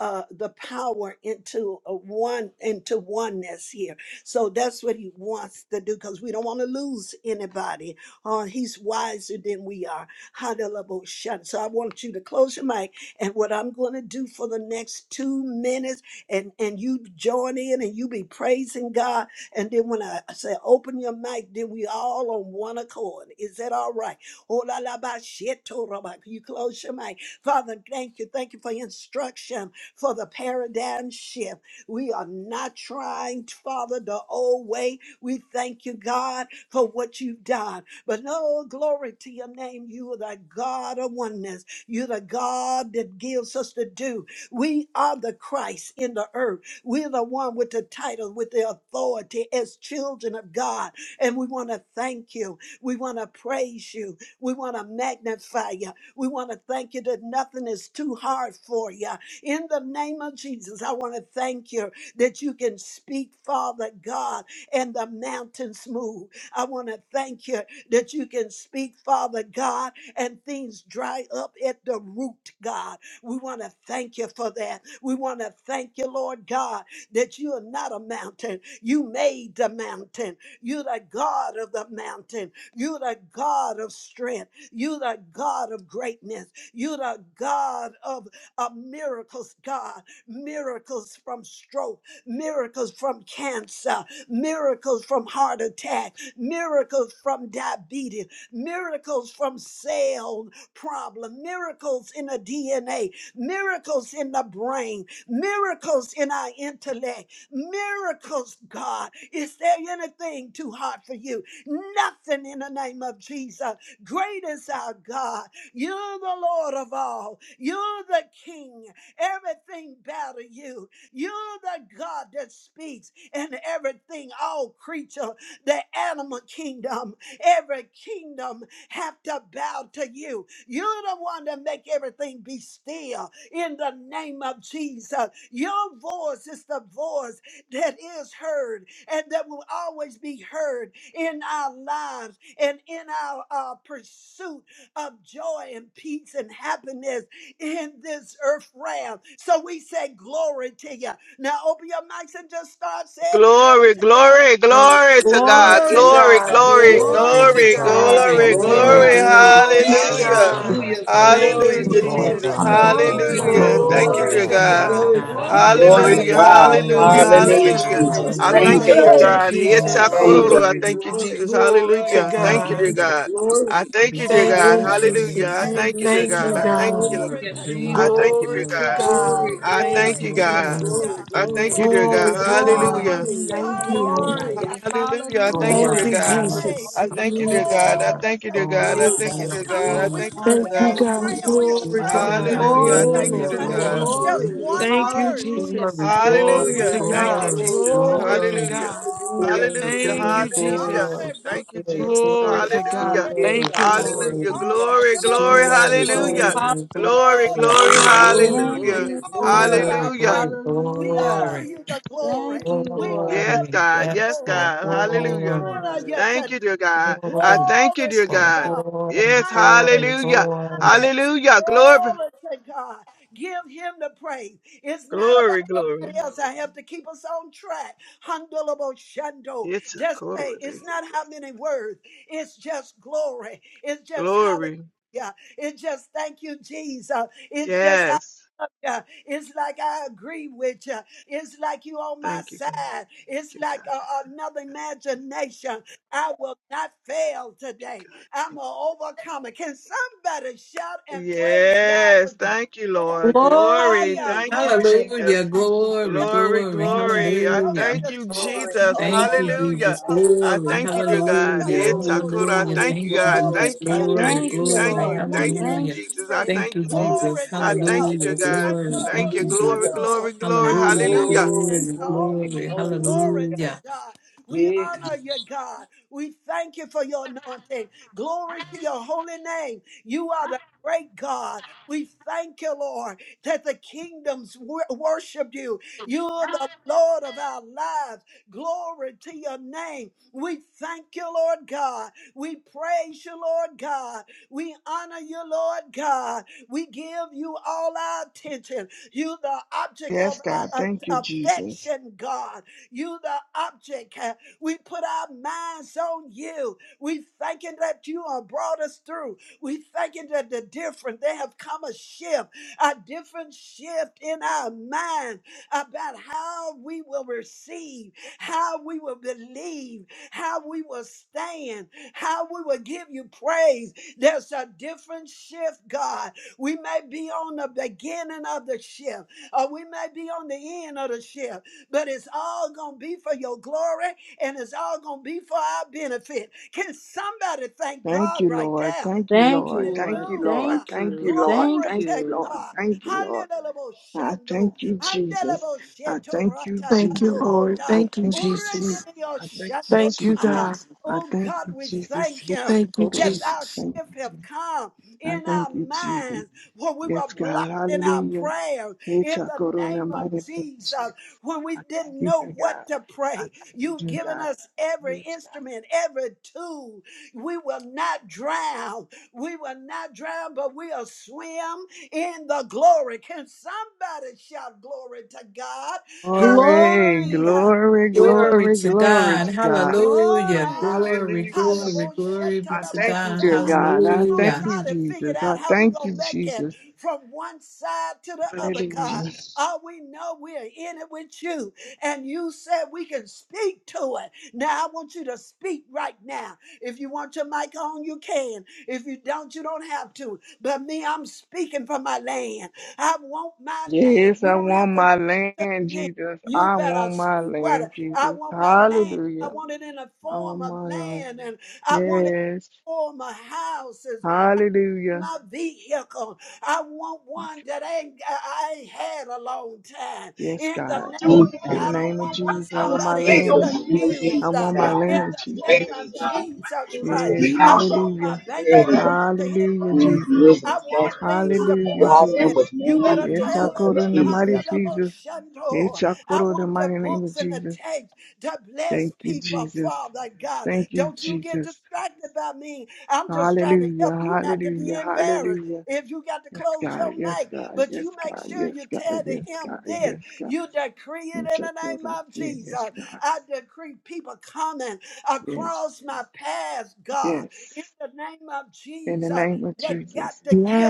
[SPEAKER 1] uh, the power into a one into oneness here. So that's what he wants to do because we don't want to lose anybody. Uh, he's wiser than we are. Hadalaboshan. So I want you to close your mic, and what I'm going to do for the next two minutes, and and you join in and you be praising God, and then when I say open your mic, then we all on one accord. Is that all right? Olalabashetoraba. You close your mic, Father. Thank you, thank you for instruction for the paradigm shift. We are not trying, Father, the old way. We thank you, God, for what you've done. But no glory to your name. You are the God of oneness. You're the God that gives us to do. We are the Christ in the earth. We're the one with the title, with the authority as children of God. And we want to thank you. We want to praise you. We want to magnify you. We want to thank you that nothing is too hard for you. In the name of Jesus, I want to thank you that you can speak, Father God, and the mountains move. I want to thank you that you can speak, Father God, and things dry up at the root, God. We want to thank you for that. We want to thank you, Lord God, that you are not a mountain. You made the mountain. You're the God of the mountain. You're the God of strength. You're the God of greatness. You're the God of uh, miracles, God, miracles from stroke, miracles from cancer, miracles from heart attack, miracles from diabetes, miracles from cell problem, miracles in the DNA, miracles in the brain, miracles in our intellect, miracles, God. Is there anything too hard for you? Nothing in the name of Jesus. Great is our God. You're the Lord of all. You're the King. Everything bow to you. You're the God that speaks, and everything, all creature, the animal kingdom, every kingdom have to bow to you. You're the one that make everything be still in the name of Jesus. Your voice is the voice that is heard and that will always be heard in our lives and in our uh, pursuit of joy and peace and happiness in this earth realm. So we say glory to you. Now open your mics and just start saying glory
[SPEAKER 4] Glory,
[SPEAKER 1] to God. About
[SPEAKER 4] glory,
[SPEAKER 1] what we're
[SPEAKER 4] glory to
[SPEAKER 1] praying.
[SPEAKER 10] Glory
[SPEAKER 4] God.
[SPEAKER 10] to
[SPEAKER 2] Glory, God.
[SPEAKER 4] Glory,
[SPEAKER 10] God.
[SPEAKER 1] Glory to
[SPEAKER 4] glory,
[SPEAKER 1] God.
[SPEAKER 2] Glory
[SPEAKER 10] Glory
[SPEAKER 8] Glory
[SPEAKER 2] to
[SPEAKER 10] to
[SPEAKER 8] to
[SPEAKER 4] glory,
[SPEAKER 8] God.
[SPEAKER 10] God.
[SPEAKER 9] Glory,
[SPEAKER 2] God.
[SPEAKER 1] Glory
[SPEAKER 4] glory,
[SPEAKER 8] Glory to
[SPEAKER 1] to
[SPEAKER 9] glory,
[SPEAKER 7] glory
[SPEAKER 8] God.
[SPEAKER 4] glory.
[SPEAKER 7] to
[SPEAKER 1] God.
[SPEAKER 2] Glory.
[SPEAKER 7] you,
[SPEAKER 9] glory.
[SPEAKER 10] Glory
[SPEAKER 7] Father.
[SPEAKER 10] to
[SPEAKER 2] Glory,
[SPEAKER 1] Glory,
[SPEAKER 8] Glory to
[SPEAKER 4] Hallelujah.
[SPEAKER 1] yeah,
[SPEAKER 11] Glory
[SPEAKER 10] God.
[SPEAKER 2] Lord.
[SPEAKER 1] yeah,
[SPEAKER 8] God.
[SPEAKER 7] Hallelujah,
[SPEAKER 11] to the
[SPEAKER 8] Glory
[SPEAKER 1] yeah.
[SPEAKER 8] to
[SPEAKER 2] Thank
[SPEAKER 10] Thank
[SPEAKER 8] God.
[SPEAKER 10] you,
[SPEAKER 7] glory,
[SPEAKER 4] Hallelujah,
[SPEAKER 2] you,
[SPEAKER 11] glory,
[SPEAKER 1] You
[SPEAKER 8] Glory to
[SPEAKER 1] get
[SPEAKER 11] glory,
[SPEAKER 4] Jesus.
[SPEAKER 7] glory.
[SPEAKER 1] the
[SPEAKER 10] Jesus.
[SPEAKER 8] God.
[SPEAKER 1] glory.
[SPEAKER 11] hallelujah,
[SPEAKER 7] We
[SPEAKER 8] Glory to
[SPEAKER 7] give you
[SPEAKER 2] Glory,
[SPEAKER 8] God.
[SPEAKER 4] Hallelujah.
[SPEAKER 8] Glory
[SPEAKER 11] glory.
[SPEAKER 4] Thank
[SPEAKER 9] Glory
[SPEAKER 8] to
[SPEAKER 4] you,
[SPEAKER 7] glory,
[SPEAKER 10] Glory
[SPEAKER 4] dear
[SPEAKER 2] glory,
[SPEAKER 10] to
[SPEAKER 9] be
[SPEAKER 7] we
[SPEAKER 8] God.
[SPEAKER 4] God.
[SPEAKER 9] to
[SPEAKER 10] God.
[SPEAKER 1] Handalaboshando.
[SPEAKER 7] glorify
[SPEAKER 8] Glory
[SPEAKER 9] God.
[SPEAKER 1] You
[SPEAKER 7] you,
[SPEAKER 8] to
[SPEAKER 1] get
[SPEAKER 2] glory,
[SPEAKER 3] Glory to
[SPEAKER 1] the
[SPEAKER 4] Hallelujah.
[SPEAKER 7] Father.
[SPEAKER 10] Glory
[SPEAKER 9] Hallelujah.
[SPEAKER 10] to
[SPEAKER 3] God.
[SPEAKER 1] glory.
[SPEAKER 9] Glory
[SPEAKER 4] Hallelujah.
[SPEAKER 10] God.
[SPEAKER 9] be
[SPEAKER 7] Glory,
[SPEAKER 9] to
[SPEAKER 3] Hallelujah,
[SPEAKER 4] Hallelujah.
[SPEAKER 9] God.
[SPEAKER 8] God.
[SPEAKER 7] glory,
[SPEAKER 1] Glory
[SPEAKER 3] Jesus.
[SPEAKER 4] I
[SPEAKER 1] to
[SPEAKER 7] glory
[SPEAKER 3] Thank
[SPEAKER 4] thank
[SPEAKER 3] you,
[SPEAKER 4] you,
[SPEAKER 7] to
[SPEAKER 9] Hallelujah.
[SPEAKER 1] God.
[SPEAKER 4] dear
[SPEAKER 10] Thank
[SPEAKER 3] Lord.
[SPEAKER 10] you,
[SPEAKER 3] Thank
[SPEAKER 9] Glory,
[SPEAKER 4] God.
[SPEAKER 7] your name,
[SPEAKER 3] you.
[SPEAKER 9] glory,
[SPEAKER 7] God.
[SPEAKER 3] Thank
[SPEAKER 10] Jesus.
[SPEAKER 3] you,
[SPEAKER 1] Glory to
[SPEAKER 4] Hitsakororo.
[SPEAKER 3] God.
[SPEAKER 4] I
[SPEAKER 9] glory
[SPEAKER 7] Glory,
[SPEAKER 9] be to
[SPEAKER 4] thank you,
[SPEAKER 1] God.
[SPEAKER 7] glory.
[SPEAKER 4] Jesus.
[SPEAKER 10] Glory to
[SPEAKER 7] Oh
[SPEAKER 4] Hallelujah.
[SPEAKER 7] God,
[SPEAKER 4] Thank you,
[SPEAKER 1] Glory
[SPEAKER 7] we
[SPEAKER 4] dear
[SPEAKER 10] God.
[SPEAKER 7] give you
[SPEAKER 9] Hallelujah.
[SPEAKER 4] God. I
[SPEAKER 7] glory,
[SPEAKER 9] Glory
[SPEAKER 4] thank
[SPEAKER 9] Be
[SPEAKER 4] you,
[SPEAKER 9] to
[SPEAKER 4] dear
[SPEAKER 9] God.
[SPEAKER 10] Thank
[SPEAKER 4] God.
[SPEAKER 10] you,
[SPEAKER 7] glory,
[SPEAKER 1] Glory to
[SPEAKER 9] Glory
[SPEAKER 7] Father.
[SPEAKER 9] be
[SPEAKER 4] Hallelujah.
[SPEAKER 1] your
[SPEAKER 4] I
[SPEAKER 9] to
[SPEAKER 10] Jesus.
[SPEAKER 1] name.
[SPEAKER 9] God.
[SPEAKER 4] thank you, dear
[SPEAKER 10] Thank
[SPEAKER 4] God.
[SPEAKER 10] you,
[SPEAKER 7] Hallelujah.
[SPEAKER 4] I
[SPEAKER 9] Hallelujah.
[SPEAKER 4] thank you,
[SPEAKER 10] God.
[SPEAKER 7] Glory
[SPEAKER 4] dear
[SPEAKER 7] to
[SPEAKER 1] Glory
[SPEAKER 4] God.
[SPEAKER 9] Glory,
[SPEAKER 1] to
[SPEAKER 7] your name,
[SPEAKER 4] I
[SPEAKER 9] glory,
[SPEAKER 1] God.
[SPEAKER 4] thank
[SPEAKER 7] Father.
[SPEAKER 4] you, dear
[SPEAKER 10] Glory to
[SPEAKER 4] God.
[SPEAKER 9] glory,
[SPEAKER 10] God.
[SPEAKER 7] Glory,
[SPEAKER 9] glory.
[SPEAKER 4] I
[SPEAKER 7] glory,
[SPEAKER 10] Thank
[SPEAKER 4] thank
[SPEAKER 1] Glory.
[SPEAKER 10] you,
[SPEAKER 4] you,
[SPEAKER 9] Hallelujah.
[SPEAKER 7] glory,
[SPEAKER 4] God.
[SPEAKER 9] Glory,
[SPEAKER 10] Jesus.
[SPEAKER 7] glory,
[SPEAKER 1] Hallelujah.
[SPEAKER 4] I
[SPEAKER 7] glory.
[SPEAKER 9] glory,
[SPEAKER 4] thank you,
[SPEAKER 9] glory,
[SPEAKER 4] dear
[SPEAKER 9] glory.
[SPEAKER 4] God.
[SPEAKER 10] Glory
[SPEAKER 1] Glory
[SPEAKER 10] to
[SPEAKER 1] to
[SPEAKER 10] God.
[SPEAKER 1] God.
[SPEAKER 4] Hallelujah.
[SPEAKER 7] Hallelujah,
[SPEAKER 2] glory,
[SPEAKER 10] Thank
[SPEAKER 1] Ah,
[SPEAKER 10] you,
[SPEAKER 1] yeah,
[SPEAKER 9] Glory,
[SPEAKER 1] yeah,
[SPEAKER 10] Lord.
[SPEAKER 7] hallelujah.
[SPEAKER 1] yeah.
[SPEAKER 2] glory,
[SPEAKER 4] Hallelujah.
[SPEAKER 7] We
[SPEAKER 4] I
[SPEAKER 1] yeah.
[SPEAKER 4] thank you,
[SPEAKER 1] Glory
[SPEAKER 10] Thank
[SPEAKER 4] dear
[SPEAKER 9] glory, glory,
[SPEAKER 2] hallelujah.
[SPEAKER 10] you,
[SPEAKER 1] to your
[SPEAKER 4] God.
[SPEAKER 7] glorify
[SPEAKER 9] hallelujah, glory, glory,
[SPEAKER 7] you,
[SPEAKER 1] name.
[SPEAKER 4] I
[SPEAKER 10] Jesus.
[SPEAKER 4] thank you, dear
[SPEAKER 7] hallelujah.
[SPEAKER 4] God. I
[SPEAKER 1] Glory
[SPEAKER 4] thank you,
[SPEAKER 1] to
[SPEAKER 4] dear God. I
[SPEAKER 1] God.
[SPEAKER 7] Yes,
[SPEAKER 4] thank you,
[SPEAKER 7] God, we
[SPEAKER 4] dear
[SPEAKER 1] Come
[SPEAKER 4] God. I
[SPEAKER 1] on, we
[SPEAKER 4] thank you,
[SPEAKER 7] glorify
[SPEAKER 1] now
[SPEAKER 4] dear
[SPEAKER 1] we
[SPEAKER 7] you,
[SPEAKER 10] Thank
[SPEAKER 4] God.
[SPEAKER 10] you,
[SPEAKER 1] ain't praying,
[SPEAKER 10] God.
[SPEAKER 1] we
[SPEAKER 7] hallelujah.
[SPEAKER 10] Glory to
[SPEAKER 9] glory, glory, glory,
[SPEAKER 1] praising.
[SPEAKER 10] God.
[SPEAKER 4] Hallelujah.
[SPEAKER 2] Glory,
[SPEAKER 1] That
[SPEAKER 4] Thank
[SPEAKER 10] Glory
[SPEAKER 4] you,
[SPEAKER 9] hallelujah,
[SPEAKER 10] to
[SPEAKER 4] dear
[SPEAKER 1] uh,
[SPEAKER 2] Lord,
[SPEAKER 7] Hallelujah,
[SPEAKER 10] God.
[SPEAKER 4] God.
[SPEAKER 1] it's just
[SPEAKER 2] glory,
[SPEAKER 7] hallelujah.
[SPEAKER 1] one
[SPEAKER 9] glory,
[SPEAKER 10] Thank you,
[SPEAKER 1] word.
[SPEAKER 9] Glory, glory, glory, glory, glory, glory, glory, glory, glory, glory, glory, glory, glory, glory, glory,
[SPEAKER 2] hallelujah,
[SPEAKER 10] Jesus.
[SPEAKER 1] Say that
[SPEAKER 10] Glory
[SPEAKER 1] one
[SPEAKER 10] to
[SPEAKER 4] Hallelujah.
[SPEAKER 1] word.
[SPEAKER 7] Hallelujah,
[SPEAKER 4] Thank you,
[SPEAKER 10] God.
[SPEAKER 1] Glory to
[SPEAKER 4] Jesus.
[SPEAKER 7] glorify
[SPEAKER 1] God.
[SPEAKER 7] you,
[SPEAKER 10] Glory to
[SPEAKER 7] God.
[SPEAKER 4] Hallelujah.
[SPEAKER 10] God.
[SPEAKER 7] Hallelujah,
[SPEAKER 1] Glory
[SPEAKER 4] Hallelujah.
[SPEAKER 1] to
[SPEAKER 10] Thank
[SPEAKER 1] God.
[SPEAKER 10] you,
[SPEAKER 7] hallelujah.
[SPEAKER 4] Hallelujah.
[SPEAKER 10] Jesus.
[SPEAKER 1] Honor goes
[SPEAKER 4] Thank you,
[SPEAKER 1] to you.
[SPEAKER 8] He was also a
[SPEAKER 4] Jesus.
[SPEAKER 10] Glory to
[SPEAKER 8] member
[SPEAKER 4] Hallelujah.
[SPEAKER 1] Glory
[SPEAKER 10] God.
[SPEAKER 8] of the Society
[SPEAKER 7] Yes,
[SPEAKER 1] to
[SPEAKER 10] Thank
[SPEAKER 1] God
[SPEAKER 7] God,
[SPEAKER 10] you,
[SPEAKER 8] of
[SPEAKER 10] Lord.
[SPEAKER 4] Hallelujah.
[SPEAKER 1] all
[SPEAKER 7] hallelujah,
[SPEAKER 1] the
[SPEAKER 8] Antiquarians.
[SPEAKER 4] Glory,
[SPEAKER 1] praise
[SPEAKER 4] glory,
[SPEAKER 7] hallelujah,
[SPEAKER 1] that
[SPEAKER 2] Lord.
[SPEAKER 4] hallelujah.
[SPEAKER 1] you.
[SPEAKER 7] hallelujah.
[SPEAKER 2] hall-
[SPEAKER 4] Glory,
[SPEAKER 1] Glory to
[SPEAKER 4] glory,
[SPEAKER 7] Glory, glory,
[SPEAKER 1] God.
[SPEAKER 7] glory,
[SPEAKER 2] Thank
[SPEAKER 1] We
[SPEAKER 4] hallelujah.
[SPEAKER 2] you,
[SPEAKER 1] offer
[SPEAKER 7] glory,
[SPEAKER 1] you our
[SPEAKER 2] Lord,
[SPEAKER 9] glory,
[SPEAKER 4] Hallelujah.
[SPEAKER 1] praise. We offer
[SPEAKER 2] hallelujah.
[SPEAKER 9] glory, glory,
[SPEAKER 1] you the glory.
[SPEAKER 2] Thank you,
[SPEAKER 1] We
[SPEAKER 4] Yes,
[SPEAKER 2] Lord,
[SPEAKER 1] give you
[SPEAKER 9] glory,
[SPEAKER 1] the
[SPEAKER 4] God. Yes,
[SPEAKER 9] yes,
[SPEAKER 1] glory.
[SPEAKER 9] Lord,
[SPEAKER 4] God.
[SPEAKER 1] We
[SPEAKER 9] glory,
[SPEAKER 4] Hallelujah.
[SPEAKER 1] honor
[SPEAKER 2] Lord.
[SPEAKER 1] you
[SPEAKER 4] Thank you,
[SPEAKER 1] today.
[SPEAKER 4] dear God. I
[SPEAKER 9] glory,
[SPEAKER 4] thank you,
[SPEAKER 1] Glory
[SPEAKER 9] yes,
[SPEAKER 4] dear
[SPEAKER 9] Lord,
[SPEAKER 4] God.
[SPEAKER 1] to
[SPEAKER 9] glory,
[SPEAKER 4] Yes,
[SPEAKER 1] God.
[SPEAKER 9] glory,
[SPEAKER 4] hallelujah.
[SPEAKER 9] glory.
[SPEAKER 1] Yeah.
[SPEAKER 4] Hallelujah. Glory,
[SPEAKER 1] Glory to God. Give him the praise. It's not
[SPEAKER 4] glory,
[SPEAKER 1] about nobody
[SPEAKER 4] glory.
[SPEAKER 1] else. I have to keep us on track. Handolabo shando.
[SPEAKER 4] It's a
[SPEAKER 1] Just
[SPEAKER 4] quarter.
[SPEAKER 1] say it's not how many words. It's just glory. It's just
[SPEAKER 4] Glory.
[SPEAKER 1] hallelujah. It's just thank you, Jesus. It's just
[SPEAKER 4] Yes.
[SPEAKER 1] yeah, it's like I agree with you. It's like you on my
[SPEAKER 4] Thank you, God.
[SPEAKER 1] side.
[SPEAKER 4] Thank
[SPEAKER 1] It's
[SPEAKER 4] you,
[SPEAKER 1] like
[SPEAKER 4] God.
[SPEAKER 1] a, another imagination. I will not fail
[SPEAKER 4] Thank you,
[SPEAKER 1] today.
[SPEAKER 4] God.
[SPEAKER 1] I'm
[SPEAKER 4] Thank
[SPEAKER 1] an overcomer. Can somebody shout and
[SPEAKER 4] you.
[SPEAKER 1] praise God for
[SPEAKER 4] Yes.
[SPEAKER 1] just
[SPEAKER 4] Thank you,
[SPEAKER 1] that?
[SPEAKER 4] Lord. Glory.
[SPEAKER 2] Glory,
[SPEAKER 1] Higher
[SPEAKER 4] Thank you,
[SPEAKER 1] glory to
[SPEAKER 4] Jesus.
[SPEAKER 9] Hallelujah,
[SPEAKER 1] God.
[SPEAKER 9] glory,
[SPEAKER 1] Thank
[SPEAKER 4] Glory,
[SPEAKER 9] glory,
[SPEAKER 1] Lord,
[SPEAKER 4] glory.
[SPEAKER 1] every
[SPEAKER 4] I
[SPEAKER 1] yoke
[SPEAKER 9] hallelujah.
[SPEAKER 4] thank
[SPEAKER 1] is
[SPEAKER 4] you,
[SPEAKER 1] destroyed.
[SPEAKER 7] glory,
[SPEAKER 4] Jesus.
[SPEAKER 9] Thank you,
[SPEAKER 1] Glory to
[SPEAKER 7] hallelujah,
[SPEAKER 4] Hallelujah.
[SPEAKER 9] Jesus.
[SPEAKER 1] God.
[SPEAKER 4] I
[SPEAKER 9] Glory.
[SPEAKER 4] thank
[SPEAKER 7] hallelujah.
[SPEAKER 4] you, dear
[SPEAKER 1] Handleable,
[SPEAKER 4] God.
[SPEAKER 9] Hallelujah.
[SPEAKER 7] Glory,
[SPEAKER 1] shandleable,
[SPEAKER 4] Itakura. I
[SPEAKER 1] shot.
[SPEAKER 9] Hallelujah.
[SPEAKER 7] glory,
[SPEAKER 4] Thank you,
[SPEAKER 9] Thank you,
[SPEAKER 4] God.
[SPEAKER 7] glory,
[SPEAKER 1] Glory
[SPEAKER 9] Jesus.
[SPEAKER 1] to
[SPEAKER 4] Thank
[SPEAKER 1] God.
[SPEAKER 4] you,
[SPEAKER 9] Glory.
[SPEAKER 4] thank
[SPEAKER 2] thank
[SPEAKER 4] you,
[SPEAKER 2] you,
[SPEAKER 7] hallelujah,
[SPEAKER 1] We're
[SPEAKER 4] thank
[SPEAKER 9] Glory.
[SPEAKER 4] you,
[SPEAKER 2] Lord.
[SPEAKER 4] thank
[SPEAKER 1] walking
[SPEAKER 4] you,
[SPEAKER 1] in
[SPEAKER 7] hallelujah, hallelujah,
[SPEAKER 2] Thank,
[SPEAKER 9] Hallelujah.
[SPEAKER 4] Jesus. I
[SPEAKER 1] victory.
[SPEAKER 9] Thank
[SPEAKER 4] thank
[SPEAKER 9] you,
[SPEAKER 4] you, Jesus.
[SPEAKER 1] Glory
[SPEAKER 9] Jesus.
[SPEAKER 4] I
[SPEAKER 1] to
[SPEAKER 7] hallelujah,
[SPEAKER 4] thank
[SPEAKER 1] God.
[SPEAKER 4] you, dear
[SPEAKER 9] Hallelujah.
[SPEAKER 4] God.
[SPEAKER 9] Glory.
[SPEAKER 4] Thank
[SPEAKER 1] Unbelievable
[SPEAKER 9] Thank
[SPEAKER 4] you.
[SPEAKER 9] you,
[SPEAKER 4] Glory,
[SPEAKER 7] hallelujah.
[SPEAKER 9] Jesus.
[SPEAKER 1] shandor.
[SPEAKER 4] glory, glory.
[SPEAKER 1] Our
[SPEAKER 9] Hallelujah.
[SPEAKER 4] Hallelujah.
[SPEAKER 7] Glory,
[SPEAKER 1] minds
[SPEAKER 9] Glory.
[SPEAKER 1] are on
[SPEAKER 7] glory,
[SPEAKER 1] you.
[SPEAKER 9] Glory.
[SPEAKER 1] Glory
[SPEAKER 7] hallelujah.
[SPEAKER 1] to
[SPEAKER 9] Hallelujah.
[SPEAKER 1] God. We honor you, God. We thank you for your anointing. Glory to your holy name. You are the great God. We thank you, Lord, that the kingdoms wor- worship you. You're the Lord of our lives. Glory to your name. We thank you, Lord God. We praise you, Lord God. We honor you, Lord God. We give you all our attention. You, the object of
[SPEAKER 4] Yes, God.
[SPEAKER 1] our
[SPEAKER 4] Thank you,
[SPEAKER 1] a-
[SPEAKER 4] Jesus.
[SPEAKER 1] affection, God. You, the object. uh, We put our minds on you. We thanking that you have brought us through. We thanking that the different, there have come a shift, a different shift in our mind about how we will receive, how we will believe, how we will stand, how we will give you praise, there's a different shift, God. We may be on the beginning of the shift, or we may be on the end of the shift, but it's all going to be for your glory and it's all going to be for our benefit. Can somebody thank
[SPEAKER 4] Thank
[SPEAKER 1] God
[SPEAKER 4] you,
[SPEAKER 1] right there?
[SPEAKER 4] Lord. Thank you,
[SPEAKER 2] thank you,
[SPEAKER 4] Lord. Thank
[SPEAKER 2] Lord.
[SPEAKER 4] you, Lord.
[SPEAKER 1] Hallelujah.
[SPEAKER 2] Thank
[SPEAKER 4] Thank
[SPEAKER 2] you,
[SPEAKER 4] you, Lord.
[SPEAKER 2] thank
[SPEAKER 1] Glory
[SPEAKER 4] Thank
[SPEAKER 1] to
[SPEAKER 4] you,
[SPEAKER 2] you.
[SPEAKER 4] Lord.
[SPEAKER 1] God.
[SPEAKER 4] Thank you, Lord.
[SPEAKER 1] Hallelujah.
[SPEAKER 4] I
[SPEAKER 1] Shando.
[SPEAKER 4] thank you, Jesus.
[SPEAKER 1] Handelebo
[SPEAKER 4] I
[SPEAKER 1] sheto
[SPEAKER 4] thank you,
[SPEAKER 10] Thank you,
[SPEAKER 1] ratatato
[SPEAKER 4] Jesus.
[SPEAKER 10] Lord.
[SPEAKER 1] kota.
[SPEAKER 4] I
[SPEAKER 10] Thank you,
[SPEAKER 4] thank you, Jesus.
[SPEAKER 10] Jesus.
[SPEAKER 1] Urendelio
[SPEAKER 4] I thank you,
[SPEAKER 1] shando.
[SPEAKER 10] Thank you,
[SPEAKER 4] Jesus.
[SPEAKER 1] maha.
[SPEAKER 10] God.
[SPEAKER 4] I
[SPEAKER 1] Oh
[SPEAKER 4] thank
[SPEAKER 1] God,
[SPEAKER 4] you,
[SPEAKER 1] we
[SPEAKER 4] Jesus.
[SPEAKER 1] thank
[SPEAKER 4] It's
[SPEAKER 1] you
[SPEAKER 4] a
[SPEAKER 10] Thank you,
[SPEAKER 4] good
[SPEAKER 1] that
[SPEAKER 4] one.
[SPEAKER 1] our
[SPEAKER 10] Jesus.
[SPEAKER 4] Thank you,
[SPEAKER 1] shift have
[SPEAKER 4] Jesus.
[SPEAKER 1] come
[SPEAKER 4] I
[SPEAKER 1] in our
[SPEAKER 4] thank you, Jesus.
[SPEAKER 1] minds where we were
[SPEAKER 4] Yes, God.
[SPEAKER 1] blocked in our
[SPEAKER 4] Hallelujah.
[SPEAKER 1] prayers
[SPEAKER 4] It's
[SPEAKER 1] in
[SPEAKER 4] a
[SPEAKER 1] the
[SPEAKER 4] good one in the
[SPEAKER 1] name of
[SPEAKER 4] mighty name of
[SPEAKER 1] Jesus
[SPEAKER 4] Jesus.
[SPEAKER 1] when we
[SPEAKER 4] I thank
[SPEAKER 1] didn't
[SPEAKER 4] you,
[SPEAKER 1] know
[SPEAKER 4] dear
[SPEAKER 1] what
[SPEAKER 4] God.
[SPEAKER 1] to
[SPEAKER 4] I
[SPEAKER 1] pray.
[SPEAKER 4] thank you,
[SPEAKER 1] You've
[SPEAKER 4] dear
[SPEAKER 1] given
[SPEAKER 4] God.
[SPEAKER 1] us every
[SPEAKER 4] Yes, God.
[SPEAKER 1] instrument, every tool. We will not drown. We will not drown, but we'll swim in the glory. Can somebody shout glory to God?
[SPEAKER 4] Glory,
[SPEAKER 2] Glory,
[SPEAKER 1] Hallelujah.
[SPEAKER 4] glory,
[SPEAKER 1] We will
[SPEAKER 9] Glory
[SPEAKER 4] glory,
[SPEAKER 9] to
[SPEAKER 4] glory
[SPEAKER 9] God.
[SPEAKER 1] swim.
[SPEAKER 4] to God.
[SPEAKER 1] We won't
[SPEAKER 9] Hallelujah.
[SPEAKER 1] drown.
[SPEAKER 2] glory.
[SPEAKER 9] Glory.
[SPEAKER 4] Hallelujah.
[SPEAKER 9] Glory.
[SPEAKER 1] Hallelujah.
[SPEAKER 9] Glory be
[SPEAKER 4] I
[SPEAKER 9] to
[SPEAKER 4] thank you,
[SPEAKER 9] God.
[SPEAKER 4] dear
[SPEAKER 1] Hallelujah.
[SPEAKER 4] God.
[SPEAKER 1] We
[SPEAKER 4] I
[SPEAKER 1] won't
[SPEAKER 4] thank
[SPEAKER 9] Hallelujah.
[SPEAKER 1] try
[SPEAKER 4] you,
[SPEAKER 1] to figure
[SPEAKER 4] Jesus.
[SPEAKER 1] out
[SPEAKER 4] I
[SPEAKER 1] how we're
[SPEAKER 4] thank
[SPEAKER 1] going
[SPEAKER 4] you,
[SPEAKER 1] to make it
[SPEAKER 4] Jesus.
[SPEAKER 1] from one side to the other, God.
[SPEAKER 4] Hallelujah.
[SPEAKER 1] All we know, we're in it with you. And you said we can speak to it. Now, I want you to speak right now. If you want your mic on, you can. If you don't, you don't have to. But me, I'm speaking for my land. I want my land.
[SPEAKER 4] Yes,
[SPEAKER 1] You
[SPEAKER 4] I
[SPEAKER 1] don't have
[SPEAKER 4] want
[SPEAKER 1] to
[SPEAKER 4] my
[SPEAKER 1] listen to
[SPEAKER 4] land,
[SPEAKER 1] me.
[SPEAKER 4] Jesus.
[SPEAKER 1] You
[SPEAKER 4] I
[SPEAKER 1] better
[SPEAKER 4] want my
[SPEAKER 1] speak what
[SPEAKER 4] land,
[SPEAKER 1] I
[SPEAKER 4] Jesus.
[SPEAKER 1] want my land. I
[SPEAKER 4] Hallelujah.
[SPEAKER 1] want it in the
[SPEAKER 4] I
[SPEAKER 1] form
[SPEAKER 4] want
[SPEAKER 1] of
[SPEAKER 4] my land.
[SPEAKER 1] land and I want it
[SPEAKER 4] Yes.
[SPEAKER 1] in the form of houses
[SPEAKER 4] Hallelujah.
[SPEAKER 1] my vehicle. I want one that ain't I ain't had a long time.
[SPEAKER 4] Yes,
[SPEAKER 1] In the
[SPEAKER 4] God.
[SPEAKER 1] name of
[SPEAKER 4] In the
[SPEAKER 1] I don't
[SPEAKER 4] name of
[SPEAKER 1] want one
[SPEAKER 4] Jesus, I want my
[SPEAKER 1] somebody
[SPEAKER 3] Hallelujah.
[SPEAKER 1] else
[SPEAKER 3] Lord.
[SPEAKER 4] land.
[SPEAKER 1] done
[SPEAKER 3] In the name of Jesus,
[SPEAKER 4] I
[SPEAKER 1] used. uh,
[SPEAKER 4] want my
[SPEAKER 3] God.
[SPEAKER 1] in
[SPEAKER 4] land,
[SPEAKER 1] the
[SPEAKER 4] Jesus.
[SPEAKER 1] name
[SPEAKER 3] Praise
[SPEAKER 1] of
[SPEAKER 3] God.
[SPEAKER 1] Jesus
[SPEAKER 3] Jesus will
[SPEAKER 1] Christ,
[SPEAKER 4] Yes,
[SPEAKER 3] be now.
[SPEAKER 1] I
[SPEAKER 3] Praise
[SPEAKER 1] want my
[SPEAKER 4] hallelujah.
[SPEAKER 1] bank account
[SPEAKER 3] God.
[SPEAKER 1] to
[SPEAKER 4] Hallelujah,
[SPEAKER 3] And
[SPEAKER 1] increase.
[SPEAKER 3] he
[SPEAKER 4] Jesus.
[SPEAKER 3] is in
[SPEAKER 1] I
[SPEAKER 3] statue
[SPEAKER 1] want things to
[SPEAKER 3] with
[SPEAKER 4] Hallelujah,
[SPEAKER 3] God and
[SPEAKER 1] progress.
[SPEAKER 3] with
[SPEAKER 4] Jesus.
[SPEAKER 1] You
[SPEAKER 3] man. In
[SPEAKER 1] better
[SPEAKER 3] the
[SPEAKER 4] It's
[SPEAKER 3] name
[SPEAKER 4] our
[SPEAKER 1] tell
[SPEAKER 3] of
[SPEAKER 1] them,
[SPEAKER 4] call in the
[SPEAKER 1] I
[SPEAKER 4] mighty
[SPEAKER 3] Jesus.
[SPEAKER 4] Jesus. It's our call in the
[SPEAKER 1] want the
[SPEAKER 4] mighty name of
[SPEAKER 1] books and the
[SPEAKER 4] Jesus.
[SPEAKER 1] tapes to bless
[SPEAKER 4] Thank you,
[SPEAKER 1] people,
[SPEAKER 4] Jesus.
[SPEAKER 1] Father God.
[SPEAKER 4] Thank you,
[SPEAKER 1] Don't you get
[SPEAKER 4] Jesus.
[SPEAKER 1] distracted by me. I'm just trying to help
[SPEAKER 4] Hallelujah,
[SPEAKER 1] you not to be
[SPEAKER 4] hallelujah,
[SPEAKER 1] embarrassed.
[SPEAKER 4] hallelujah.
[SPEAKER 1] If you got to
[SPEAKER 4] Yes,
[SPEAKER 1] close your
[SPEAKER 4] God, yes,
[SPEAKER 1] mic,
[SPEAKER 4] God,
[SPEAKER 1] but
[SPEAKER 4] yes,
[SPEAKER 1] you make
[SPEAKER 4] God,
[SPEAKER 1] sure
[SPEAKER 4] yes,
[SPEAKER 1] you
[SPEAKER 4] God,
[SPEAKER 1] tell to
[SPEAKER 4] yes,
[SPEAKER 1] him
[SPEAKER 4] God,
[SPEAKER 1] this.
[SPEAKER 4] yes, God.
[SPEAKER 1] You decree it
[SPEAKER 4] It's
[SPEAKER 1] in
[SPEAKER 4] our
[SPEAKER 1] the
[SPEAKER 4] call,
[SPEAKER 1] name of
[SPEAKER 4] yeah,
[SPEAKER 1] Jesus.
[SPEAKER 4] Yes, God.
[SPEAKER 1] I decree people coming
[SPEAKER 4] Yes,
[SPEAKER 1] across my path, God, in
[SPEAKER 4] yes.
[SPEAKER 1] the name of
[SPEAKER 4] In
[SPEAKER 1] Jesus.
[SPEAKER 4] the name of
[SPEAKER 1] That got
[SPEAKER 4] Jesus.
[SPEAKER 1] to give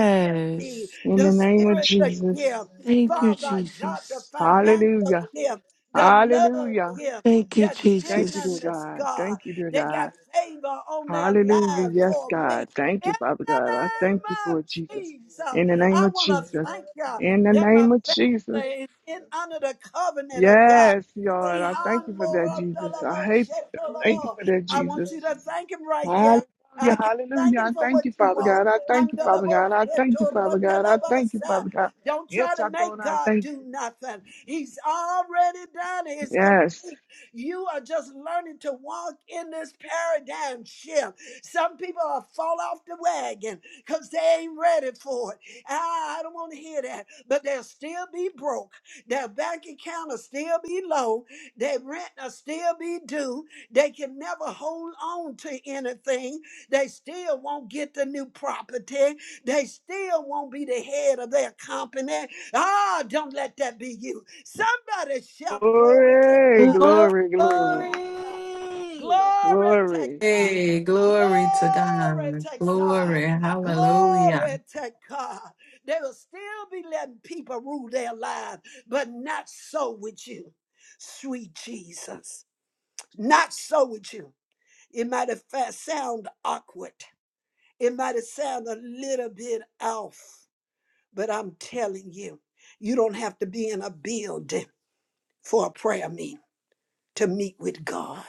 [SPEAKER 1] need,
[SPEAKER 4] In the
[SPEAKER 1] the
[SPEAKER 4] name of
[SPEAKER 1] spirit gift,
[SPEAKER 4] Jesus.
[SPEAKER 10] Thank you,
[SPEAKER 1] Father God, the
[SPEAKER 10] Jesus.
[SPEAKER 1] financial
[SPEAKER 4] Hallelujah.
[SPEAKER 1] gift, the love
[SPEAKER 4] Hallelujah.
[SPEAKER 1] gift,
[SPEAKER 10] Thank you,
[SPEAKER 1] the
[SPEAKER 4] Thank you, dear
[SPEAKER 10] Jesus.
[SPEAKER 1] tenderness,
[SPEAKER 4] God.
[SPEAKER 1] God.
[SPEAKER 4] Thank you, dear
[SPEAKER 1] They got
[SPEAKER 4] God.
[SPEAKER 1] favor on their
[SPEAKER 4] Hallelujah.
[SPEAKER 1] lives
[SPEAKER 4] Yes,
[SPEAKER 1] for me.
[SPEAKER 4] God. Thank
[SPEAKER 1] In
[SPEAKER 4] you, Father
[SPEAKER 1] the
[SPEAKER 4] God. I thank you
[SPEAKER 1] name of
[SPEAKER 4] for it, Jesus.
[SPEAKER 1] Jesus,
[SPEAKER 4] In the name
[SPEAKER 1] I
[SPEAKER 4] of
[SPEAKER 1] want to
[SPEAKER 4] Jesus.
[SPEAKER 1] thank you
[SPEAKER 4] In the
[SPEAKER 1] that my
[SPEAKER 4] name of Jesus.
[SPEAKER 1] family is in under the covenant of God.
[SPEAKER 4] Yes, Lord.
[SPEAKER 1] See
[SPEAKER 4] I
[SPEAKER 1] how
[SPEAKER 4] thank you
[SPEAKER 1] I'm
[SPEAKER 4] for that, Jesus. I hate you. I thank you for that,
[SPEAKER 1] I want
[SPEAKER 4] Jesus.
[SPEAKER 1] you to thank him right here. I
[SPEAKER 4] Hallelujah.
[SPEAKER 1] can not thank
[SPEAKER 4] Hallelujah. I
[SPEAKER 1] him for
[SPEAKER 4] thank
[SPEAKER 1] what
[SPEAKER 4] you,
[SPEAKER 1] you
[SPEAKER 4] Father
[SPEAKER 1] want.
[SPEAKER 4] God. I thank you, Father God. I thank you, Father God. I thank you, Father God.
[SPEAKER 1] Don't try
[SPEAKER 4] Yes,
[SPEAKER 1] to
[SPEAKER 4] I go
[SPEAKER 1] make
[SPEAKER 4] and I
[SPEAKER 1] God
[SPEAKER 4] thank
[SPEAKER 1] do nothing. He's already done it.
[SPEAKER 4] you.
[SPEAKER 1] It's complete.
[SPEAKER 4] Yes.
[SPEAKER 1] You are just learning to walk in this paradigm shift. Some people are fall off the wagon because they ain't ready for it. Ah, I don't want to hear that. But they'll still be broke. Their bank account will still be low. Their rent will still be due. They can never hold on to anything they still won't get the new property. They still won't be the head of their company. Ah, don't let that be you. Somebody shout glory to
[SPEAKER 4] Glory,
[SPEAKER 1] God.
[SPEAKER 2] Glory.
[SPEAKER 4] glory, glory,
[SPEAKER 1] Hallelujah. Glory to
[SPEAKER 4] glory.
[SPEAKER 1] God.
[SPEAKER 9] Hey, glory to
[SPEAKER 1] Glory
[SPEAKER 9] God.
[SPEAKER 1] to God.
[SPEAKER 9] Glory. Hallelujah.
[SPEAKER 1] Glory to God. They will still be letting people rule their lives, but not so with you, sweet Jesus. Not so with you. It might have fa- sound awkward. It might sound a little bit off, but I'm telling you, you don't have to be in a building for a prayer meeting to meet with God.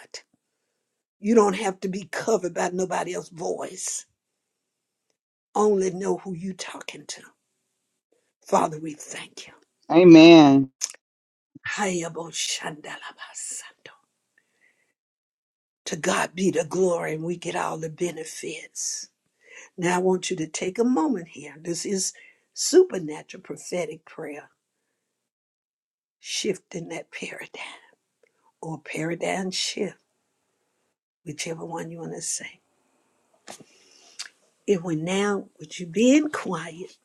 [SPEAKER 1] You don't have to be covered by nobody else's voice. Only know who you talking to. Father, we thank you.
[SPEAKER 3] Amen.
[SPEAKER 1] Hayabo shandalabasa. To God be the glory, and we get all the benefits. Now, I want you to take a moment here. This is supernatural prophetic prayer, shifting that paradigm. or paradigm shift, whichever one you want to say. If we now, with you being quiet,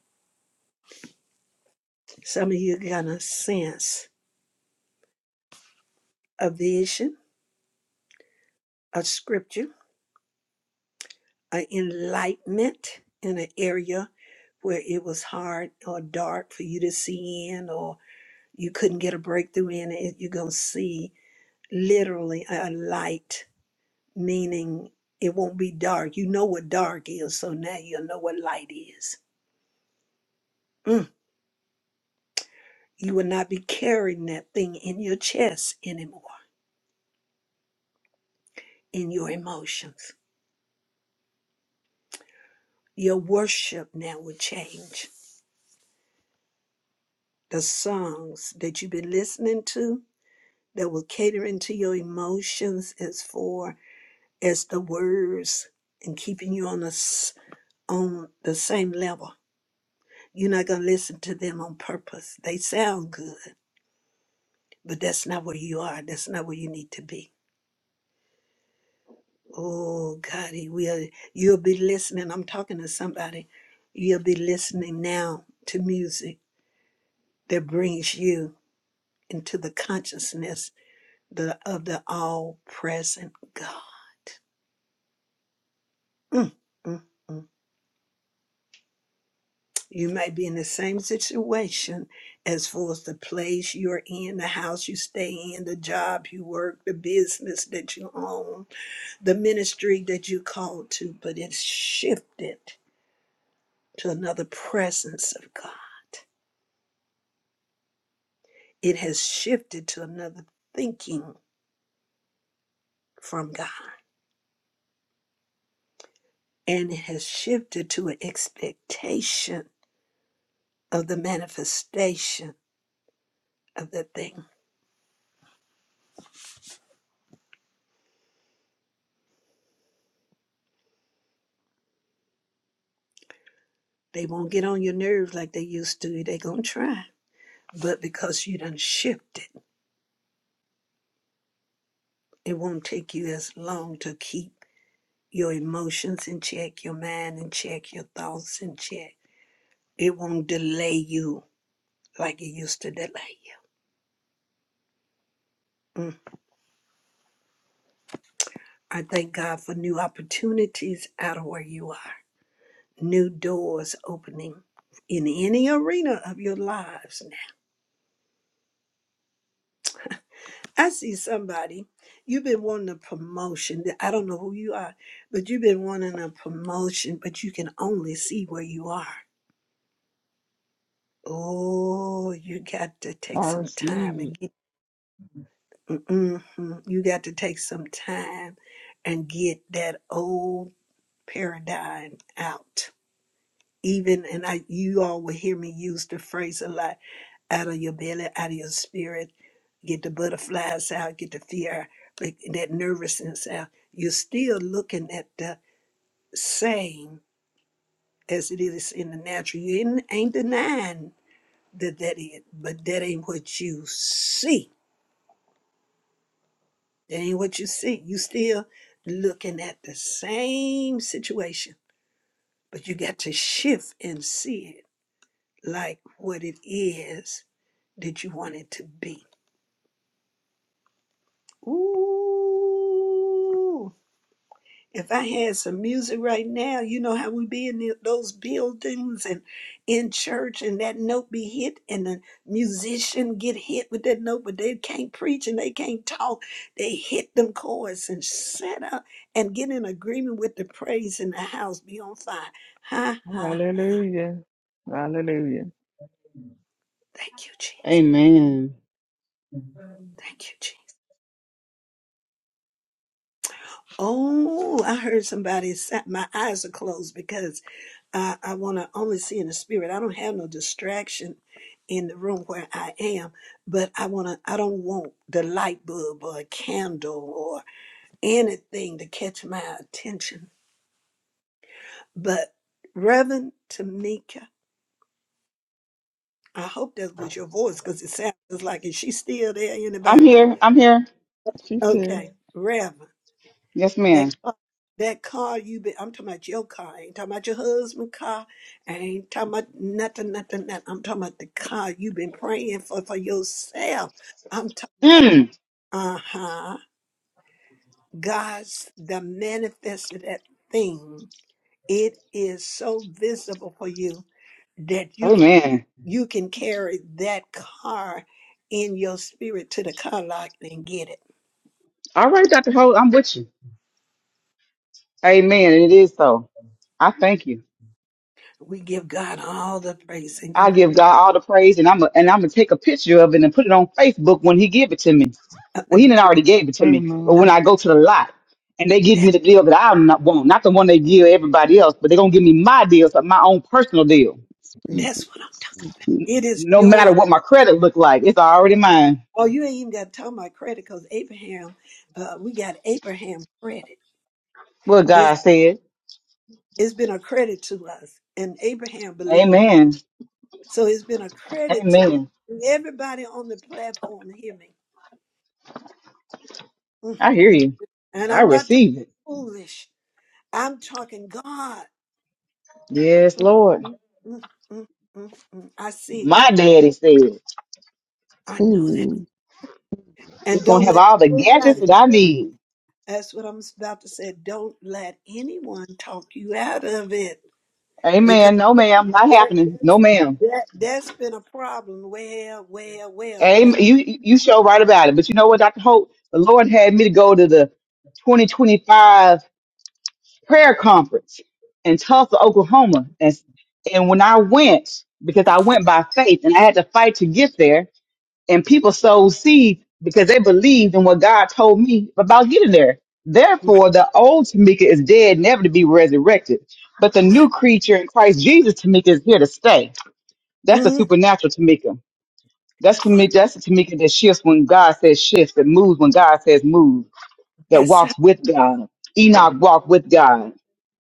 [SPEAKER 1] some of you are going to sense a vision, a scripture, an enlightenment in an area where it was hard or dark for you to see in, or you couldn't get a breakthrough in it. You're going to see literally a light, meaning it won't be dark. You know what dark is, so now you'll know what light is. You will not be carrying that thing in your chest anymore, in your emotions. Your worship now will change. The songs that you've been listening to that will cater into your emotions as far as the words and keeping you on the, s- on the same level. You're not going to listen to them on purpose. They sound good, but that's not where you are. That's not where you need to be Oh, God, he will. You'll be listening. I'm talking to somebody. You'll be listening now to music that brings you into the consciousness the, of the all present God. Mm, mm. You might be in the same situation as far as the place you're in, the house you stay in, the job you work, the business that you own, the ministry that you call to, but it's shifted to another presence of God. It has shifted to another thinking from God, and it has shifted to an expectation of the manifestation of the thing. They won't get on your nerves like they used to. They're going to try. But because you done shifted, it won't take you as long to keep your emotions in check, your mind in check, your thoughts in check. It won't delay you like it used to delay you. Mm. I thank God for new opportunities out of where you are. new doors opening in any arena of your lives. I see somebody, you've been wanting a promotion. I don't know who you are, but you've been wanting a promotion, but you can only see where you are. Oh, you got to take
[SPEAKER 4] I
[SPEAKER 1] some time
[SPEAKER 4] receive it.
[SPEAKER 1] and get, mm-mm, you got to take some time and get that old paradigm out. Even, and I, you all will hear me use the phrase a lot out of your belly, out of your spirit. Get the butterflies out, get the fear, like, that nervousness out. You're still looking at the same as it is in the natural. You ain't, ain't denying that that is, but that ain't what you see. That ain't what you see. You still looking at the same situation, but you got to shift and see it like what it is that you want it to be. Ooh. If I had some music right now, you know how we be in the- those buildings and in church, and that note be hit, and the musician get hit with that note, but they can't preach and they can't talk. They hit them chords and set up and get in agreement with the praise in the house. Be on fire. Ha ha.
[SPEAKER 4] Hallelujah. Hallelujah.
[SPEAKER 1] Thank you, Jesus.
[SPEAKER 3] Amen.
[SPEAKER 1] Thank you, Jesus. Oh, I heard somebody. sa- My eyes are closed because. I, I want to only see in the spirit. I don't have no distraction in the room where I am, but I want to, I don't want the light bulb or a candle or anything to catch my attention. But Reverend Tamika, I hope that was your voice because it sounds like, is she still there?
[SPEAKER 3] I'm
[SPEAKER 1] Anybody?
[SPEAKER 3] here. I'm here.
[SPEAKER 4] She said,
[SPEAKER 1] Okay. Reverend.
[SPEAKER 3] Yes,
[SPEAKER 1] That
[SPEAKER 3] ma'am.
[SPEAKER 1] car, that car you been I'm talking about your car. I ain't talking about your husband's car. I ain't talking about nothing, nothing, nothing. I'm talking about the car you've been praying for for yourself. I'm talking about
[SPEAKER 3] Mm.
[SPEAKER 1] uh-huh. God's the manifested that thing. It is so visible for you that you can
[SPEAKER 3] Amen.
[SPEAKER 1] you can carry that car in your spirit to the car lot and get it.
[SPEAKER 3] All right, Dr. Holt, I'm with you. Amen. It is so. I thank you.
[SPEAKER 1] We give God all the praise. And you
[SPEAKER 3] I
[SPEAKER 1] know,
[SPEAKER 3] give God all the praise, and I'm a, and I'm gonna take a picture of it and put it on Facebook when He give it to me.
[SPEAKER 1] uh,
[SPEAKER 3] Well,
[SPEAKER 1] uh,
[SPEAKER 3] He didn't already gave it to me, but when
[SPEAKER 4] Amen.
[SPEAKER 3] I go to the lot and they give me the deal that I not want, not the one they give everybody else, but they're gonna give me my deal, so my own personal deal.
[SPEAKER 4] Speak it.
[SPEAKER 1] that's what I'm
[SPEAKER 4] Speak it.
[SPEAKER 1] talking It is
[SPEAKER 3] No
[SPEAKER 1] yours.
[SPEAKER 3] matter what my credit look like, it's already mine.
[SPEAKER 1] Oh, you ain't even got to talk about credit because Abraham, uh, we got Abraham credit.
[SPEAKER 3] What
[SPEAKER 1] It's
[SPEAKER 3] God said,
[SPEAKER 1] it's been a credit to us, and Abraham believed,
[SPEAKER 3] Amen,
[SPEAKER 1] so it's been a credit to
[SPEAKER 3] Amen.
[SPEAKER 1] us. Everybody on the platform, hear me. Mm,
[SPEAKER 3] I hear
[SPEAKER 1] mm.
[SPEAKER 3] you.
[SPEAKER 1] And
[SPEAKER 3] I
[SPEAKER 1] I'm not talking
[SPEAKER 3] receive it.
[SPEAKER 1] foolish. I'm talking God.
[SPEAKER 3] Yes,
[SPEAKER 1] Mm,
[SPEAKER 3] Lord.
[SPEAKER 1] mm, mm, mm, mm, mm. I see it.
[SPEAKER 3] My daddy said
[SPEAKER 1] I know that.
[SPEAKER 4] Amen.
[SPEAKER 3] it's
[SPEAKER 1] And
[SPEAKER 3] gonna
[SPEAKER 1] don't
[SPEAKER 3] have
[SPEAKER 1] let
[SPEAKER 3] all the gadgets
[SPEAKER 1] nobody.
[SPEAKER 3] that I need.
[SPEAKER 1] That's what I'm about to say. Don't let anyone talk you out of it because.
[SPEAKER 3] Amen. No, ma'am, not happening. No, ma'am.
[SPEAKER 1] That that's been a problem. Well, well, well, kind
[SPEAKER 3] Amen. You you show right about it. But you know what, Dr. Hope? The Lord had me to go to the 2025 prayer conference in Tulsa, Oklahoma. And and when I went, because I went by faith and I had to fight to get there, and people sowed seed because they believed in what God told me about getting there.
[SPEAKER 1] of.
[SPEAKER 3] Therefore, the old Tamika is dead, never to be resurrected. But the new creature in Christ Jesus Tamika is here to stay. That's a
[SPEAKER 1] Mm,
[SPEAKER 3] supernatural Tamika. That's for
[SPEAKER 1] fuck.
[SPEAKER 3] me. That's the Tamika that shifts when God says shift, that moves when God says move, that
[SPEAKER 1] That's something.
[SPEAKER 3] walks with God. Enoch walked with God,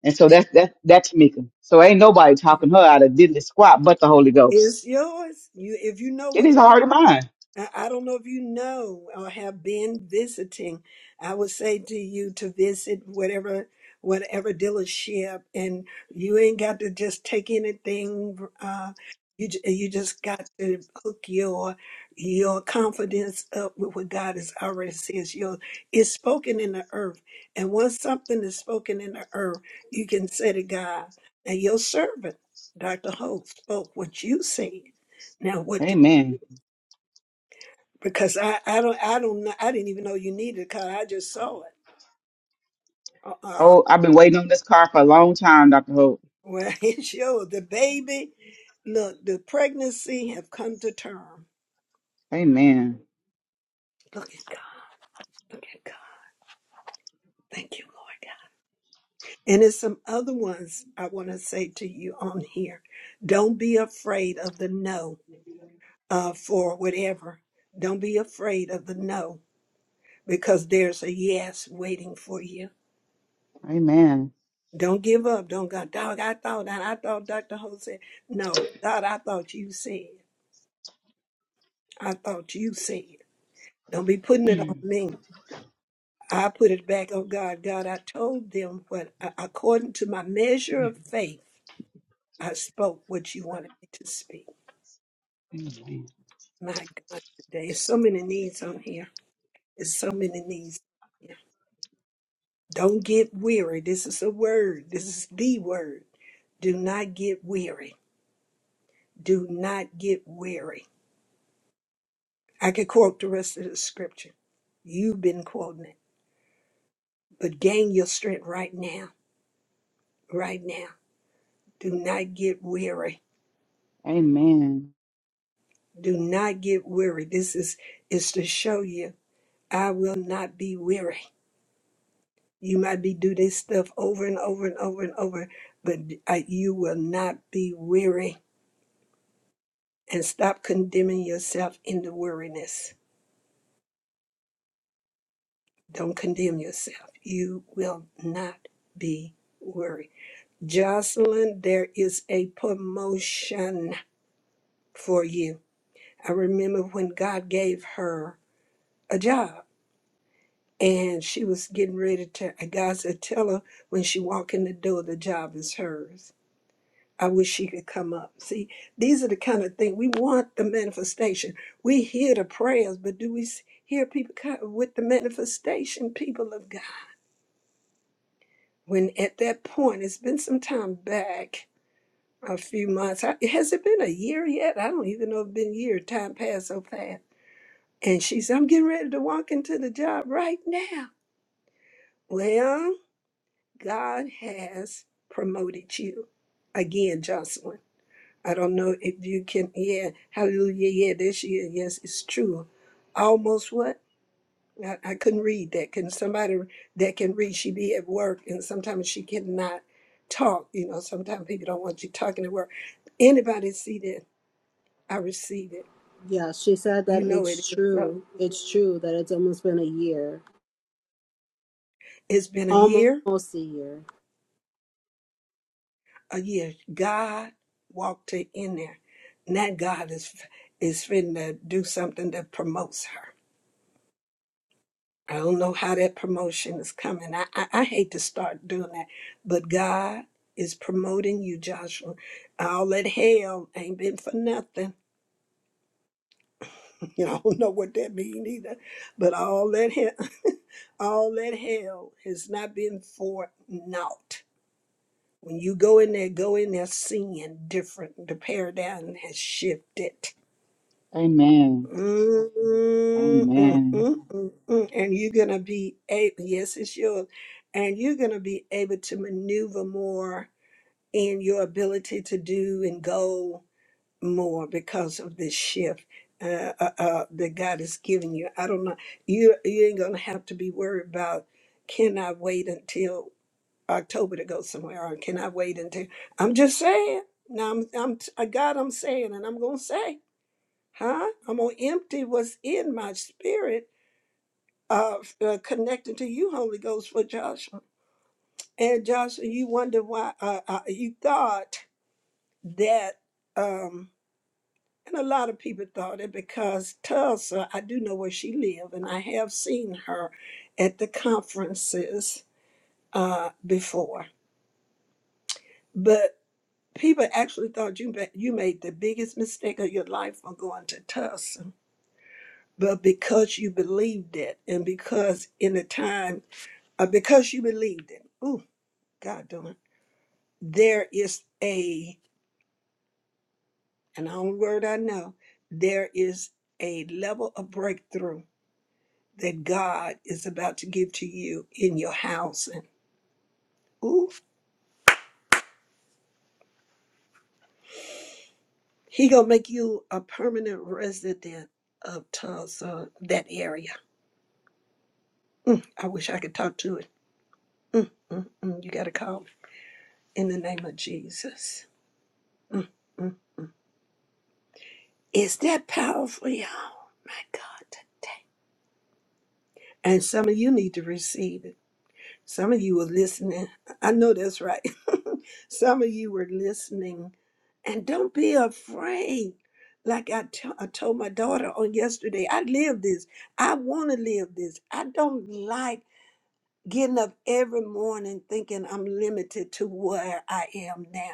[SPEAKER 3] and so that's that that Tamika. So ain't nobody talking her out of diddly squat but the Holy Ghost.
[SPEAKER 1] It's yours. You, if you know
[SPEAKER 3] It
[SPEAKER 1] which
[SPEAKER 3] is
[SPEAKER 1] one.
[SPEAKER 3] hard heart of mine.
[SPEAKER 1] I I don't know if you know or have been visiting. I would say to you to visit whatever whatever dealership, and you ain't got to just take anything. Uh, you ju- you just got to hook your your confidence up with what God has already says. Your it's spoken in the earth, and once something is spoken in the earth, you can say to God and your servant. Dr. Hope spoke what you seen. Now what do
[SPEAKER 3] Amen.
[SPEAKER 1] because I I don't I don't know I didn't even know you needed it because I just saw it. Uh, uh
[SPEAKER 3] Oh, I've been waiting on this car for a long time, Doctor Hope.
[SPEAKER 1] well it showed the baby. Look, the pregnancy have come to term.
[SPEAKER 3] Amen.
[SPEAKER 1] Look at God. Look at God. Thank you, Lord God. And there's some other ones I want to say to you on here. Don't be afraid of the no uh, for whatever. Don't be afraid of the no because there's a yes waiting for you
[SPEAKER 3] Amen.
[SPEAKER 1] Don't give up. Don't go, dog, I thought that. I thought Dr. Ho said, no, God, I thought you said. I thought you said. Don't be putting it on me. I put it back on God. God, I told them what, a- according to my measure of faith, I spoke what you wanted me to speak.
[SPEAKER 3] Amen.
[SPEAKER 1] My God, today, there's so many needs on here. There's so many needs. here. Don't get weary. This is a word. This is the word. Do not get weary. Do not get weary I could quote the rest of the scripture. You've been quoting it. But gain your strength right now, right now. Do not get weary.
[SPEAKER 3] Amen.
[SPEAKER 1] Do not get weary. This is is to show you I will not be weary. You might be do this stuff over and over and over and over, but uh, you will not be weary. And stop condemning yourself in the weariness. Don't condemn yourself. You will not be weary. Jocelyn, there is a promotion for you. I remember when God gave her a job and she was getting ready to, and God said, tell her when she walk in the door, the job is hers. I wish she could come up. See, these are the kind of things we want the manifestation. We hear the prayers, but do we s- hear people co- with the manifestation, people of God? When at that point, it's been some time back a few months. I- Has it been a year yet? I don't even know if it's been a year. Time passed so fast. And she said, I'm getting ready to walk into the job right now. Well, God has promoted you. Again, Jocelyn. I don't know if you can, yeah, hallelujah, yeah, this year, yes, it's true. Almost what? I, I couldn't read that. Can somebody that can read, she be at work, and sometimes she cannot talk. You know, sometimes people don't want you talking at work. Anybody see that? I receive it.
[SPEAKER 2] Yeah, she said
[SPEAKER 1] You
[SPEAKER 2] that
[SPEAKER 1] know it
[SPEAKER 2] it's
[SPEAKER 1] is so.
[SPEAKER 2] true. It's true that it's almost been a year.
[SPEAKER 1] It's been a year,
[SPEAKER 2] Almost a year.
[SPEAKER 1] a year. God walked her in there. And that God is is fitting to do something that promotes her. I don't know how that promotion is coming. I, I, I hate to start doing that, but God is promoting you, Joshua. All that hell ain't been for nothing. You know, I don't know what that means either. But all that hell, all that hell has not been for naught When you go in there, go in there seeing different. The paradigm has shifted.
[SPEAKER 3] Amen.
[SPEAKER 1] Mm, mm, mm,
[SPEAKER 3] Amen.
[SPEAKER 1] mm, mm. mm. And you're going to be able, yes, it's yours. And you're going to be able to maneuver more in your ability to do and go more because of this shift uh, uh, uh, that God is giving you. I don't know. You, you ain't going to have to be worried about, can I wait until October to go somewhere, or can I wait until? I'm just saying. Now I'm, I'm, I God, I'm saying, and I'm gonna say, huh? I'm gonna empty what's in my spirit of uh, connected to you, Holy Ghost, for Joshua. And Joshua, you wonder why uh, uh, you thought that, um, and a lot of people thought it because Tulsa, I do know where she lived, and I have seen her at the conferences uh, before, but. People actually thought you ma- you made the biggest mistake of your life on going to Tulsa, but because you believed it, and because in the time, uh, because you believed it, ooh, God darn, there is a and the only word I know, there is a level of breakthrough that God is about to give to you in your housing. ooh, He gonna make you a permanent resident of Tulsa, that area. I wish I could talk to it. Mm, mm, mm. You got to call in the name of Jesus. Mm, mm. Is that powerful, y'all? My God. And some of you need to receive it. Some of you were listening. I know that's right. Some of you were listening. And don't be afraid. Like I t- I told my daughter on yesterday, I live this. I want to live this. I don't like getting up every morning thinking I'm limited to where I am now.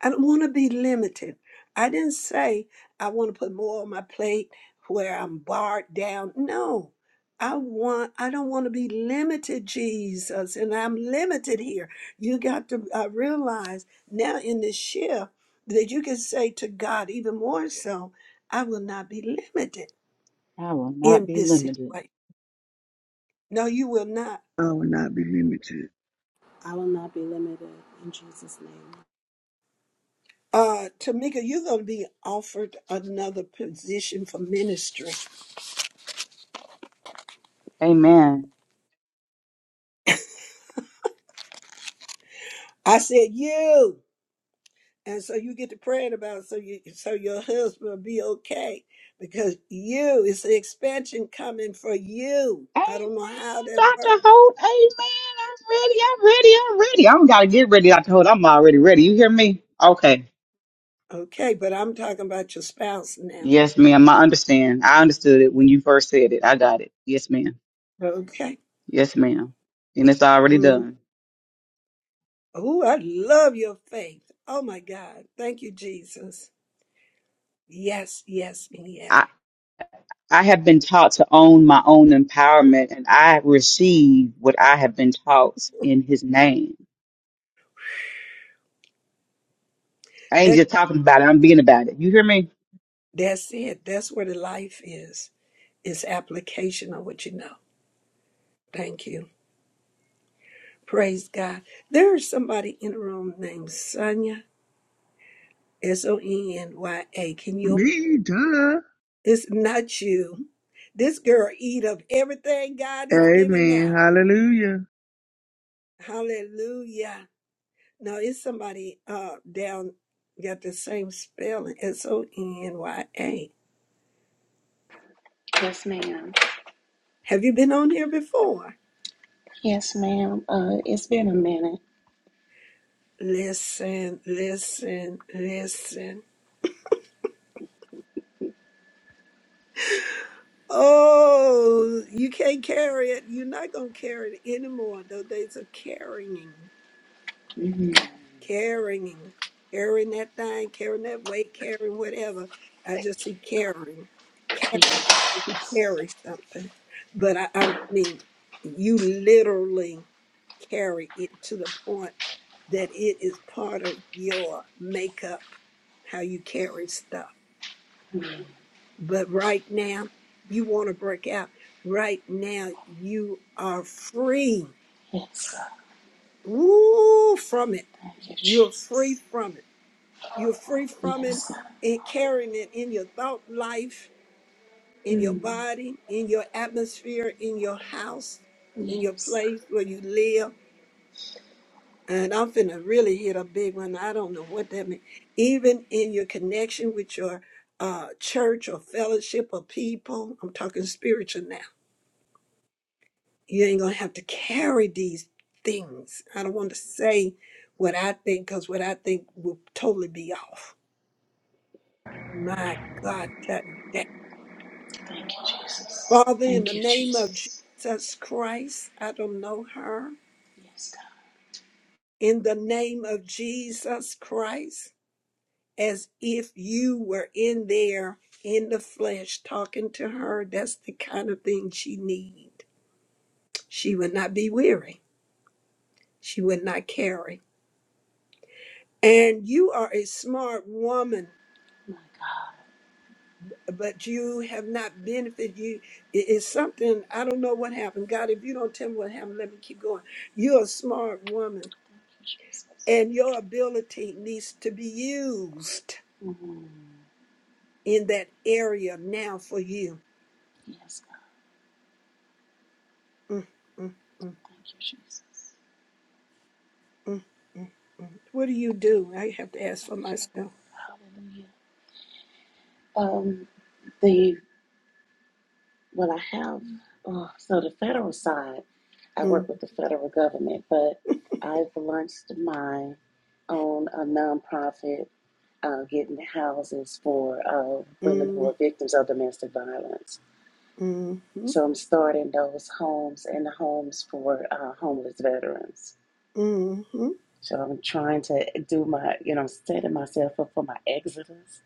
[SPEAKER 1] I don't want to be limited. I didn't say I want to put more on my plate where I'm barred down. No. I want I don't want to be limited, Jesus, and I'm limited here. You got to uh, realize now in this shift that you can say to God even more so, I will not be limited
[SPEAKER 3] I will not
[SPEAKER 1] in
[SPEAKER 3] be
[SPEAKER 1] this
[SPEAKER 3] limited.
[SPEAKER 1] situation. No, you will not.
[SPEAKER 4] I will not be limited.
[SPEAKER 2] I will not be limited in Jesus' name.
[SPEAKER 1] Uh Tamika, you're gonna be offered another position for ministry.
[SPEAKER 3] Amen.
[SPEAKER 1] I said you. and so you get to praying about it so you so your husband will be okay because you it's the expansion coming for you
[SPEAKER 3] Amen,
[SPEAKER 1] i don't know how that works
[SPEAKER 3] Dr. Holt. Amen. I'm ready. I'm ready. I'm ready. I don't gotta get ready, Dr. Holt. I'm already ready. You hear me? Okay.
[SPEAKER 1] okay but i'm talking about your spouse now
[SPEAKER 3] Yes, ma'am. I understand. I understood it when you first said it. I got it. Yes, ma'am.
[SPEAKER 1] okay
[SPEAKER 3] Yes, ma'am. And it's already
[SPEAKER 1] mm.
[SPEAKER 3] done.
[SPEAKER 1] oh i love your faith oh my god thank you jesus yes yes and yes
[SPEAKER 3] I, I have been taught to own my own empowerment and I receive what I have been taught in his name. I ain't
[SPEAKER 1] that,
[SPEAKER 3] just talking about it, I'm being about it. You hear me?
[SPEAKER 1] that's it that's where the life is it's application of what you know thank you praise god there's somebody in the room named sonia S O N Y A. Can you?
[SPEAKER 4] Me, duh.
[SPEAKER 1] It's not you. This girl eat up everything God is giving
[SPEAKER 4] Amen.
[SPEAKER 1] out.
[SPEAKER 4] Hallelujah.
[SPEAKER 1] Hallelujah. Now it's somebody uh down got the same spelling. S O N Y A.
[SPEAKER 12] Yes, ma'am.
[SPEAKER 1] Have you been on here before?
[SPEAKER 12] Yes, ma'am. Uh, it's been a minute.
[SPEAKER 1] Listen, listen, listen. Oh, you can't carry it. You're not gonna carry it anymore. Those days of carrying.
[SPEAKER 12] hmm
[SPEAKER 1] Carrying, carrying that thing, carrying that weight, carrying whatever. I just see carrying, carry, carry something. But I, I mean, you literally carry it to the point that it is part of your makeup, how you carry stuff. But right now, you want to break out. Right now, you are free.
[SPEAKER 12] Yes, God.
[SPEAKER 1] Woo, from it.
[SPEAKER 12] Thank you,
[SPEAKER 1] You're free
[SPEAKER 12] Jesus.
[SPEAKER 1] from it You're free from it
[SPEAKER 12] Yes, God.
[SPEAKER 1] and carrying it in your thought life, in your
[SPEAKER 12] Mm.
[SPEAKER 1] body, in your atmosphere, in your house, in your
[SPEAKER 12] Yes.
[SPEAKER 1] place where you live. And I'm finna really hit a big one. I don't know what that means. Even in your connection with your uh, church or fellowship or people, I'm talking spiritual now. You ain't gonna have to carry these things. I don't want to say what I think because what I think will totally be off. My God, today.
[SPEAKER 12] Thank you, Jesus.
[SPEAKER 1] Father, in the
[SPEAKER 12] Thank you,
[SPEAKER 1] name of
[SPEAKER 12] Jesus.
[SPEAKER 1] Jesus Christ, I don't know her.
[SPEAKER 12] Yes, God.
[SPEAKER 1] In the name of Jesus Christ, as if you were in there in the flesh talking to her, that's the kind of thing she need. She would not be weary. She would not carry. And you are a smart woman,
[SPEAKER 12] My God.
[SPEAKER 1] but you have not benefited you. it- It's something I don't know what happened. God, if you don't tell me what happened, let me keep going. You're a smart woman
[SPEAKER 12] Thank you, Jesus.
[SPEAKER 1] And your ability needs to be used
[SPEAKER 12] Mm.
[SPEAKER 1] in that area now for you.
[SPEAKER 12] Yes, God.
[SPEAKER 1] Mm, mm, mm,
[SPEAKER 12] Thank you, Jesus.
[SPEAKER 1] mm, mm, mm. What do you do? I have to ask
[SPEAKER 12] Thank
[SPEAKER 1] for
[SPEAKER 12] you,
[SPEAKER 1] myself.
[SPEAKER 12] Lord. Hallelujah. Um, the Well, I have. Oh, so the federal side, I
[SPEAKER 1] Mm,
[SPEAKER 12] work with the federal government, but I've launched my own a nonprofit uh, getting houses for uh, women who
[SPEAKER 1] mm,
[SPEAKER 12] are victims of domestic violence.
[SPEAKER 1] mm, mm,
[SPEAKER 12] So I'm starting those homes and the homes for uh, homeless veterans.
[SPEAKER 1] mm,
[SPEAKER 12] So I'm trying to do my, you know, setting myself up for my exodus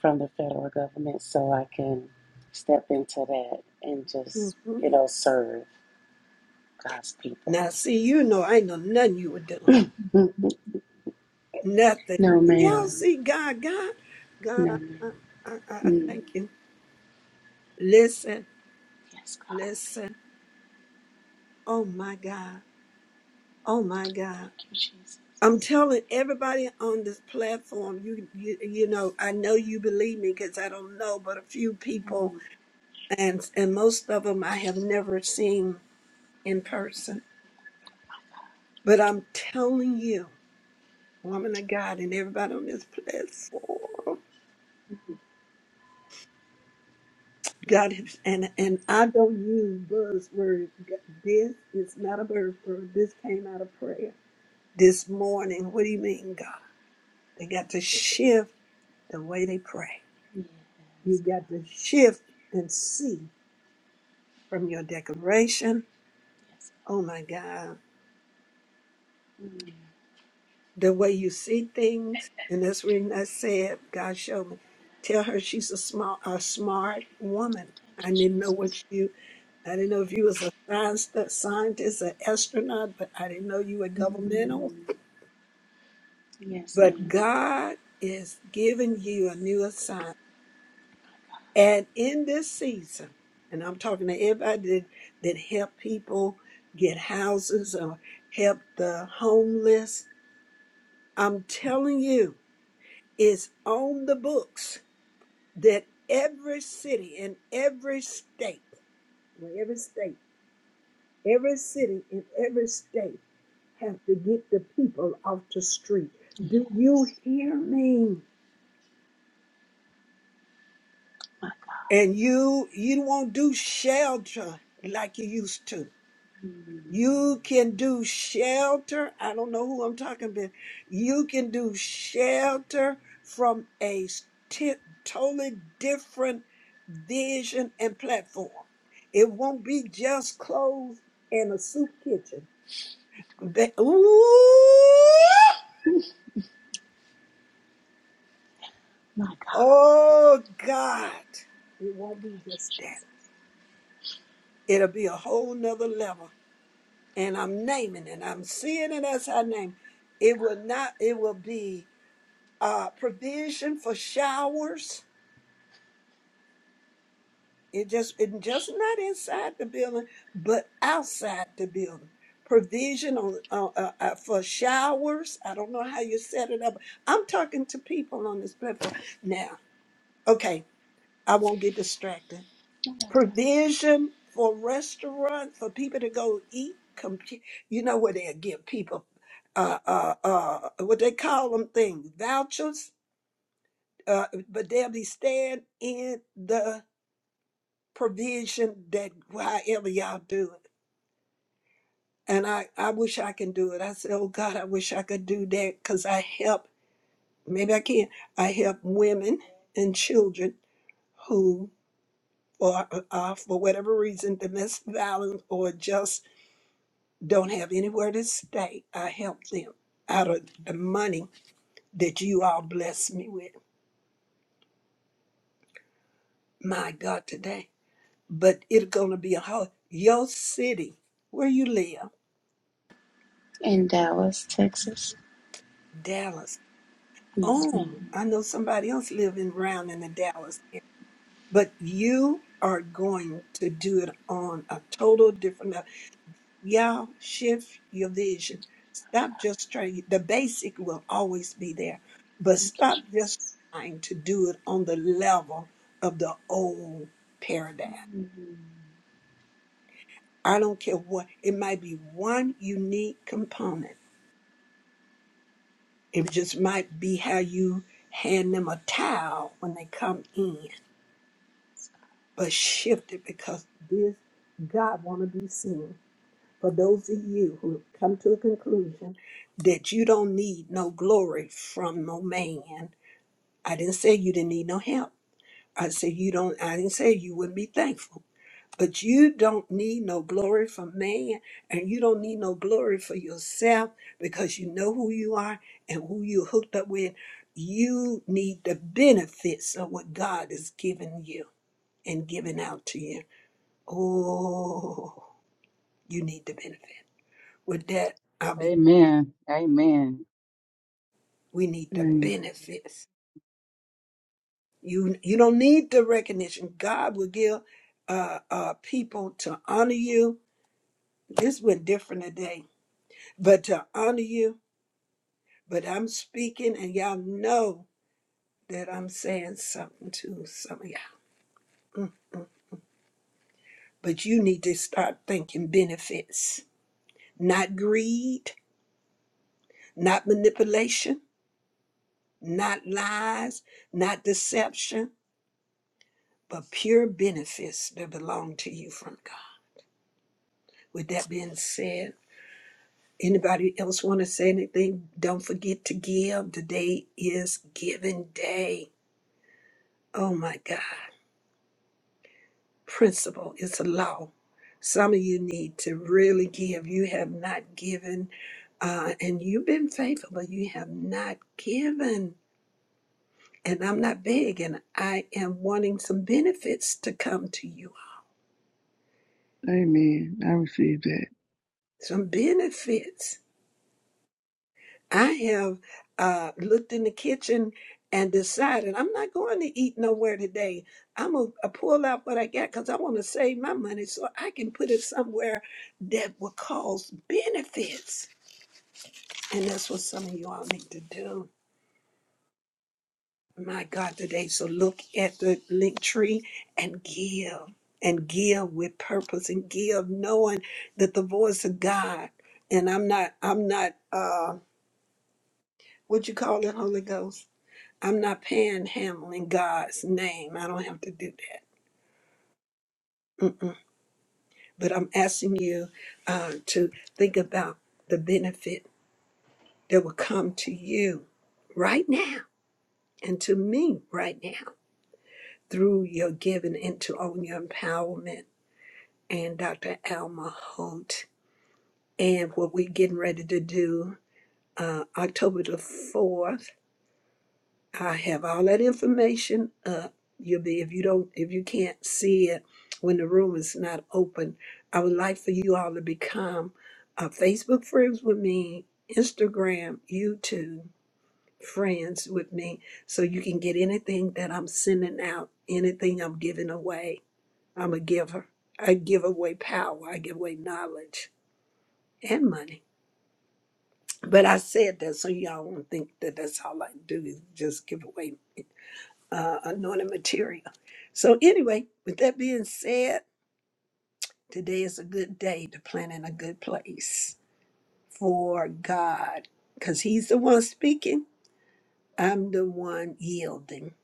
[SPEAKER 12] from the federal government so I can step into that and
[SPEAKER 1] mm,
[SPEAKER 12] just,
[SPEAKER 1] mm.
[SPEAKER 12] you know, serve. God's people.
[SPEAKER 1] Now, see, you know, I know nothing you were doing.
[SPEAKER 12] Mm,
[SPEAKER 1] Nothing.
[SPEAKER 12] No,
[SPEAKER 1] Y'all
[SPEAKER 12] ma'am.
[SPEAKER 1] see, God, God, God,
[SPEAKER 12] No,
[SPEAKER 1] I,
[SPEAKER 12] ma'am.
[SPEAKER 1] I, I I
[SPEAKER 12] Mm.
[SPEAKER 1] thank you. Listen,
[SPEAKER 12] Yes, God.
[SPEAKER 1] listen. Oh my God. Oh my God.
[SPEAKER 12] Thank you, Jesus.
[SPEAKER 1] I'm telling everybody on this platform, you you, you know, I know you believe me because I don't know but a few people,
[SPEAKER 12] Mm.
[SPEAKER 1] and and most of them I have never seen in person. But I'm telling you, woman of God, and everybody on this platform, God, has- and and I don't use buzzwords. This is not a buzzword. This came out of prayer this morning. What do you mean, God? They got to shift the way they pray. You
[SPEAKER 12] Yes,
[SPEAKER 1] got
[SPEAKER 12] God.
[SPEAKER 1] to shift and see from your declaration.
[SPEAKER 12] Yes,
[SPEAKER 1] Oh
[SPEAKER 12] God.
[SPEAKER 1] my God,
[SPEAKER 12] Mm.
[SPEAKER 1] the way you see things. And that's the reason I said, God showed me. Tell her she's a small, a smart woman.
[SPEAKER 12] Thank
[SPEAKER 1] I
[SPEAKER 12] you,
[SPEAKER 1] didn't know
[SPEAKER 12] Jesus.
[SPEAKER 1] what you. I didn't know if you was a science, a scientist, an astronaut, but I didn't know you were
[SPEAKER 12] Mm.
[SPEAKER 1] governmental.
[SPEAKER 12] Yes,
[SPEAKER 1] But
[SPEAKER 12] ma'am.
[SPEAKER 1] God is giving you a new assignment And in this season, and I'm talking to everybody that, that help people get houses or help the homeless, I'm telling you, it's on the books that every city in every state, well, every state, every city in every state have to get the people off the street. Do you
[SPEAKER 12] Yes.
[SPEAKER 1] hear me?
[SPEAKER 12] My God.
[SPEAKER 1] And you you won't do shelter like you used to
[SPEAKER 12] Mm.
[SPEAKER 1] You can do shelter. I don't know who I'm talking about. You can do shelter from a t- totally different vision and platform. It won't be just clothes and a soup kitchen. Ba- Ooh!
[SPEAKER 12] My God.
[SPEAKER 1] Oh God. It won't be
[SPEAKER 12] Thank you,
[SPEAKER 1] just that.
[SPEAKER 12] Jesus.
[SPEAKER 1] It'll be a whole nother level. And I'm naming it. I'm seeing it as I name. It will not, it will be uh, provision for showers. It just it just not inside the building, but outside the building. Provision on uh, uh, uh, for showers. I don't know how you set it up. I'm talking to people on this platform now. Okay, I won't get distracted.
[SPEAKER 12] Oh, my God.
[SPEAKER 1] Provision for restaurant for people to go eat. Com- you know where they give people uh, uh, uh, what they call them things vouchers, uh, but they'll be staying in the provision that however y'all do it. And I, I wish I can do it. I said, oh God, I wish I could do that because I help, maybe I can, I help women and children who are, are for whatever reason, domestic violence or just don't have anywhere to stay. I help them out of the money that you all bless me with. My God, today. But it's going to be a hard, your city, where you live,
[SPEAKER 12] In Dallas, Texas.
[SPEAKER 1] Dallas.
[SPEAKER 12] Yes, ma'am.
[SPEAKER 1] Oh, I know somebody else living around in the Dallas area, but you are going to do it on a total different level. Y'all shift your vision.
[SPEAKER 12] My
[SPEAKER 1] Stop
[SPEAKER 12] God.
[SPEAKER 1] just trying. The basic will always be there, but
[SPEAKER 12] Thank you,
[SPEAKER 1] stop just
[SPEAKER 12] Jesus.
[SPEAKER 1] trying to do it on the level of the old paradigm.
[SPEAKER 12] Mm.
[SPEAKER 1] I don't care what. It might be one unique component. It just might be how you hand them a towel when they come in but shifted because this God want to be seen. For those of you who have come to a conclusion that you don't need no glory from no man, I didn't say you didn't need no help. I said you don't. I didn't say you wouldn't be thankful, but you don't need no glory from man, and you don't need no glory for yourself because you know who you are and who you hooked up with. You need the benefits of what God has given you and given out to you. Oh, you need the benefit. With that, I'll be.
[SPEAKER 3] Amen. Amen.
[SPEAKER 1] We need the
[SPEAKER 4] Amen.
[SPEAKER 1] benefits. You you don't need the recognition. God will give uh, uh, people to honor you. This went different today, but to honor you. But I'm speaking, and y'all know that I'm saying something to some of y'all. But you need to start thinking benefits, not greed, not manipulation, not lies, not deception but pure benefits that belong to you from God. With that being said, anybody else want to say anything? Don't forget to give. Today is giving day. Oh my God. Principle, it's a law. Some of you need to really give. You have not given, uh, and you've been faithful, but you have not given. And I'm not begging. I am wanting some benefits to come to you.
[SPEAKER 4] Amen. I receive that.
[SPEAKER 1] Some benefits. I have uh, looked in the kitchen and decided I'm not going to eat nowhere today. I'm going to pull out what I got because I want to save my money so I can put it somewhere that will cause benefits. And that's what some of you all need to do. My God, today. So look at the link tree and give and give with purpose and give knowing that the voice of God and I'm not, I'm not, uh, what you call it, Holy Ghost? I'm not panhandling God's name. I don't have to do that. Mm-mm. But I'm asking you uh, to think about the benefit that will come to you right now and to me right now through your giving into on your empowerment and Dr. Alma Holt and what we're getting ready to do uh, October the 4th I have all that information up. You'll be if you don't if you can't see it when the room is not open. I would like for you all to become uh, Facebook friends with me, Instagram, YouTube friends with me, so you can get anything that I'm sending out, anything I'm giving away. I'm a giver. I give away power. I give away knowledge and money. But I said that so y'all won't think that that's all I do is just give away uh, anointed material. So, anyway, with that being said, today is a good day to plant in a good place for God because He's the one speaking. I'm the one yielding.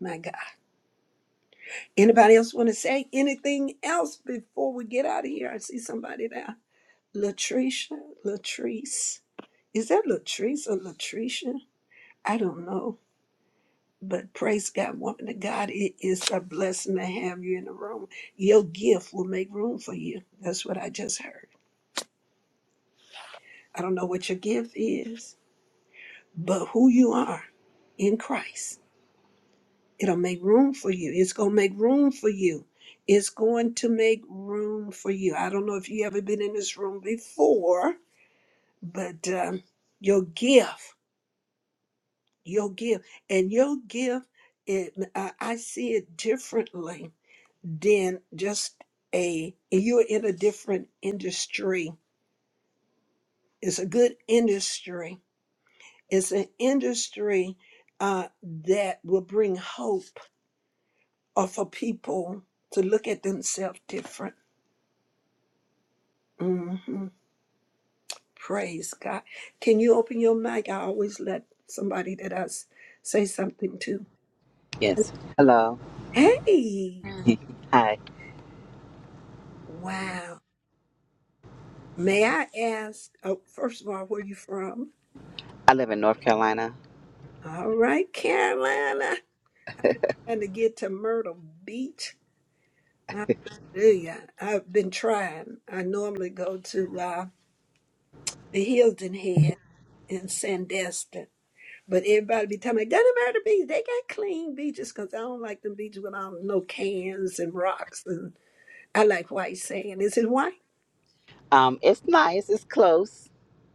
[SPEAKER 1] My God. Anybody else want to say anything else before we get out of here? I see somebody there. Latricia, Latrice. Is that Latrice or Latricia? I don't know. But praise God, woman of God, it is a blessing to have you in the room. Your gift will make room for you. That's what I just heard. I don't know what your gift is, but who you are in Christ, it'll make room for you. It's going to make room for you. It's going to make room for you. I don't know if you ever been in this room before, but um, your gift, your gift, and your gift, it, I, I see it differently then just a you're in a different industry it's a good industry it's an industry uh, that will bring hope or for people to look at themselves different hmm praise god can you open your mic i always let somebody that i s- say something to
[SPEAKER 13] Yes. Hello.
[SPEAKER 1] hey
[SPEAKER 13] Hi.
[SPEAKER 1] wow may i ask oh, first of all where you from
[SPEAKER 13] I live in North Carolina.
[SPEAKER 1] all right carolina trying to get to Myrtle Beach. Hallelujah. I've been trying. I normally go to uh, the Hilton Head in Sandestin. But everybody be telling me, go to Myrtle Beach. They got clean beaches because I don't like them beaches with all no cans and rocks. And I like white sand. Is it white?
[SPEAKER 13] Um, it's nice. It's close.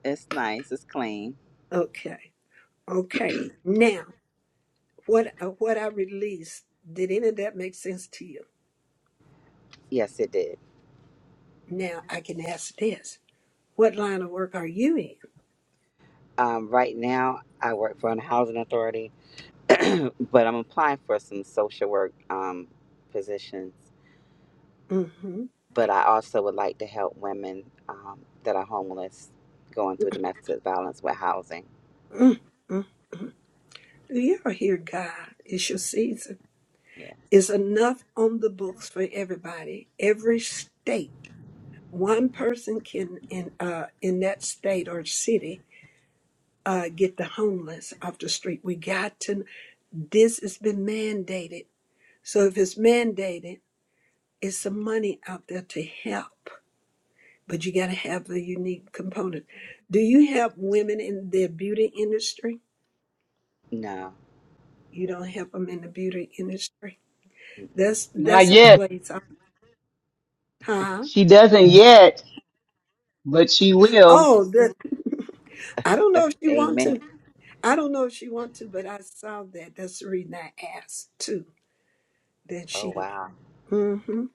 [SPEAKER 13] It's nice. It's clean.
[SPEAKER 1] Okay. Okay. Now, what, uh, what I released, did any of that make sense to you?
[SPEAKER 13] Yes, it did.
[SPEAKER 1] Now, I can ask this. What line of work are you
[SPEAKER 13] Um, right now, I work for a housing authority, but I'm applying for some social work um, positions.
[SPEAKER 1] in?
[SPEAKER 13] But I also would like to help women um, that are homeless going through domestic violence with housing.
[SPEAKER 1] hmm Do y'all hear God? It's your season.
[SPEAKER 13] Yes.
[SPEAKER 1] It's enough on the books for everybody. Every state, one person can in uh in that state or city uh get the homeless off the street. We got to. This has been mandated. So if it's mandated, it's some money out there to help. But you got to have the unique component. Do you help women in the beauty industry?
[SPEAKER 13] No.
[SPEAKER 1] You don't help them in the beauty industry.
[SPEAKER 13] Mm-mm.
[SPEAKER 1] That's
[SPEAKER 3] Not
[SPEAKER 1] that's a
[SPEAKER 3] yet.
[SPEAKER 1] place Huh?
[SPEAKER 3] She doesn't yet, but she will.
[SPEAKER 1] Oh, the, I don't know if she want
[SPEAKER 13] Amen.
[SPEAKER 1] to. I don't know if she want to, but I saw that. That's the reason I asked too. That
[SPEAKER 13] Oh,
[SPEAKER 1] she.
[SPEAKER 13] wow.
[SPEAKER 1] Mm-hmm.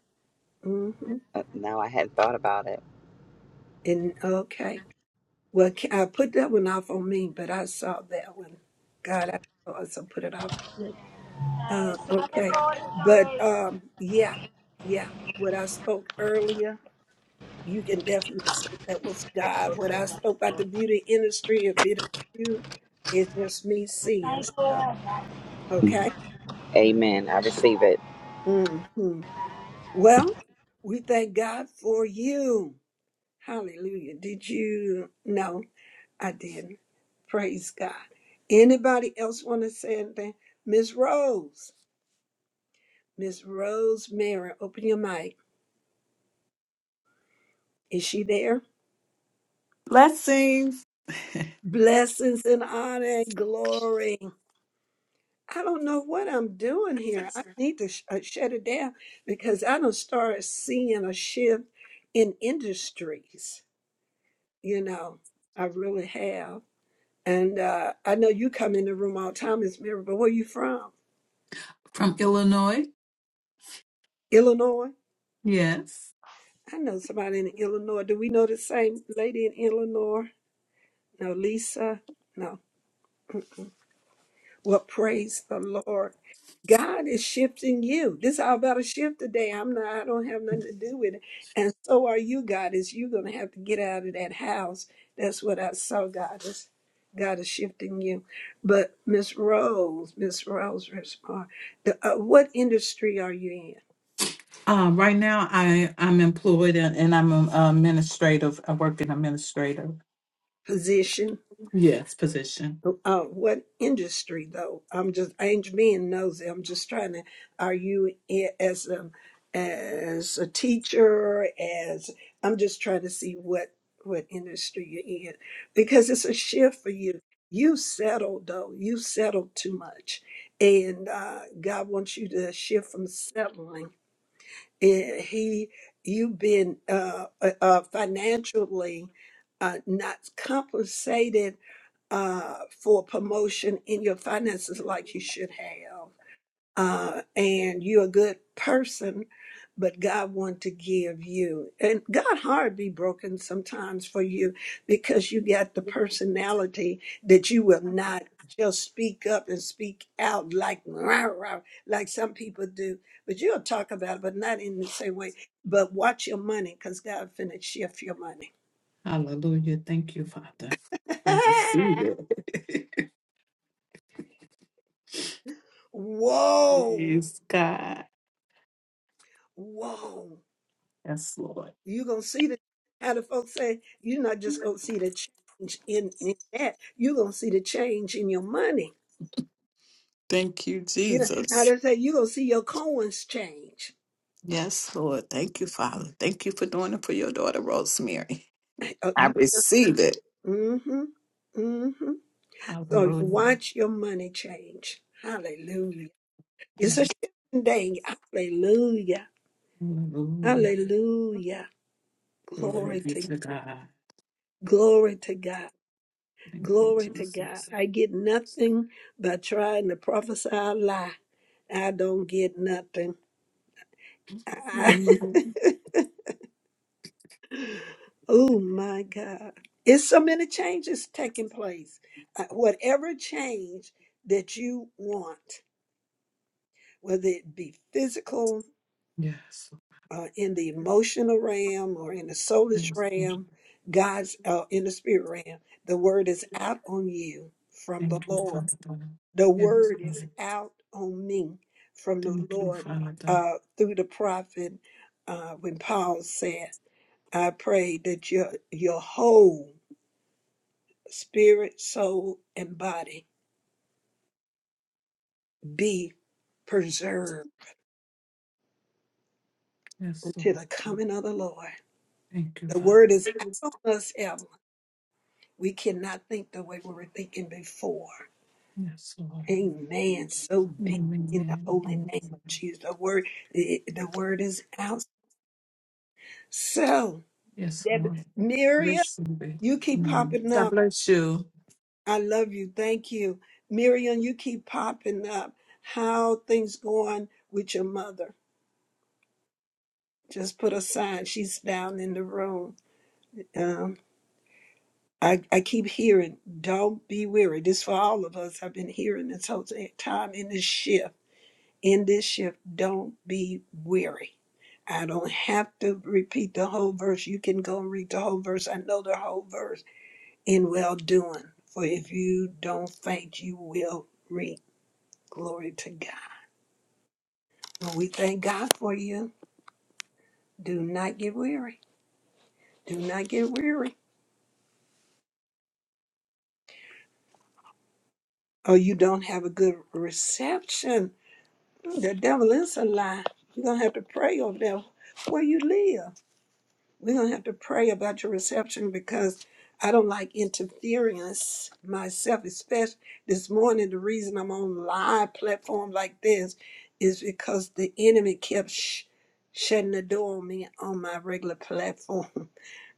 [SPEAKER 1] Mm-hmm.
[SPEAKER 13] Uh, no, I hadn't thought about it.
[SPEAKER 1] And okay. Well, ca- I put that one off on me, but I saw that one. God, I also put it off on me. Uh, okay. But um, yeah, yeah. What I spoke earlier, you can definitely say that was God. What I spoke about the beauty industry, if it ain't you, it's just me seeing. Okay.
[SPEAKER 13] Amen. I receive it.
[SPEAKER 1] hmm Well, we thank God for you. Hallelujah. Did you? No, I didn't. Praise God. Anybody else want to say anything? Miss Rose, Miss Rose Mary, open your mic. Is she there?
[SPEAKER 9] Blessings
[SPEAKER 1] Blessings and honor and glory. I don't know what I'm doing here. I need to sh- uh, shut it down because I don't start seeing a shift in industries. you know, I really have. And uh, I know you come in the room all the time, Miss Mary, but where you from?
[SPEAKER 9] from Illinois.
[SPEAKER 1] Illinois?
[SPEAKER 9] Yes.
[SPEAKER 1] I know somebody in Illinois. Do we know the same lady in Illinois? No, Lisa? No. Well, praise the Lord. God is shifting you. This is all about a shift today. I'm not, I don't have nothing to do with it. And so are you, God, is you're gonna have to get out of that house. That's what I saw, God is God is shifting you. But Miss Rose, Miss Rose respond. The, uh, what industry are you in?
[SPEAKER 9] Uh, right now, I I'm employed and, and I'm an administrative. I work in administrative.
[SPEAKER 1] Position?
[SPEAKER 9] Yes, position.
[SPEAKER 1] Uh, what industry though? I'm just I ain't being nosy. I'm just trying to. Are you i- as a as a teacher? As I'm just trying to see what what industry you're in because it's a shift for you. You settled though. You settled too much, and uh, God wants you to shift from settling. And he, you've been uh, uh, uh, financially uh, not compensated uh, for promotion in your finances like you should have. Uh, and you're a good person, but God want to give you. And God heart be broken sometimes for you because you got the personality that you will not just speak up and speak out like rah, rah, like some people do. But you'll talk about it, but not in the same way. But watch your money because God finna shift your money.
[SPEAKER 9] Hallelujah. Thank you, Father. I receive it.
[SPEAKER 1] Whoa.
[SPEAKER 9] Praise God.
[SPEAKER 1] Whoa.
[SPEAKER 9] Yes, Lord.
[SPEAKER 1] you going to see the, how the folks say, you're not just going to see the change in, in that. You're going to see the change in your money.
[SPEAKER 9] Thank you,
[SPEAKER 1] You know, how
[SPEAKER 9] Jesus.
[SPEAKER 1] they say, you're going to see your coins change.
[SPEAKER 9] Yes, Lord. Thank you, Father. Thank you for doing it for your daughter, Rosemary.
[SPEAKER 1] Uh,
[SPEAKER 9] I
[SPEAKER 1] you,
[SPEAKER 9] receive it.
[SPEAKER 1] mm-hmm. Mm-hmm. So
[SPEAKER 9] Hallelujah.
[SPEAKER 1] watch your money change. Hallelujah. It's a
[SPEAKER 9] Yes,
[SPEAKER 1] shift day. Hallelujah.
[SPEAKER 9] Hallelujah.
[SPEAKER 1] Hallelujah.
[SPEAKER 9] Glory
[SPEAKER 1] Glory
[SPEAKER 9] be
[SPEAKER 1] to
[SPEAKER 9] to God.
[SPEAKER 1] glory to God.
[SPEAKER 9] Thank you,
[SPEAKER 1] Glory to
[SPEAKER 9] Jesus.
[SPEAKER 1] God. I get nothing by trying to prophesy a lie. I don't get nothing. I,
[SPEAKER 9] Amen.
[SPEAKER 1] oh my God. It's so many changes taking place. Uh, whatever change that you want, whether it be physical,
[SPEAKER 9] Yes.
[SPEAKER 1] uh, in the emotional realm, or in the soulish
[SPEAKER 9] Yes, Lord.
[SPEAKER 1] realm, God's uh, in the spirit realm, the word is out on you from the
[SPEAKER 9] Thank you,
[SPEAKER 1] Lord
[SPEAKER 9] Father.
[SPEAKER 1] The
[SPEAKER 9] Yes,
[SPEAKER 1] word is
[SPEAKER 9] Lord.
[SPEAKER 1] out on me from the
[SPEAKER 9] Thank you,
[SPEAKER 1] Lord
[SPEAKER 9] Father.
[SPEAKER 1] uh, through the prophet. Uh, when Paul said, I pray that your, your whole spirit, soul, and body be preserved
[SPEAKER 9] Yes, Lord.
[SPEAKER 1] until the coming of the Lord.
[SPEAKER 9] Thank you,
[SPEAKER 1] The word is
[SPEAKER 9] Father.
[SPEAKER 1] out on us, Evelyn. We cannot think the way we were thinking before.
[SPEAKER 9] Yes, Lord.
[SPEAKER 1] Amen. So be in the
[SPEAKER 9] Amen.
[SPEAKER 1] holy name
[SPEAKER 9] Thank you.
[SPEAKER 1] of Jesus. The word, the the word is out. So,
[SPEAKER 9] Yes,
[SPEAKER 1] Deb,
[SPEAKER 9] Lord. Receive it.
[SPEAKER 1] You keep
[SPEAKER 9] Mm.
[SPEAKER 1] popping
[SPEAKER 9] God
[SPEAKER 1] up.
[SPEAKER 9] bless you.
[SPEAKER 1] I love you. Thank you. Miriam, you keep popping up. How things going with your mother? Just put a sign. She's down in the room. Um, I, I keep hearing, don't be weary. This for all of us. I've been hearing this whole t- time in this shift. In this shift, don't be weary. I don't have to repeat the whole verse. You can go and read the whole verse. I know the whole verse in well doing. For if you don't faint, you will reap. Glory to God. Well, we thank God for you. Do not get weary. Do not get weary. Or you don't have a good reception. The devil is a lie. You're going to have to pray over there where you live. We're going to have to pray about your reception because I don't like interference myself, especially this morning. The reason I'm on live platform like this is because the enemy kept sh- shutting the door on me on my regular platform.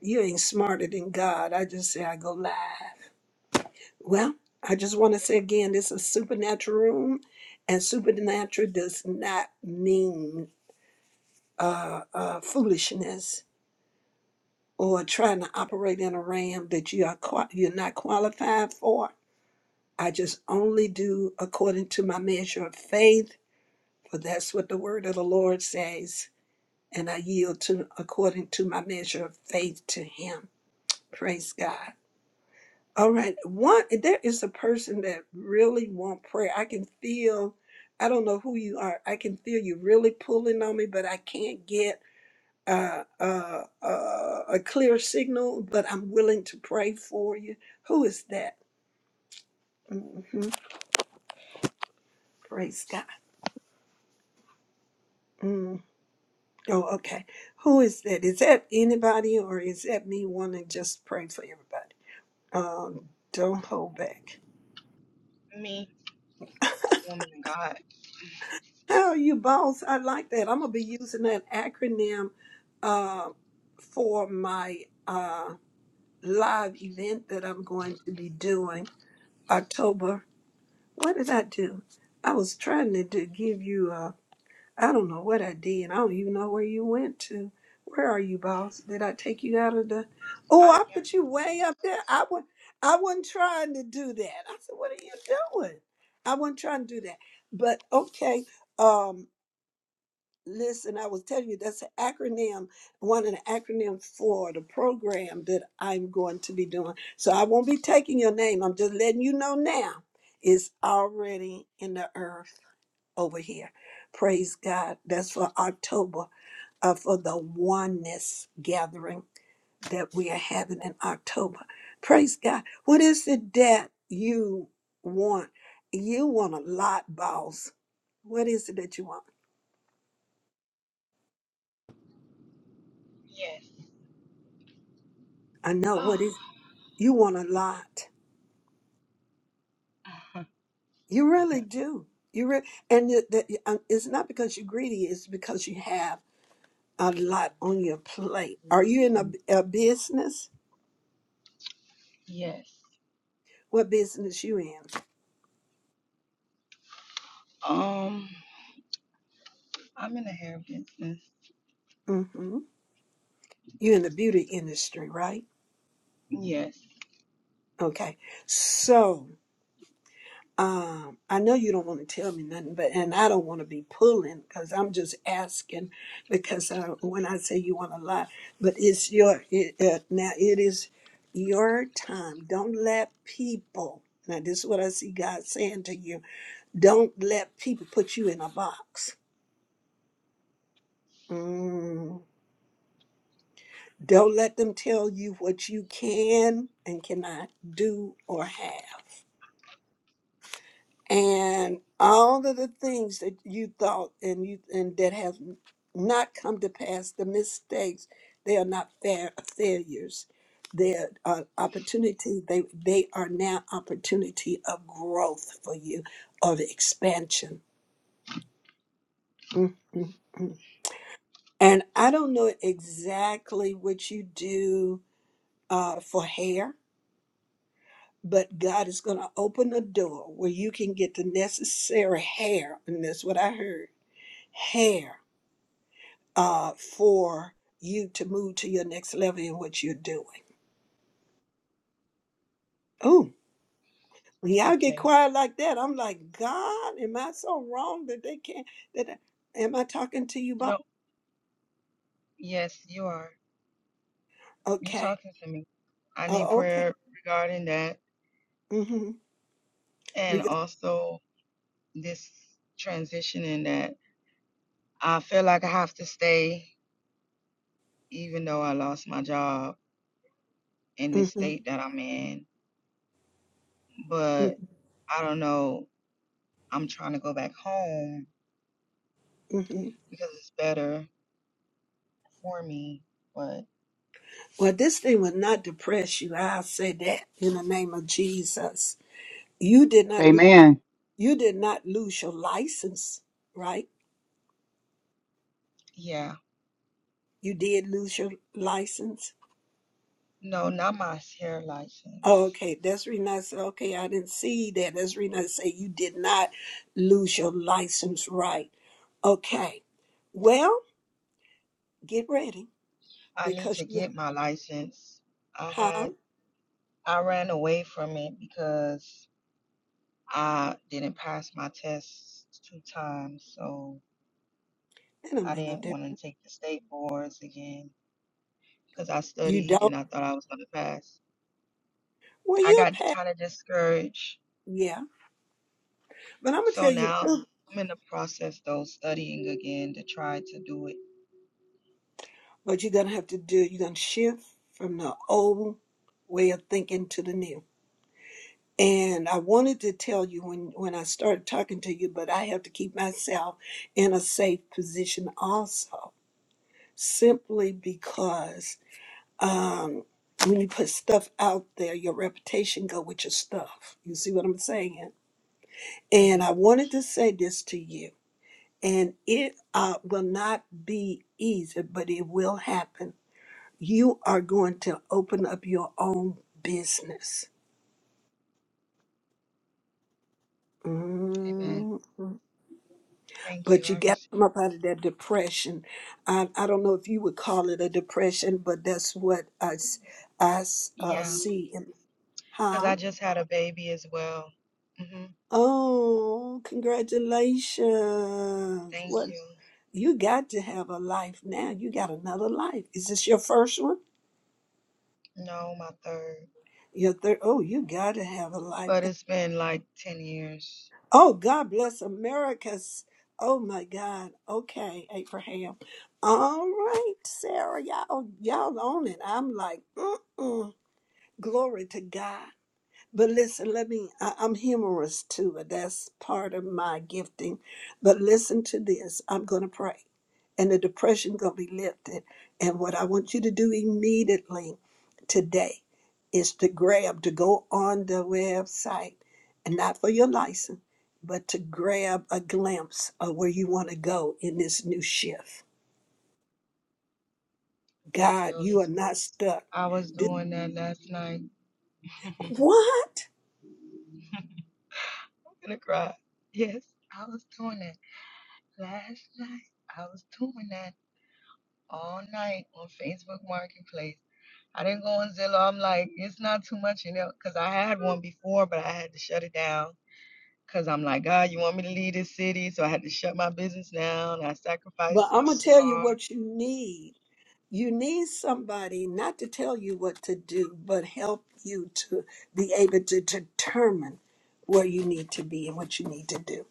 [SPEAKER 1] You ain't smarter than God. I just say I go live. Well, I just want to say again, this is supernatural room, and supernatural does not mean uh, uh, foolishness or trying to operate in a realm that you are qua you're not qualified for. I just only do according to my measure of faith, for that's what the word of the Lord says, and I yield to according to my measure of faith to Him. Praise God. All right. One, there is a person that really want prayer. I can feel, I don't know who you are. I can feel you really pulling on me, but I can't get uh, uh, uh, a clear signal, but I'm willing to pray for you. Who is that? hmm Praise God. Mm. Oh, okay. Who is that? Is that anybody or is that me wanting to just pray for everybody? Um, don't hold back.
[SPEAKER 14] Me, woman of God.
[SPEAKER 1] How are you, boss? I like that. I'm gonna be using that acronym uh, for my uh, live event that I'm going to be doing October. What did I do? I was trying to, do, give you. I I don't know what I did. I don't even know where you went to. Where are you, boss? Did I take you out of the? Oh,
[SPEAKER 14] I'm
[SPEAKER 1] I
[SPEAKER 14] here.
[SPEAKER 1] put you way up there. I was. I wasn't trying to do that. I said, "What are you doing?" I wasn't trying to do that. But okay. Um, Listen, I was telling you that's an acronym, one of the acronyms for the program that I'm going to be doing. So I won't be taking your name. I'm just letting you know now. It's already in the earth over here. Praise God. That's for October, uh, for the oneness gathering that we are having in October. Praise God. What is it that you want? You want a lot, boss. What is it that you want?
[SPEAKER 14] Yes.
[SPEAKER 1] I know what is. you want a lot. You really do. You re- and it, that, um, it's not because you're greedy. It's because you have a lot on your plate. Are you in a, a business?
[SPEAKER 14] yes.
[SPEAKER 1] What business you in?
[SPEAKER 14] Um, I'm in the hair business.
[SPEAKER 1] hmm You in the beauty industry, right?
[SPEAKER 14] Yes.
[SPEAKER 1] Okay. So um, I know you don't want to tell me nothing, but and I don't want to be pulling because I'm just asking because uh, when I say you want to lie, but it's your it, uh, now it is your time. Don't let people. Now this is what I see God saying to you. Don't let people put you in a box. Mm. Don't let them tell you what you can and cannot do or have and all of the things that you thought and you and that have not come to pass. The mistakes, they are not fair failures. They are uh, opportunity. They they are now opportunity of growth for you, of expansion. mm mm mm. And I don't know exactly what you do uh, for hair, but God is going to open a door where you can get the necessary hair, and that's what I heard, hair uh, for you to move to your next level in what you're doing. y'all get
[SPEAKER 14] Okay.
[SPEAKER 1] quiet like that. I'm like, God, am I so wrong that they can't? That I, am I talking to you, Bob?
[SPEAKER 14] No. Yes, you are. You're
[SPEAKER 1] Okay.
[SPEAKER 14] talking to me. I need
[SPEAKER 1] Oh, okay.
[SPEAKER 14] prayer regarding that
[SPEAKER 1] Mm-hmm. We
[SPEAKER 14] and
[SPEAKER 1] got.
[SPEAKER 14] also this transition in that I feel like I have to stay even though I lost my job in the
[SPEAKER 1] Mm-hmm.
[SPEAKER 14] state that I'm in. But
[SPEAKER 1] Mm-hmm.
[SPEAKER 14] I don't know. I'm trying to go back home
[SPEAKER 1] mm-hmm.
[SPEAKER 14] because it's better for me. But
[SPEAKER 1] Well, this thing will not depress you. I'll say that in the name of Jesus. You did not. Lo-
[SPEAKER 3] Amen.
[SPEAKER 1] you did not lose your license, right?
[SPEAKER 14] yeah,
[SPEAKER 1] You did lose your license
[SPEAKER 14] no, not my hair
[SPEAKER 1] Oh,
[SPEAKER 14] license.
[SPEAKER 1] Okay, that's the reason I said, okay, I didn't see that. That's the reason I say you did not lose your license right. Okay, well, get ready
[SPEAKER 14] I need
[SPEAKER 1] because
[SPEAKER 14] to
[SPEAKER 1] you,
[SPEAKER 14] get my license. I
[SPEAKER 1] huh?
[SPEAKER 14] had I ran away from it because I didn't pass my tests two times, so
[SPEAKER 1] It don't
[SPEAKER 14] I
[SPEAKER 1] make no
[SPEAKER 14] didn't
[SPEAKER 1] difference.
[SPEAKER 14] want to take the state boards again because I
[SPEAKER 1] You
[SPEAKER 14] studied
[SPEAKER 1] don't.
[SPEAKER 14] and I thought I was going to pass.
[SPEAKER 1] Well,
[SPEAKER 14] I
[SPEAKER 1] you'll
[SPEAKER 14] got
[SPEAKER 1] pass.
[SPEAKER 14] kind of discouraged,
[SPEAKER 1] Yeah, but I'm gonna
[SPEAKER 14] so
[SPEAKER 1] tell you the
[SPEAKER 14] now
[SPEAKER 1] truth.
[SPEAKER 14] I'm in the process though studying again to try to do it.
[SPEAKER 1] What you're gonna have to do, you're gonna shift from the old way of thinking to the new. And I wanted to tell you when when I started talking to you, but I have to keep myself in a safe position also simply because um, when you put stuff out there, your reputation go with your stuff. You see what I'm saying? And
[SPEAKER 14] hmm
[SPEAKER 1] I wanted to say this to you, and it uh, will not be easy, but it will happen. You are going to open up your own business.
[SPEAKER 14] Amen.
[SPEAKER 1] Mhm.
[SPEAKER 14] Thank you.
[SPEAKER 1] But you
[SPEAKER 14] I
[SPEAKER 1] got to come up out of that depression. I, I don't know if you would call it a depression, but that's what I, s- I s- uh,
[SPEAKER 14] Yeah,
[SPEAKER 1] see. in-
[SPEAKER 14] because
[SPEAKER 1] Huh?
[SPEAKER 14] I just had a baby as well. hmm
[SPEAKER 1] Oh, congratulations.
[SPEAKER 14] Thank
[SPEAKER 1] What
[SPEAKER 14] you.
[SPEAKER 1] you got to have a life now. You got another life. Is this your first one?
[SPEAKER 14] No, my third.
[SPEAKER 1] Your third oh, you gotta have a life.
[SPEAKER 14] But it's been like 10 years.
[SPEAKER 1] Oh, God bless America's oh my God. Okay, Abraham. All right, Sarah, y'all y'all on it. I'm like, mm-mm. Glory to God. But listen, let me, I, I'm humorous too, and that's part of my gifting. But listen to this I'm going to pray, and the depression going to be lifted. And what I want you to do immediately today is to grab, to go on the website, and not for your license, but to grab a glimpse of where you want to go in this new shift.
[SPEAKER 14] Thank you,
[SPEAKER 1] God,
[SPEAKER 14] Holy
[SPEAKER 1] you are not
[SPEAKER 14] Spirit.
[SPEAKER 1] stuck.
[SPEAKER 14] I was
[SPEAKER 1] This-
[SPEAKER 14] doing that last night. I'm
[SPEAKER 1] what?
[SPEAKER 14] gonna cry. Yes, I was doing that last night. I was doing that all night on Facebook Marketplace. I didn't go on Zillow. I'm like, it's not too much, you know, because I had one before, but I had to shut it down Cause I'm like, God, you want me to leave this city? So I had to shut my business down. I
[SPEAKER 1] But
[SPEAKER 14] sacrificed
[SPEAKER 1] I'm
[SPEAKER 14] my
[SPEAKER 1] going to tell you
[SPEAKER 14] car.
[SPEAKER 1] what you need you need somebody not to tell you what to do, but help you to be able to determine where you need to be and what you need to do.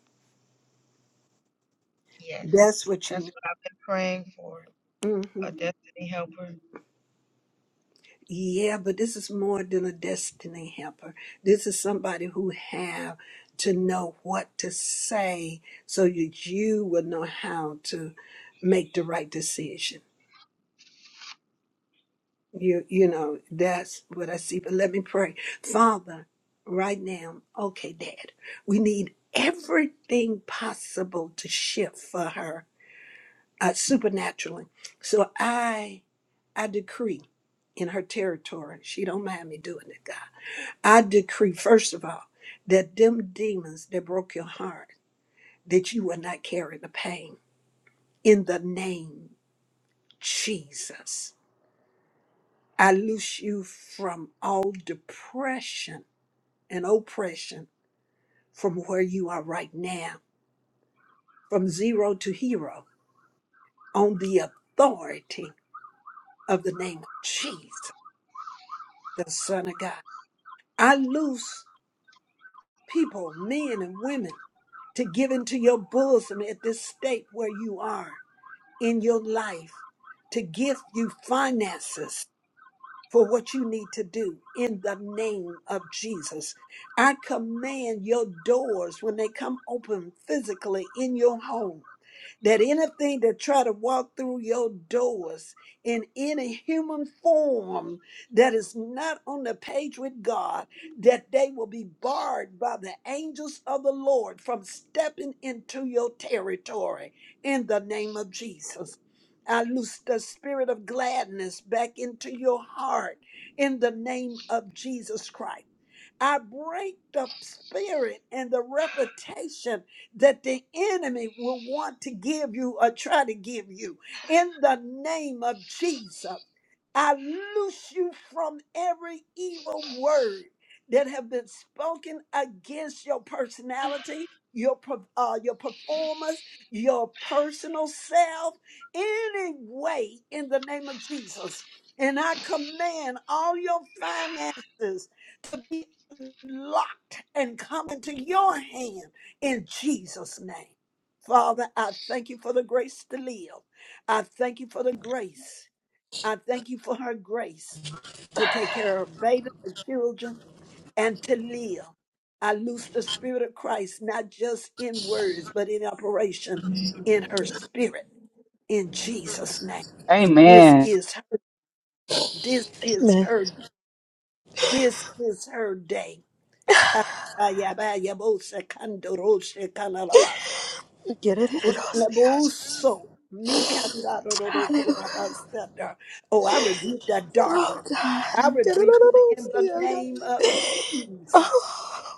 [SPEAKER 14] Yes.
[SPEAKER 1] That's what
[SPEAKER 14] That's
[SPEAKER 1] you
[SPEAKER 14] what I've been praying for.
[SPEAKER 1] need. hmm
[SPEAKER 14] A destiny helper.
[SPEAKER 1] Yeah, but this is more than a destiny helper. This is somebody who have to know what to say so that you will know how to make the right decision You you know, that's what I see. But let me pray. Father, right now, okay, Dad, we need everything possible to shift for her uh, supernaturally. So I I decree in her territory, she don't mind me doing it, God. I decree, first of all, that them demons that broke your heart, that you will not carry the pain in the name Jesus. I loose you from all depression and oppression from where you are right now, from zero to hero, on the authority of the name of Jesus, the Son of God. I loose people, men and women, to give into your bosom at this state where you are in your life, to give you finances for what you need to do in the name of Jesus. I command your doors when they come open physically in your home that anything that try to walk through your doors in any human form that is not on the page with God, that they will be barred by the angels of the Lord from stepping into your territory in the name of Jesus. I loose the spirit of gladness back into your heart in the name of Jesus Christ. I break the spirit and the reputation that the enemy will want to give you or try to give you in the name of Jesus. I loose you from every evil word that have been spoken against your personality, your per- uh, your performance, your personal self, any way in the name of Jesus. And I command all your finances to be locked and come into your hand in Jesus' name. Father, I thank you for the grace to live. I thank you for the grace. I thank you for her grace to take care of baby and children and to live. I loose the spirit of Christ, not just in words, but in operation in her spirit in Jesus' name. This
[SPEAKER 3] Amen.
[SPEAKER 1] is her, this is
[SPEAKER 14] Man,
[SPEAKER 1] her, this is her day. Hayabayabose kandoroshe kanalabas.
[SPEAKER 14] get it in those ears.
[SPEAKER 1] Utleboso
[SPEAKER 14] Hallelujah.
[SPEAKER 1] mikandarorokorabasada. Oh, I rebuke that
[SPEAKER 14] Oh,
[SPEAKER 1] darkness.
[SPEAKER 14] God.
[SPEAKER 1] I
[SPEAKER 14] Get it
[SPEAKER 1] rebuke
[SPEAKER 14] in
[SPEAKER 1] it in
[SPEAKER 14] those
[SPEAKER 1] the
[SPEAKER 14] ears. God.
[SPEAKER 1] name of Jesus.
[SPEAKER 14] Oh,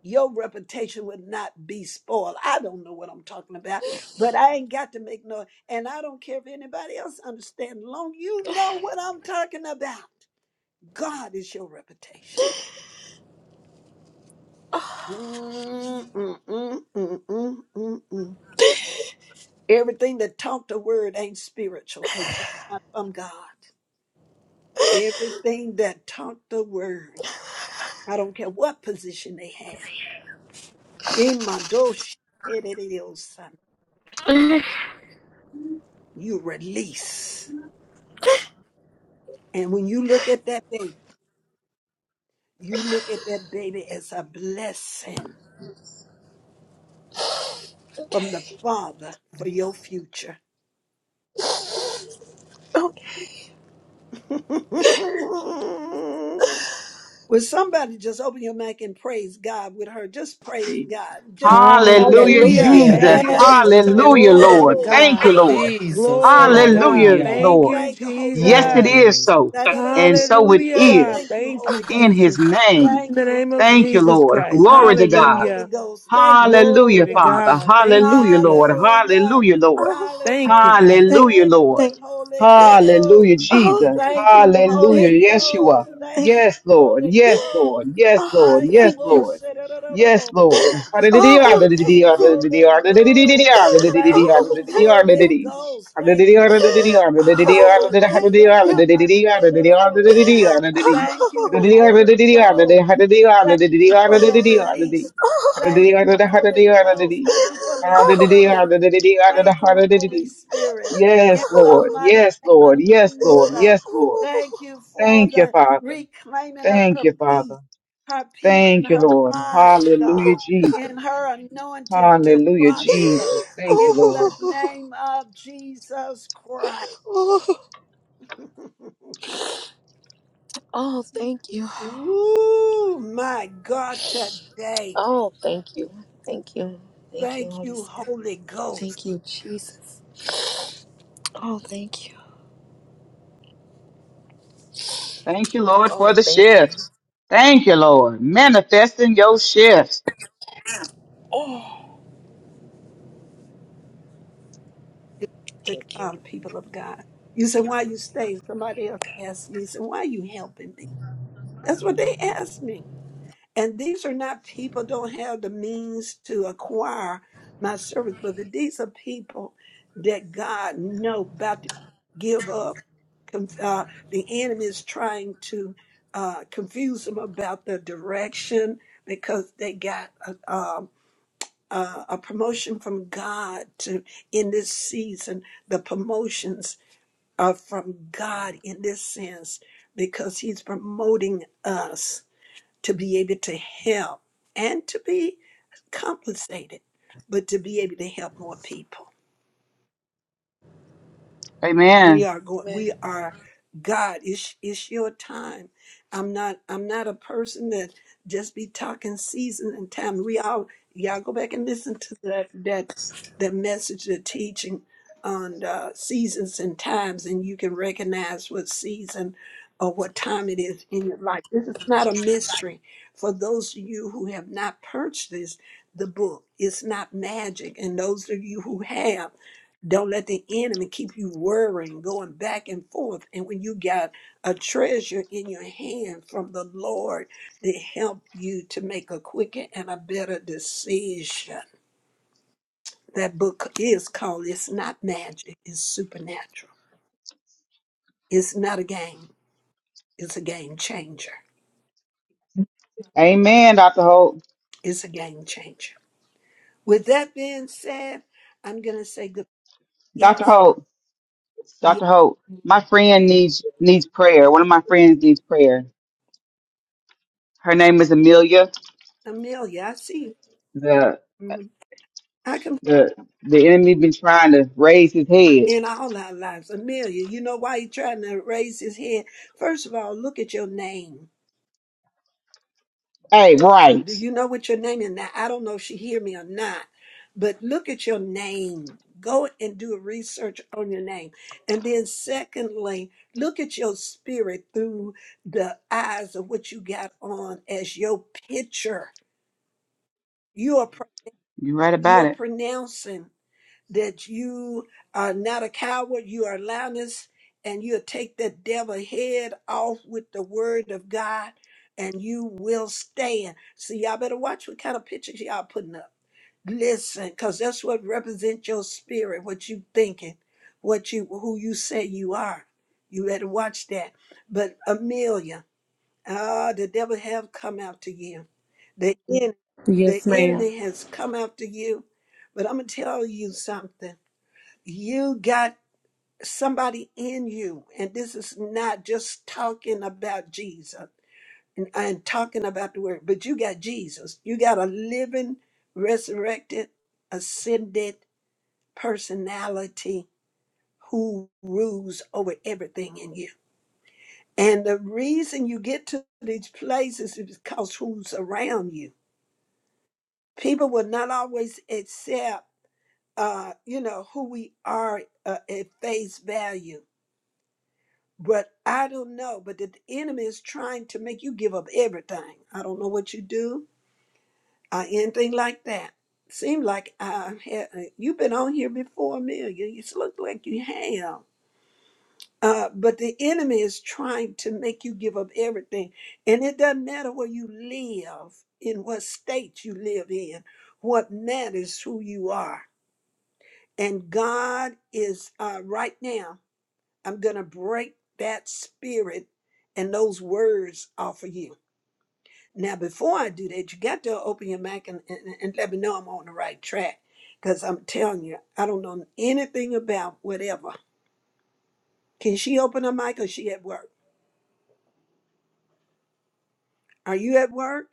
[SPEAKER 1] Your reputation would not be spoiled. I don't know what I'm talking about, but I ain't got to make no, and I don't care if anybody else understands. Long you know what I'm talking about. God is your reputation.
[SPEAKER 14] oh,
[SPEAKER 1] Mm, mm, mm, mm, mm, mm, mm. Everything that taught the word ain't spiritual because it's not from God. Everything that taught the word, I don't care what position they have. In my dosh, you release. And when you look at that baby, you look at that baby as a blessing
[SPEAKER 14] okay.
[SPEAKER 1] from the Father for your future.
[SPEAKER 14] okay.
[SPEAKER 1] Will somebody just open your mouth and praise God with her? Just praise God. Just
[SPEAKER 3] Hallelujah,
[SPEAKER 10] Hallelujah.
[SPEAKER 9] Hallelujah.
[SPEAKER 10] Thank
[SPEAKER 3] Jesus.
[SPEAKER 9] Good.
[SPEAKER 10] you,
[SPEAKER 1] Thank you,
[SPEAKER 10] Jesus.
[SPEAKER 1] Lord.
[SPEAKER 3] Hallelujah,
[SPEAKER 9] Hallelujah,
[SPEAKER 10] Glory to
[SPEAKER 3] Lord.
[SPEAKER 9] Lord.
[SPEAKER 1] Glory.
[SPEAKER 3] Thank
[SPEAKER 10] God.
[SPEAKER 3] you, Lord.
[SPEAKER 9] Jesus.
[SPEAKER 10] Glory to
[SPEAKER 1] Thank you,
[SPEAKER 10] God.
[SPEAKER 3] Hallelujah,
[SPEAKER 9] Hallelujah.
[SPEAKER 1] Lord.
[SPEAKER 10] Thank
[SPEAKER 3] Lord.
[SPEAKER 10] you,
[SPEAKER 1] Thank you, Holy
[SPEAKER 3] Yes, it
[SPEAKER 1] Ghost.
[SPEAKER 10] Jesus.
[SPEAKER 3] is
[SPEAKER 9] Glory.
[SPEAKER 3] so. And so it
[SPEAKER 10] Hallelujah,
[SPEAKER 1] Da-da-da-da-da-da-da.
[SPEAKER 10] God.
[SPEAKER 1] Thank
[SPEAKER 3] is
[SPEAKER 1] you,
[SPEAKER 10] Thank you,
[SPEAKER 1] Holy
[SPEAKER 3] in
[SPEAKER 1] Ghost.
[SPEAKER 3] his
[SPEAKER 10] Jesus.
[SPEAKER 3] name.
[SPEAKER 10] In
[SPEAKER 1] Thank
[SPEAKER 10] the
[SPEAKER 1] you,
[SPEAKER 10] name of
[SPEAKER 1] Holy
[SPEAKER 3] Thank you,
[SPEAKER 1] Ghost.
[SPEAKER 10] Jesus
[SPEAKER 3] Lord.
[SPEAKER 10] Christ.
[SPEAKER 3] Glory to
[SPEAKER 1] Thank you,
[SPEAKER 3] God.
[SPEAKER 1] Holy
[SPEAKER 10] Hallelujah.
[SPEAKER 1] Ghost. Thank you,
[SPEAKER 10] Glory
[SPEAKER 3] Hallelujah,
[SPEAKER 1] Holy
[SPEAKER 10] to
[SPEAKER 1] Ghost.
[SPEAKER 3] Father.
[SPEAKER 10] God. Thank you,
[SPEAKER 3] Hallelujah, Lord.
[SPEAKER 10] Jesus.
[SPEAKER 1] Hallelujah.
[SPEAKER 3] Hallelujah, Lord.
[SPEAKER 14] oh.
[SPEAKER 10] Thank you,
[SPEAKER 1] Hallelujah.
[SPEAKER 10] God.
[SPEAKER 14] Thank,
[SPEAKER 3] Hallelujah,
[SPEAKER 1] Thank
[SPEAKER 3] Lord.
[SPEAKER 14] thank,
[SPEAKER 1] you, Holy
[SPEAKER 3] Hallelujah,
[SPEAKER 1] Ghost.
[SPEAKER 14] oh,
[SPEAKER 3] Jesus.
[SPEAKER 1] Thank you,
[SPEAKER 3] Hallelujah,
[SPEAKER 14] thank,
[SPEAKER 1] Holy
[SPEAKER 3] Yeshua.
[SPEAKER 1] Ghost. Thank
[SPEAKER 14] thank,
[SPEAKER 1] you,
[SPEAKER 3] Yes, Lord.
[SPEAKER 1] Holy
[SPEAKER 3] Yes,
[SPEAKER 1] Ghost.
[SPEAKER 3] Lord. Yes,
[SPEAKER 14] oh,
[SPEAKER 3] Lord.
[SPEAKER 1] Hiya,
[SPEAKER 3] Yes,
[SPEAKER 14] thank
[SPEAKER 1] mo,
[SPEAKER 14] you.
[SPEAKER 3] Lord.
[SPEAKER 1] se, do, do, do, do,
[SPEAKER 3] Yes,
[SPEAKER 1] mo,
[SPEAKER 3] Lord.
[SPEAKER 1] sa.
[SPEAKER 3] Hallelujah.
[SPEAKER 14] Oh,
[SPEAKER 1] Thank
[SPEAKER 14] thank
[SPEAKER 3] Hallelujah.
[SPEAKER 1] you,
[SPEAKER 14] you.
[SPEAKER 3] Hallelujah. Hallelujah.
[SPEAKER 1] Holy Ghost.
[SPEAKER 3] Hallelujah.
[SPEAKER 1] Thank
[SPEAKER 3] Hallelujah.
[SPEAKER 14] Oh,
[SPEAKER 1] you,
[SPEAKER 14] thank you.
[SPEAKER 1] Holy
[SPEAKER 3] Hallelujah.
[SPEAKER 1] Ghost. Thank
[SPEAKER 3] Hallelujah, hallelujah,
[SPEAKER 1] you, Lord.
[SPEAKER 3] hallelujah,
[SPEAKER 14] Oh,
[SPEAKER 1] Hiya,
[SPEAKER 3] hallelujah,
[SPEAKER 1] mo,
[SPEAKER 14] thank
[SPEAKER 1] se, la,
[SPEAKER 3] hallelujah,
[SPEAKER 1] la,
[SPEAKER 14] you.
[SPEAKER 1] ba, se, do,
[SPEAKER 3] hallelujah,
[SPEAKER 1] do, mo,
[SPEAKER 3] hallelujah,
[SPEAKER 1] sa.
[SPEAKER 14] Oh,
[SPEAKER 3] hallelujah.
[SPEAKER 14] oh,
[SPEAKER 1] Thank
[SPEAKER 3] Yes,
[SPEAKER 1] you,
[SPEAKER 14] oh,
[SPEAKER 1] Holy Ghost. Thank you for the release. Thank you, Holy Ghost. Thank you for the healing. Thank you, Holy Spirit. In the
[SPEAKER 3] Lord.
[SPEAKER 1] mighty
[SPEAKER 3] Yes,
[SPEAKER 1] name
[SPEAKER 3] Lord.
[SPEAKER 1] of
[SPEAKER 3] Yes,
[SPEAKER 1] Jesus.
[SPEAKER 3] Lord. Yes, Lord.
[SPEAKER 1] Thank you for
[SPEAKER 3] Thank you,
[SPEAKER 1] the
[SPEAKER 3] Father.
[SPEAKER 1] reclaiming of
[SPEAKER 3] Thank
[SPEAKER 1] her
[SPEAKER 3] you,
[SPEAKER 1] peace,
[SPEAKER 3] Father.
[SPEAKER 1] her peace in
[SPEAKER 3] Thank you,
[SPEAKER 1] her
[SPEAKER 3] Lord.
[SPEAKER 1] mind,
[SPEAKER 3] Hallelujah,
[SPEAKER 1] God, in
[SPEAKER 3] Jesus.
[SPEAKER 1] her anointing to
[SPEAKER 3] Hallelujah,
[SPEAKER 1] prosper.
[SPEAKER 3] Jesus. Thank
[SPEAKER 1] In
[SPEAKER 3] you,
[SPEAKER 1] the
[SPEAKER 3] Lord.
[SPEAKER 14] oh,
[SPEAKER 1] name of Jesus Christ.
[SPEAKER 14] oh, oh, oh, thank you.
[SPEAKER 1] Ooh, my God, today.
[SPEAKER 14] Oh, thank you. Thank you. Thank you,
[SPEAKER 1] Thank
[SPEAKER 14] Holy
[SPEAKER 1] you,
[SPEAKER 14] Spirit.
[SPEAKER 1] Holy Ghost.
[SPEAKER 14] Thank you, Jesus. Oh, thank you.
[SPEAKER 3] Thank you, Lord, for
[SPEAKER 14] Oh,
[SPEAKER 3] the
[SPEAKER 14] thank you.
[SPEAKER 3] shifts. Thank you, Lord. Manifesting your shifts.
[SPEAKER 14] Oh,
[SPEAKER 1] to
[SPEAKER 14] thank
[SPEAKER 1] come, people of God. You said, why you stay? Somebody else asked me, said, why you helping me? That's what they asked me. And these are not people don't have the means to acquire my service, but these are people that God know about to give up. Con- Uh, the enemy is trying to uh, confuse them about the direction because they got uh, um, uh, a promotion from God to in this season. The promotions are from God in this sense because He's promoting us to be able to help and to be compensated, but to be able to help more people. we
[SPEAKER 3] Amen.
[SPEAKER 1] are going
[SPEAKER 14] you.
[SPEAKER 1] we are god it's it's your time i'm not i'm not a person that just be talking season and time we all y'all go back and listen to that that that message the teaching on uh, seasons and times and you can recognize what season or what time it is in your life this is not a mystery for those of you who have not purchased this the book it's not magic and those of you who have don't let the enemy keep you worrying, going back and forth. And when you got a treasure in your hand from the Lord that help you to make a quicker and a better decision. That book is called It's Not Magic, It's Supernatural. It's not a game, it's a game changer.
[SPEAKER 3] Amen, Dr. Hope.
[SPEAKER 1] It's a game changer. With that being said, I'm going to say good.
[SPEAKER 3] Dr.
[SPEAKER 1] Yes.
[SPEAKER 3] Hope.
[SPEAKER 1] Yes.
[SPEAKER 3] Dr. Hope, my friend needs needs prayer. One of my friends needs prayer. Her name is Amelia.
[SPEAKER 1] Amelia, I see you.
[SPEAKER 3] The
[SPEAKER 1] Mhm. I can
[SPEAKER 3] the the enemy been trying to raise his head.
[SPEAKER 1] in all our lives. Amelia, you know why he trying to raise his head? First of all, look at your name.
[SPEAKER 3] Hey,
[SPEAKER 1] Do
[SPEAKER 3] right.
[SPEAKER 1] you know what your name is? Now, I don't know if she hear me or not, but look at your name. Go and do a research on your name. And then secondly, look at your spirit through the eyes of what you got on as your picture. You are pro-
[SPEAKER 3] You're right about
[SPEAKER 1] you're
[SPEAKER 3] it.
[SPEAKER 1] pronouncing. that you are not a coward, you are lioness, and you'll take that devil head off with the word of God, and you will stand. So y'all better watch what kind of pictures y'all putting up. Listen, because that's what represents your spirit, what you thinking, what you who you say you are. You better watch that. But Amelia, ah, the devil have come after you. The, en- the
[SPEAKER 11] Yes, ma'am.
[SPEAKER 1] enemy has come after you. But I'm gonna tell you something you got somebody in you and this is not just talking about jesus and, and talking about the word but you got jesus you got a living resurrected ascended personality who rules over everything in you and the reason you get to these places is because who's around you people will not always accept uh you know who we are uh, at face value But I don't know. But the enemy is trying to make you give up everything. I don't know what you do or anything like that. Seem like I had, you've been on here before, Amelia. You look like you have. Uh, but the enemy is trying to make you give up everything. And it doesn't matter where you live, in what state you live in. What matters who you are. And God is uh, right now. I'm going to break that spirit and those words off of you. Now, before I do that, you got to open your mic and, and, and let me know I'm on the right track because I'm telling you, I don't know anything about whatever. Can she open her mic or she at work? Are you at work?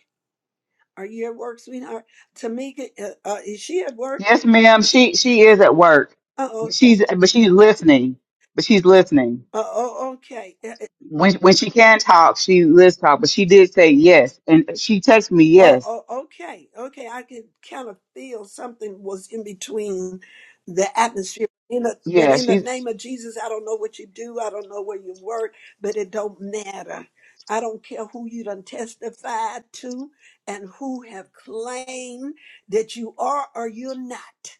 [SPEAKER 1] Are you at work, sweetheart? Tamika, uh, uh, is she at work?
[SPEAKER 3] Yes, ma'am. She she is at work.
[SPEAKER 1] Oh,
[SPEAKER 3] But
[SPEAKER 1] okay.
[SPEAKER 3] she's but she's listening. But she's listening.
[SPEAKER 1] Oh, oh, okay. Uh,
[SPEAKER 3] When when she can talk, she lives talk. But she did say yes. And she texted me
[SPEAKER 1] Oh,
[SPEAKER 3] yes.
[SPEAKER 1] oh, okay, okay. I could kind of feel something was in between the atmosphere. In a, but
[SPEAKER 3] Yeah,
[SPEAKER 1] in the
[SPEAKER 3] she's
[SPEAKER 1] name of Jesus, I don't know what you do. I don't know where you work, but it don't matter. I don't care who you done testified to and who have claimed that you are or you're not.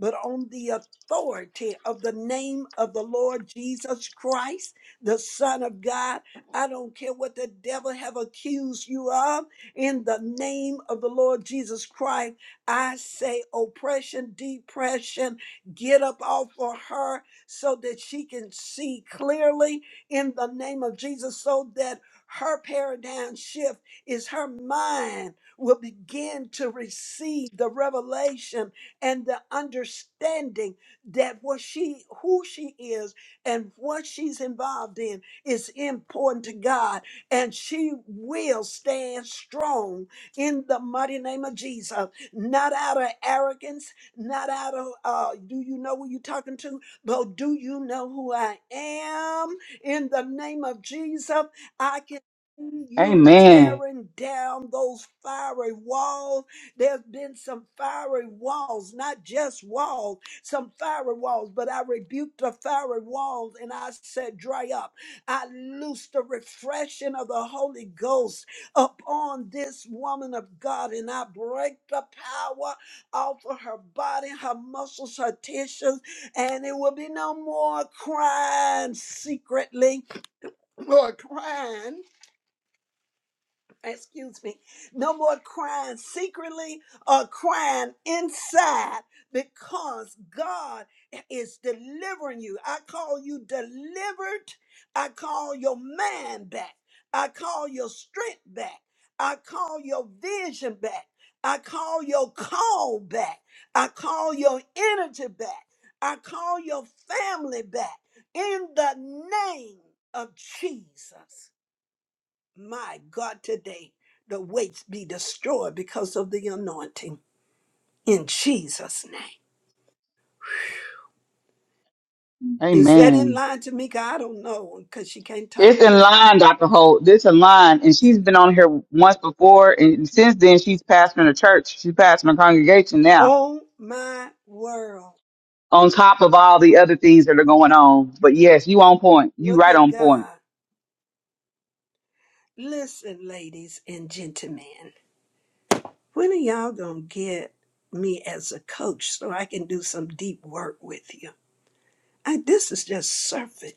[SPEAKER 1] But on the authority of the name of the Lord Jesus Christ, the Son of God, I don't care what the devil have accused you of. In the name of the Lord Jesus Christ, I say oppression, depression, get up off of her so that she can see clearly in the name of Jesus, so that her paradigm shift is her mind will begin to receive the revelation and the understanding that what she who she is and what she's involved in is important to God and she will stand strong in the mighty name of Jesus. Not out of arrogance, not out of, uh, do you know who you're talking to? But do you know who I am? In the name of Jesus, I can. see You
[SPEAKER 3] Amen.
[SPEAKER 1] tearing down those fiery walls. There's been some fiery walls, not just walls, some fiery walls, but I rebuked the fiery walls and I said, Dry up. I loose the refreshing of the Holy Ghost upon this woman of God, and I break the power off of her body, her muscles, her tissues, and it will be no more crying secretly or crying excuse me, no more crying secretly or crying inside because God is delivering you. I call you delivered. I call your mind back. I call your strength back. I call your vision back. I call your call back. I call your energy back. I call your family back in the name of Jesus. My God, today the weights be destroyed because of the anointing in Jesus' name. Is that in
[SPEAKER 3] Amen.
[SPEAKER 1] line, Tamika? I don't know because she can't talk.
[SPEAKER 3] It's in line, Dr. Holt. This in line. And she's been on here once before. And since then, she's pastoring a church. She's pastoring a congregation now,
[SPEAKER 1] Oh my world.
[SPEAKER 3] on top of all the other things that are going on. But yes, you on point. You
[SPEAKER 1] Look
[SPEAKER 3] right
[SPEAKER 1] at
[SPEAKER 3] on point.
[SPEAKER 1] God. Listen, ladies and gentlemen, when are y'all going to get me as a coach so I can do some deep work with you? I, this is just surface.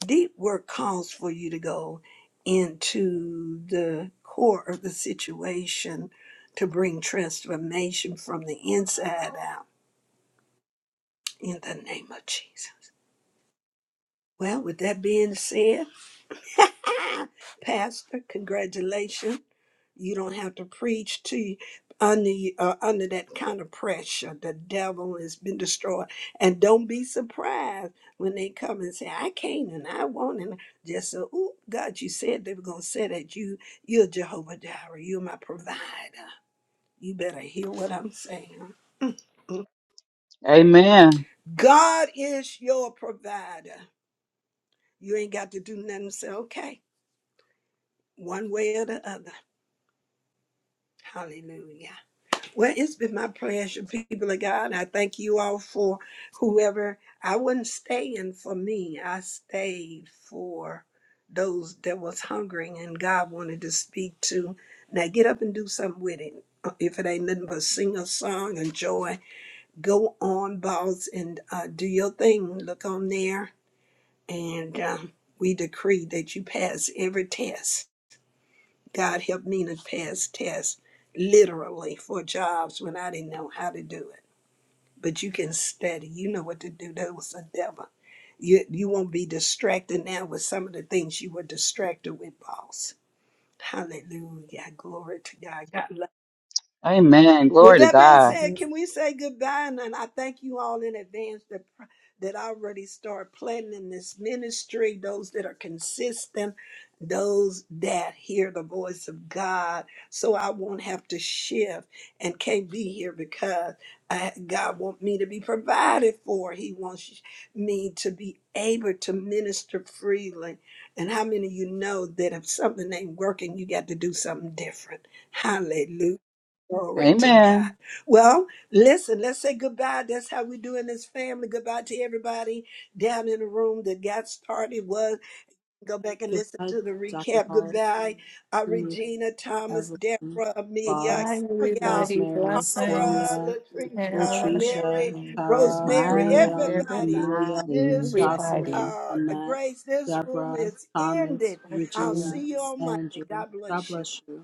[SPEAKER 1] Deep work calls for you to go into the core of the situation to bring transformation from the inside out in the name of Jesus. Well, with that being said, Pastor, congratulations. You don't have to preach to you under you- uh, under that kind of pressure. The devil has been destroyed, and don't be surprised when they come and say, "I can't and I won't." And just so, oh God, you said they were gonna say that you you're Jehovah Jireh, you're my provider." You better hear what I'm saying.
[SPEAKER 3] Amen.
[SPEAKER 1] God is your provider. You ain't got to do nothing. Say, okay, one way or the other. Hallelujah. Well, it's been my pleasure, people of God. I thank you all for whoever. I wasn't staying for me. I stayed for those that was hungering and God wanted to speak to. Now get up and do something with it. Uh, If it ain't nothing but sing a song, enjoy, go on, boss, and uh, do your thing. Look on there. And um, we decree that you pass every test God helped me to pass tests literally for jobs when I didn't know how to do it. But you can study, you know what to do. That was a devil. You, you won't be distracted now with some of the things you were distracted with, boss. Hallelujah. Glory to God. God
[SPEAKER 3] Amen.
[SPEAKER 1] with
[SPEAKER 3] Glory to
[SPEAKER 1] that being
[SPEAKER 3] God.
[SPEAKER 1] said, can we say goodbye? And then I thank you all in advance that pr- that already start planning in this ministry. Those that are consistent, those that hear the voice of God, so I won't have to shift and can't be here because I, God wants me to be provided for. He wants me to be able to minister freely. And how many of you know that if something ain't working, you got to do something different? Hallelujah. Glory to God.
[SPEAKER 3] Amen.
[SPEAKER 1] Well, listen, let's say goodbye. That's how we do in this family. Goodbye to everybody down in the room that got started. Was go back and listen
[SPEAKER 2] Goodbye,
[SPEAKER 1] to the
[SPEAKER 2] Dr.
[SPEAKER 1] recap.
[SPEAKER 2] Hall,
[SPEAKER 1] Goodbye, uh,
[SPEAKER 2] Tamika,
[SPEAKER 1] Regina, Thomas,
[SPEAKER 2] Evelyn,
[SPEAKER 1] Deborah, Amelia,
[SPEAKER 9] Goodbye,
[SPEAKER 2] Boss,
[SPEAKER 1] oh, y'all,
[SPEAKER 9] everybody.
[SPEAKER 2] Rosemary,
[SPEAKER 9] Blessings.
[SPEAKER 1] Tara,
[SPEAKER 2] Sonia,
[SPEAKER 1] Latricia,
[SPEAKER 9] Tara.
[SPEAKER 2] Latricia,
[SPEAKER 1] Mary,
[SPEAKER 2] Tara,
[SPEAKER 1] Rosemary,
[SPEAKER 3] Goodbye,
[SPEAKER 2] Miriam,
[SPEAKER 1] everybody.
[SPEAKER 2] Amelia,
[SPEAKER 3] everybody.
[SPEAKER 1] This re-
[SPEAKER 9] Everybody.
[SPEAKER 2] Jocelyn,
[SPEAKER 1] uh,
[SPEAKER 2] Annette,
[SPEAKER 1] Grace, this room
[SPEAKER 2] Deborah,
[SPEAKER 1] is
[SPEAKER 2] Thomas,
[SPEAKER 1] ended. I'll
[SPEAKER 2] Regina,
[SPEAKER 1] see you
[SPEAKER 9] Blessings.
[SPEAKER 1] on Monday.
[SPEAKER 2] Andrew.
[SPEAKER 1] God
[SPEAKER 2] God
[SPEAKER 1] bless you.
[SPEAKER 2] bless you.